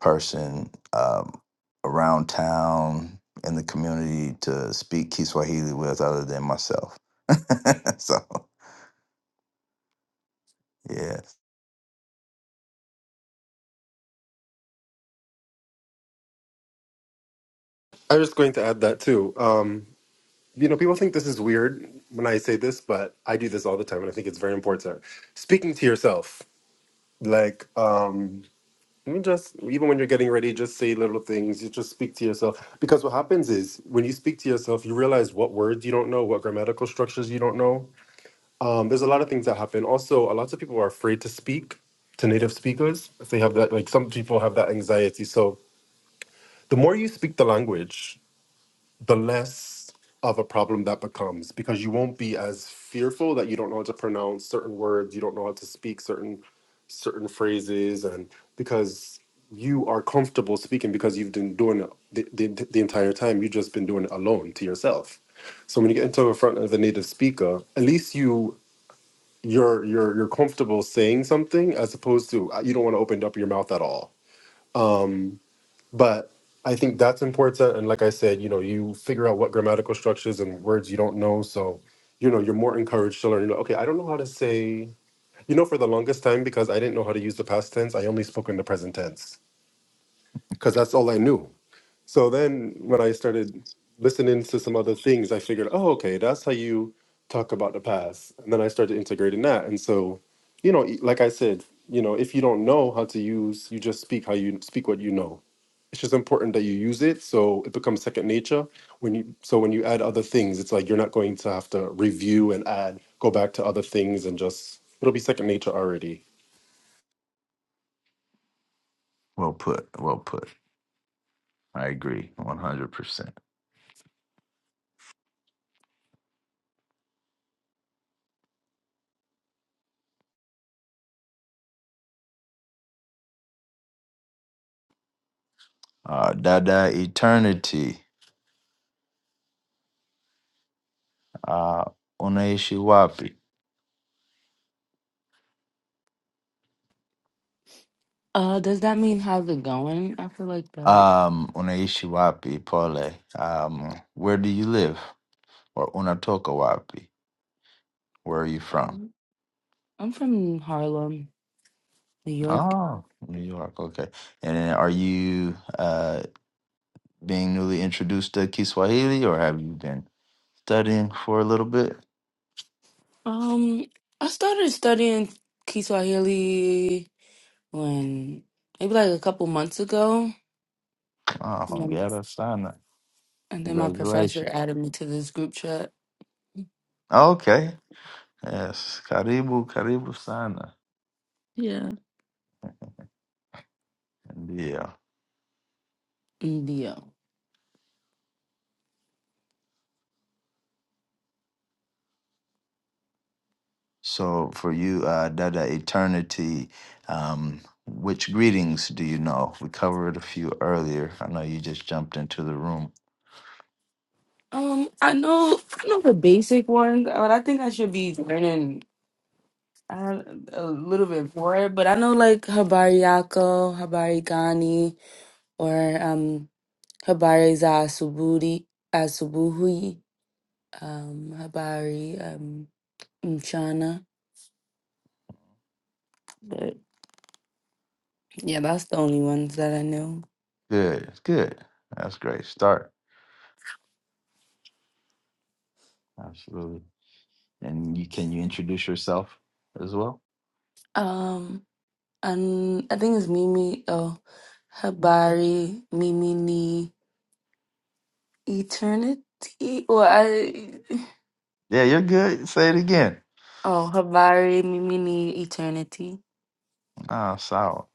Speaker 9: person um, around town in the community to speak Kiswahili with other than myself. so, yeah,
Speaker 7: I was going to add that too. Um, you know, people think this is weird when I say this, but I do this all the time and I think it's very important. Speaking to yourself, like, um, you just, even when you're getting ready, just say little things, you just speak to yourself. Because what happens is when you speak to yourself, you realize what words you don't know, what grammatical structures you don't know Um, there's a lot of things that happen. Also, a lot of people are afraid to speak to native speakers. If they have that, like some people have that anxiety. So the more you speak the language, the less of a problem that becomes because you won't be as fearful that you don't know how to pronounce certain words, you don't know how to speak certain certain phrases, and because you are comfortable speaking because you've been doing it the, the, the entire time. You've just been doing it alone to yourself. So when you get into the front of a native speaker, at least you you're you're you're comfortable saying something as opposed to uh, you don't want to open up your mouth at all um but i think that's important and like i said you know you figure out what grammatical structures and words you don't know so you know you're more encouraged to learn you know okay i don't know how to say you know for the longest time because i didn't know how to use the past tense i only spoke in the present tense because that's all i knew so then when I started listening to some other things, I figured, oh, okay, that's how you talk about the past. And then I started integrating that. And so, you know, e- like I said, you know, if you don't know how to use, you just speak how you speak what you know. It's just important that you use it so it becomes second nature. When you so when you add other things, it's like you're not going to have to review and add, go back to other things and just it'll be second nature already.
Speaker 9: well put, well put. I agree, one hundred percent. Uh, Dada eternity, uh, unaishi wapi?
Speaker 12: Uh, does that mean how's it going? I feel like that.
Speaker 9: Um, unaishi wapi, pole? Um, where do you live? Or unatoka wapi? Where are you from?
Speaker 12: Um, I'm from Harlem, New York.
Speaker 9: Oh, New York. Okay. And are you uh being newly introduced to Kiswahili or have you been studying for a little bit?
Speaker 12: Um, I started studying Kiswahili when maybe like a couple months ago.
Speaker 9: Oh, hongera sana.
Speaker 12: And then my professor
Speaker 9: Congratulations.
Speaker 12: added me to this group chat.
Speaker 9: Okay. Yes. Karibu, karibu sana.
Speaker 12: Yeah.
Speaker 9: Yeah.
Speaker 12: Indio.
Speaker 9: So for you, uh, Dada Eternity, um, which greetings do you know? We covered a few earlier. I know you just jumped into the room.
Speaker 12: Um, I know, I know the basic ones, but I think I should be learning uh, a little bit more. But I know like Habari Yako, Habari Gani, or um Habari za Asubuhi, Asubuhi, um Habari um Mchana. But yeah, that's the only ones that I know.
Speaker 9: Good, good. That's a great. Start. Absolutely. And you can you introduce yourself as well?
Speaker 12: Um, And I think it's Mimi. Oh, Habari Mimi ni Eternity. Well, I
Speaker 9: Yeah, you're good. Say it again.
Speaker 12: oh Habari Mimi ni Eternity.
Speaker 9: Ah, solid.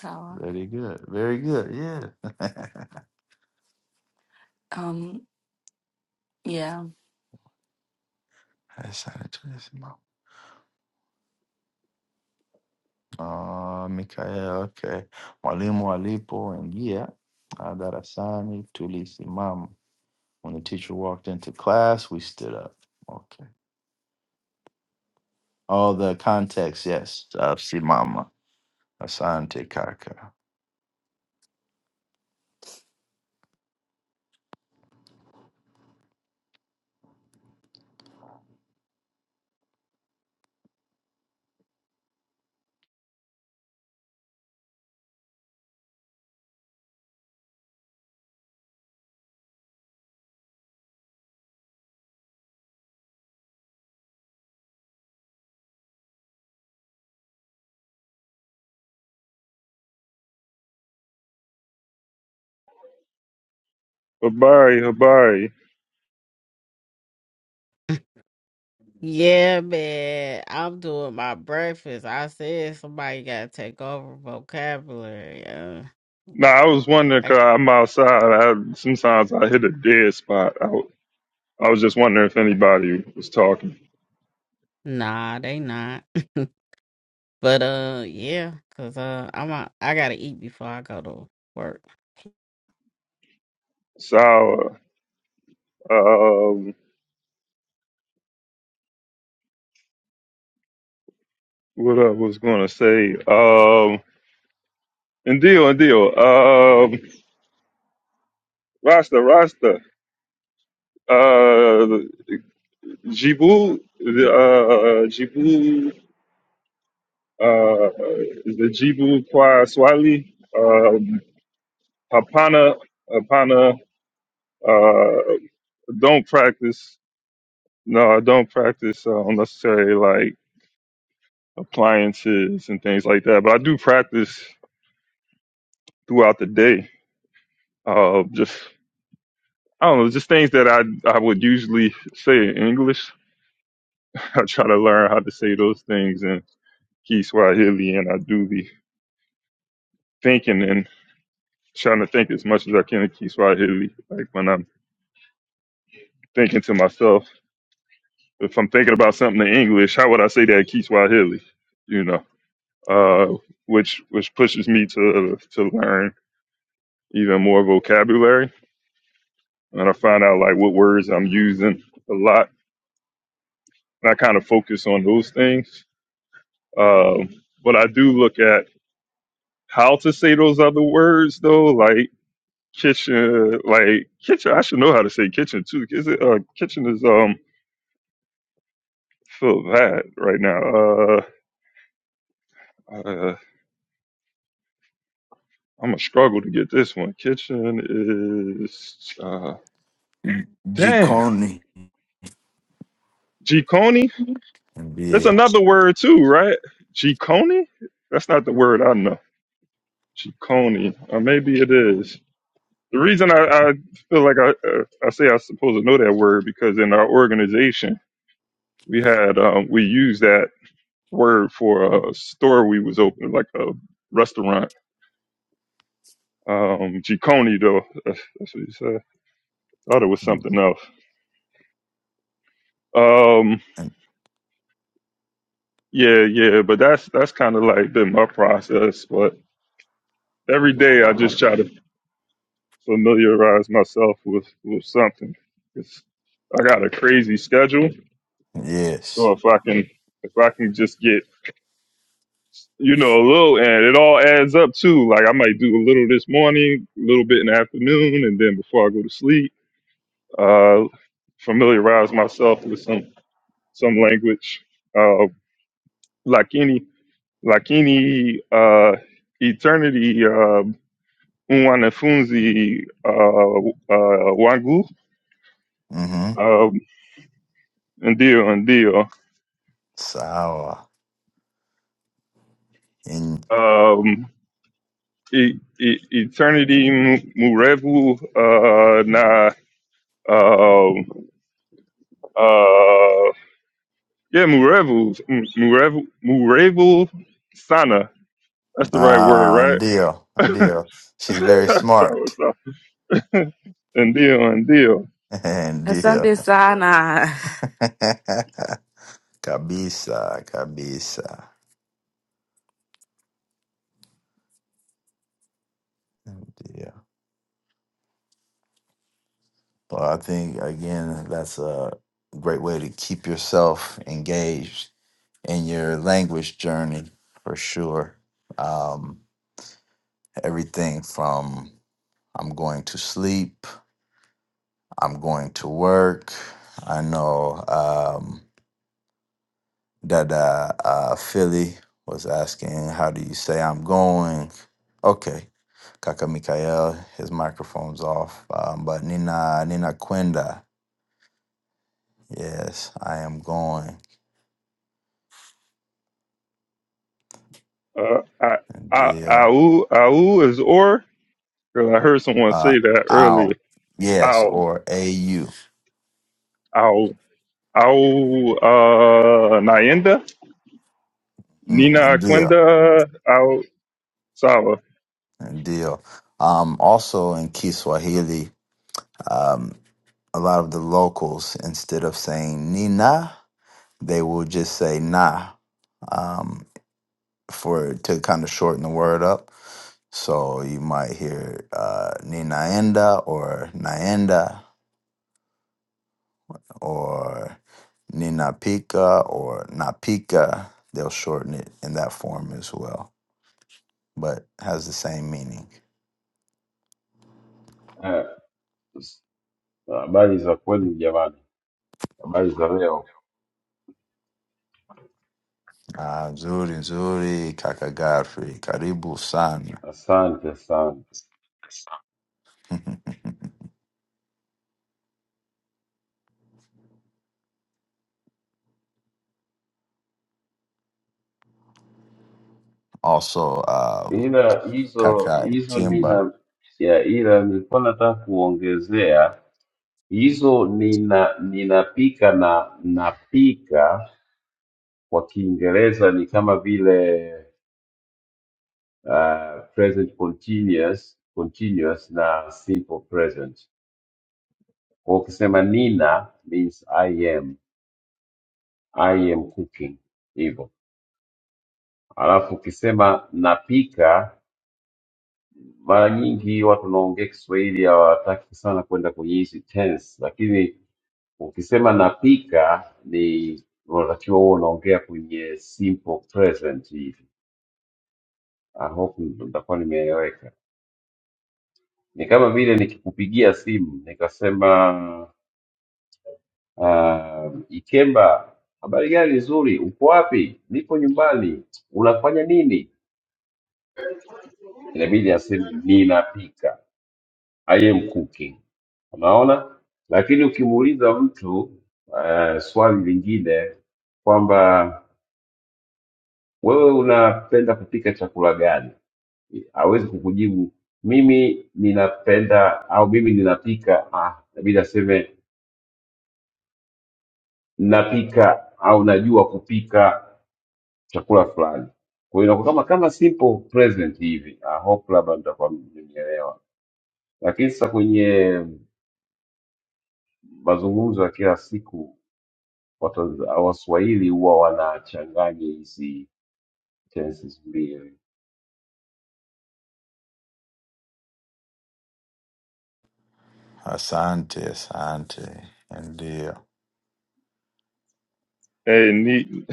Speaker 12: So
Speaker 9: Very good. Very good. Yeah.
Speaker 12: um yeah.
Speaker 9: That's how it is, no. Ah, Mikael, okay. Mwalimu alipo ingia ah, darasani tulisimama. When the teacher walked into class, we stood up. Okay. All the context, yes. Ah, Simama. Asante kaka.
Speaker 2: Habari, Habari.
Speaker 1: Yeah, man. I'm doing my breakfast. I said somebody gotta take over vocabulary. Uh,
Speaker 2: Nah, I was wondering
Speaker 1: I,
Speaker 2: because 'cause I'm outside. I, sometimes I hit a dead spot. I, w- I was just wondering if anybody was talking.
Speaker 1: nah, they not. but uh, yeah, cause uh, I'm a, I am I got to eat before I go to work.
Speaker 2: Sour. Um, what I was gonna say. Um, and deal and deal. Um, Rasta Rasta. Uh, Jibu. The uh, Jibu. Uh, the Jibu Kwa Swali. Um, Hapana. Hapana. Uh, don't practice. No, I don't practice uh, unnecessary like appliances and things like that. But I do practice throughout the day. Uh, just I don't know, just things that I I would usually say in English. I try to learn how to say those things in Kiswahili, and I do the thinking and trying to think as much as I can in Kiswahili. Like when I'm thinking to myself, if I'm thinking about something in English, how would I say that in Kiswahili? You know, uh, which which pushes me to to learn even more vocabulary, and I find out like what words I'm using a lot, and I kind of focus on those things. Um, but I do look at how to say those other words though, like kitchen, like kitchen. I should know how to say kitchen too. Is it uh, kitchen is um feel bad right now. Uh, uh, I'm gonna struggle to get this one. Kitchen is uh, damn
Speaker 9: Jikoni.
Speaker 2: Giconi. That's
Speaker 9: Ndio.
Speaker 2: another word too, right? Giconi. That's not the word I know. Giconi, or maybe it is. The reason I, I feel like I uh, I say I supposed to know that word because in our organization we had um, we used that word for a store we was opening, like a restaurant. Um, Giconi though, that's, that's what you said. Thought it was
Speaker 9: Mm, mm,
Speaker 2: something else. Um, yeah, yeah, but that's that's kind of like been my process. But every day I just try to familiarize myself with with something. It's, I got a crazy schedule, so
Speaker 9: Yes.
Speaker 2: if I can if I can just get you know, a little, and it all adds up too. Like I might do a little this morning, a little bit in the afternoon, and then before I go to sleep, uh, familiarize myself with some some language. Uh, like any, like any uh, eternity, uh, unwanafunzi, uh, uh, wangu,
Speaker 9: Mm-hmm.
Speaker 2: um, ndio, ndio.
Speaker 9: Sawa. In-
Speaker 2: Um, e- e- eternity mu- murevu uh, na um, uh, Yeah, Murevu, M- Murevu, Murevu Sana. That's the right word,
Speaker 9: Ah, ndio, ndio. She's very
Speaker 2: right? so,
Speaker 9: smart.
Speaker 2: so. And deal, and deal.
Speaker 9: Ndio.
Speaker 12: Asante sana.
Speaker 9: kabisa, kabisa. Ndio. Well, I think again that's a great way to keep yourself engaged in your language journey for sure. Um, everything from I'm going to sleep, I'm going to work. I know. Um, that uh, uh, Philly was asking, "How do you say I'm going?" Okay, Kaka Mikael, his microphone's off. Um, but Nina Nina Quinda, yes, I am going.
Speaker 2: Uh, I,
Speaker 9: And
Speaker 2: I,
Speaker 9: deal,
Speaker 2: au, au is or. Girl, I heard someone
Speaker 9: uh,
Speaker 2: say that earlier.
Speaker 9: ow, yes,
Speaker 2: Ow,
Speaker 9: or au, mm,
Speaker 2: ow, ow, uh, Nayenda, Nina
Speaker 9: and deal,
Speaker 2: Aquenda, ow, Sava.
Speaker 9: and deal. Um, also in Kiswahili, um, a lot of the locals instead of saying Nina, they will just say Na. for to kind of shorten the word up. So you might hear uh, ni naenda or naenda or ni napika or napika. They'll shorten it in that form as well, but has the same meaning.
Speaker 13: Eh, s- Habari za kweli jamani, habari za leo.
Speaker 9: Ah, nzuri, nzuri, kaka Godfrey, karibu sana.
Speaker 13: Asante sana,
Speaker 9: also, um,
Speaker 13: ila hizo
Speaker 9: kaka
Speaker 13: hizo
Speaker 9: Kimba,
Speaker 13: nina ya ila nilikuwa nataka kuongezea hizo nina ninapika na napika kwa Kiingereza ni kama vile uh, present continuous, continuous na simple present. Kwa hiyo ukisema nina means I am, I am cooking hivyo, alafu ukisema napika Mara nyingi watu wanaongea Kiswahili hawataki sana kwenda kwenye hizi tense, lakini ukisema napika ni unatakiwa huwa unaongea kwenye simple present hivi. I hope nitakuwa nimeeleweka. Ni kama vile nikikupigia simu nikasema uh, Ikemba, habari gani? Nzuri. Uko wapi? Nipo nyumbani. Unafanya nini? Inabidi aseme ninapika. I am cooking. Unaona? Lakini ukimuuliza mtu uh, swali lingine kwamba wewe unapenda kupika chakula gani, hawezi kukujibu mimi ninapenda au mimi ninapika. Ah, inabidi aseme ninapika au najua kupika chakula fulani. Kwa hiyo inakuwa kama kama simple present hivi. I hope labda mtakuwa mmenielewa, lakini sasa kwenye mazungumzo ya kila siku Watanz- Waswahili huwa wanachanganya hizi tenses mbili.
Speaker 9: asante, asante, and dear.
Speaker 2: Hey, Ni,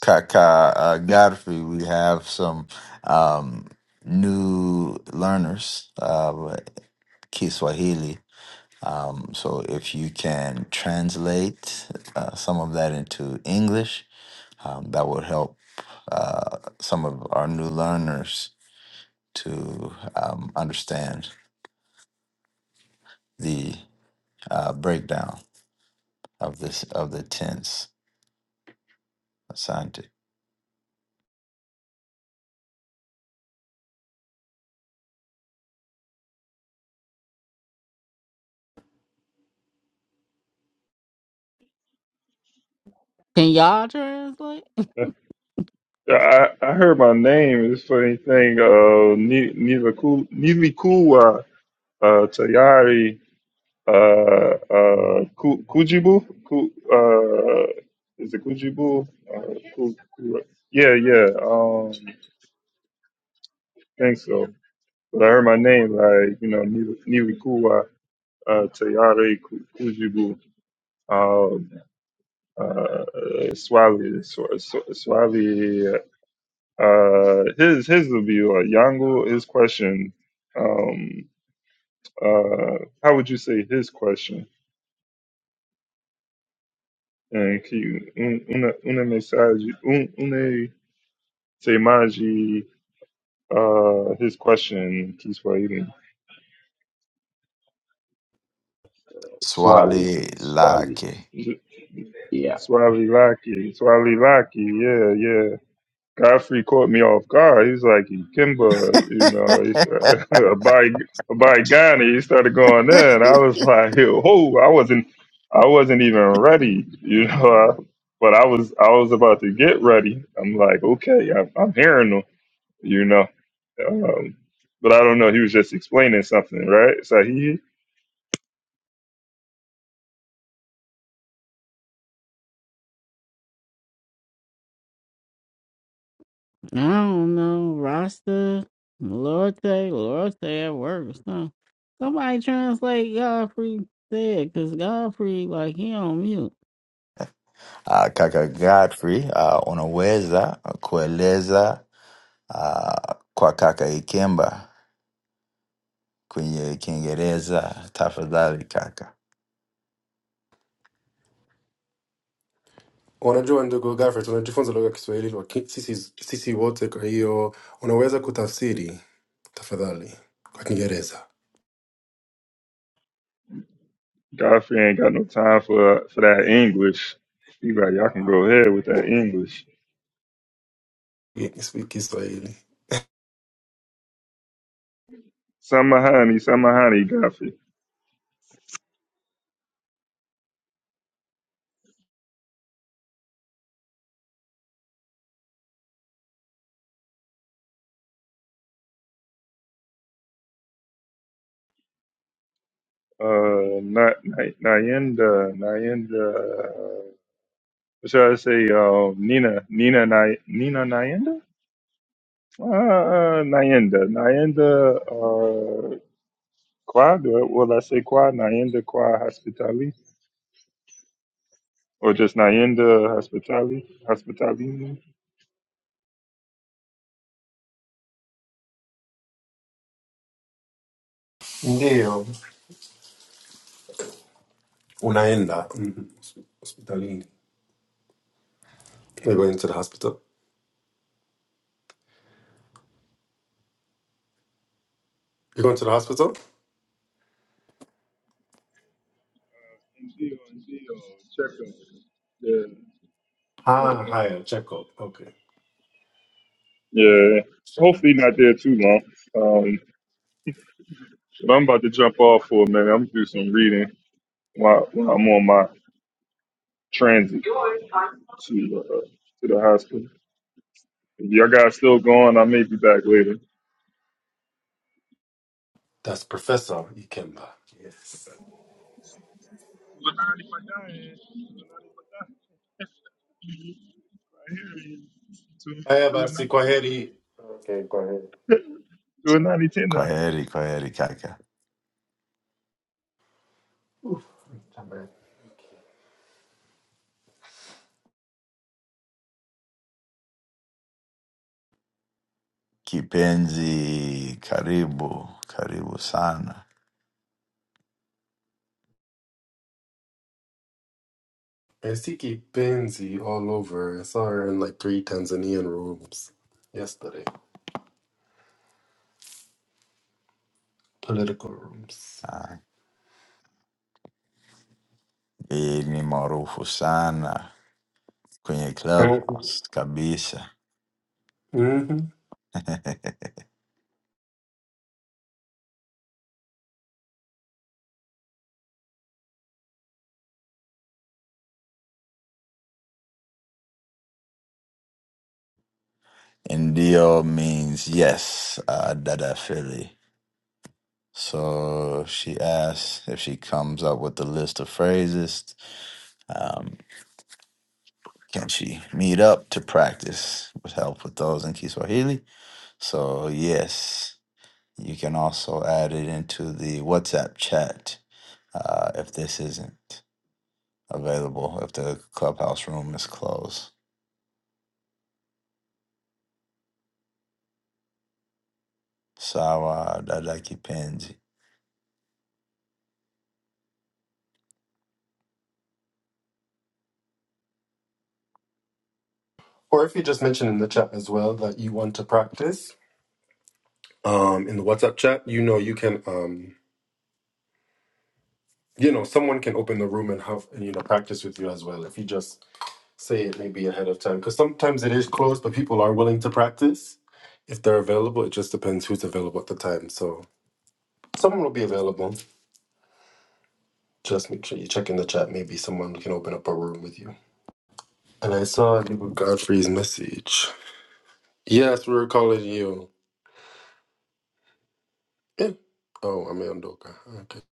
Speaker 9: Kaka uh, Godfrey, we have some um, new learners, uh, Kiswahili. Um, so if you can translate uh, some of that into English, um, that would help uh, some of our new learners to um, understand the uh, breakdown of this of the tense. Asante.
Speaker 1: Can y'all translate?
Speaker 2: I, I heard my name is funny thing. Uh, Ni- Nila Ku- Nili Kuwa, uh, Tayari. uh, uh, Ku- Kujibu. Ku, uh, is it Kujibu? Uh, Ku, Ku- yeah, yeah. Um, I think so. But I heard my name like you know Niwi- Niwikuwa uh, Tayari Ku- Kujibu. Um, uh, Swali, Sw- Sw- Swali. Uh, uh, his his would be like Yangu. His question. Um, uh, how would you say his question? And can you un, una, una mensagem, un, Semaji, uh, his question, Kiswahili.
Speaker 13: Swali,
Speaker 9: Swali
Speaker 13: swali.
Speaker 9: lake.
Speaker 13: yeah.
Speaker 2: Swali Laki, Swali Laki, yeah, yeah. Godfrey caught me off guard. He's like, Kimba, you know, he's a by by Ghana. He started going there, and I was like, whoa, I wasn't, I wasn't even ready, you know. But I was, I was about to get ready. I'm like, okay, I'm, I'm hearing him, you know. Um, but I don't know. He was just explaining something, right? Sahi?
Speaker 1: I don't know, Rasta, Lorte, Lorte at work or something. Somebody translate Godfrey said, cause Godfrey, like, he on mute.
Speaker 9: Ah, kaka Godfrey, ah, unaweza kueleza ah, kwa kaka Ikemba kwenye Kiingereza tafadhali kaka?
Speaker 7: Unajua ndugu Gafret, tunajifunza lugha ya Kiswahili wa ki- sisi, sisi wote. Kwa hiyo unaweza kutafsiri tafadhali kwa Kiingereza
Speaker 2: Godfrey ain't got no time for for that English. He like, y'all can go ahead with that English.
Speaker 7: Kis- Kiswahili?
Speaker 2: Samahani, Samahani, Godfrey. Uh, not Nayenda, Nayenda. What should I say? Uh, Nina, Nina, Nay, Nina, Nayenda. Uh, uh, Nayenda, Nayenda. Uh, Quad. Will I say Quad? Nayenda Quad Hospitali, or just Nayenda Hospitali, Hospitali?
Speaker 7: Ndio. unaenda mm, hospitalini. You're going to the hospital. You're going to the hospital.
Speaker 2: Check 'em.
Speaker 7: Ah,
Speaker 2: Yeah.
Speaker 7: haya, check up. Okay, Ni-
Speaker 2: Yeah, hopefully not there too long. Um, but I'm about to jump off for a minute. I'm gonna do some reading while, while I'm on my transit to uh, to the hospital. If y'all guys still going, I may be back later.
Speaker 7: that's Professor Ikemba. Yes. Haya basi, kwa heri. Okay, kwa heri.
Speaker 2: Do a 90 10
Speaker 9: Kwa heri, kwa heri kaka. Kipenzi, karibu, karibu sana.
Speaker 7: It's Tiki Benzi all over. I saw her in like three Tanzanian rooms yesterday, political rooms.
Speaker 9: Ah, Yeye ni maarufu sana kwenye
Speaker 7: Mm-hmm.
Speaker 9: Clubhouse kabisa. Ndio means yes, uh, dada Philly. So she asks if she comes up with a list of phrases Um, can she meet up to practice with help with those in Kiswahili? So, yes, you can also add it into the WhatsApp chat uh, if this isn't available, if the clubhouse room is closed. Sawa dada kipenzi.
Speaker 7: Or if you just mention in the chat as well that you want to practice um, in the WhatsApp chat, you know you can, um, you know, someone can open the room and have and you know practice with you as well. If you just say it maybe ahead of time, because sometimes it is closed, but people are willing to practice if they're available. It just depends who's available at the time. So someone will be available. Just make sure you check in the chat. Maybe someone can open up a room with you. And I saw David Godfrey's message. Yes, we were calling you. Eh. Oh, I'm Ndoka. Okay.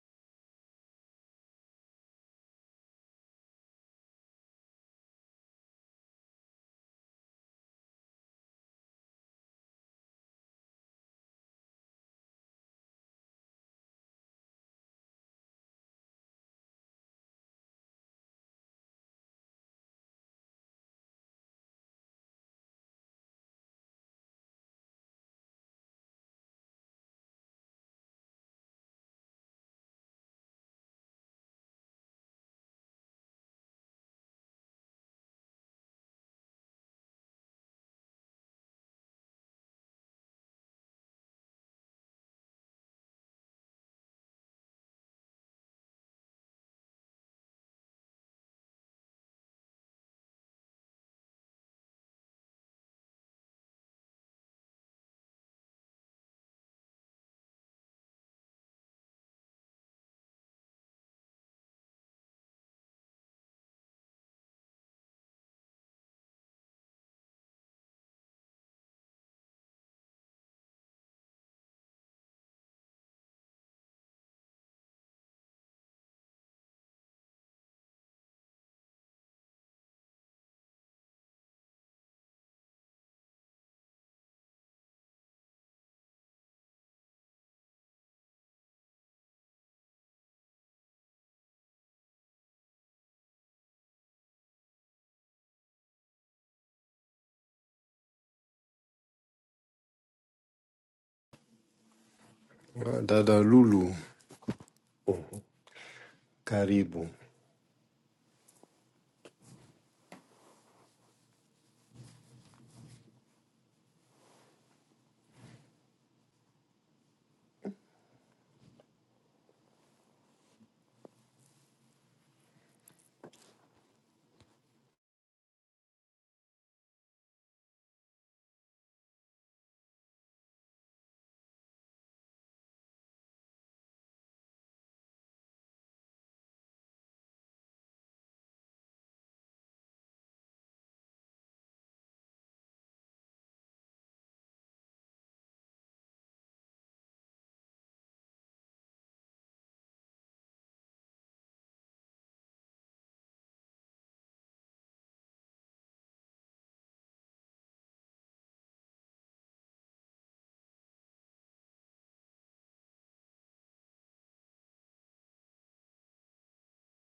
Speaker 7: Dada Lulu. Mhm. Karibu.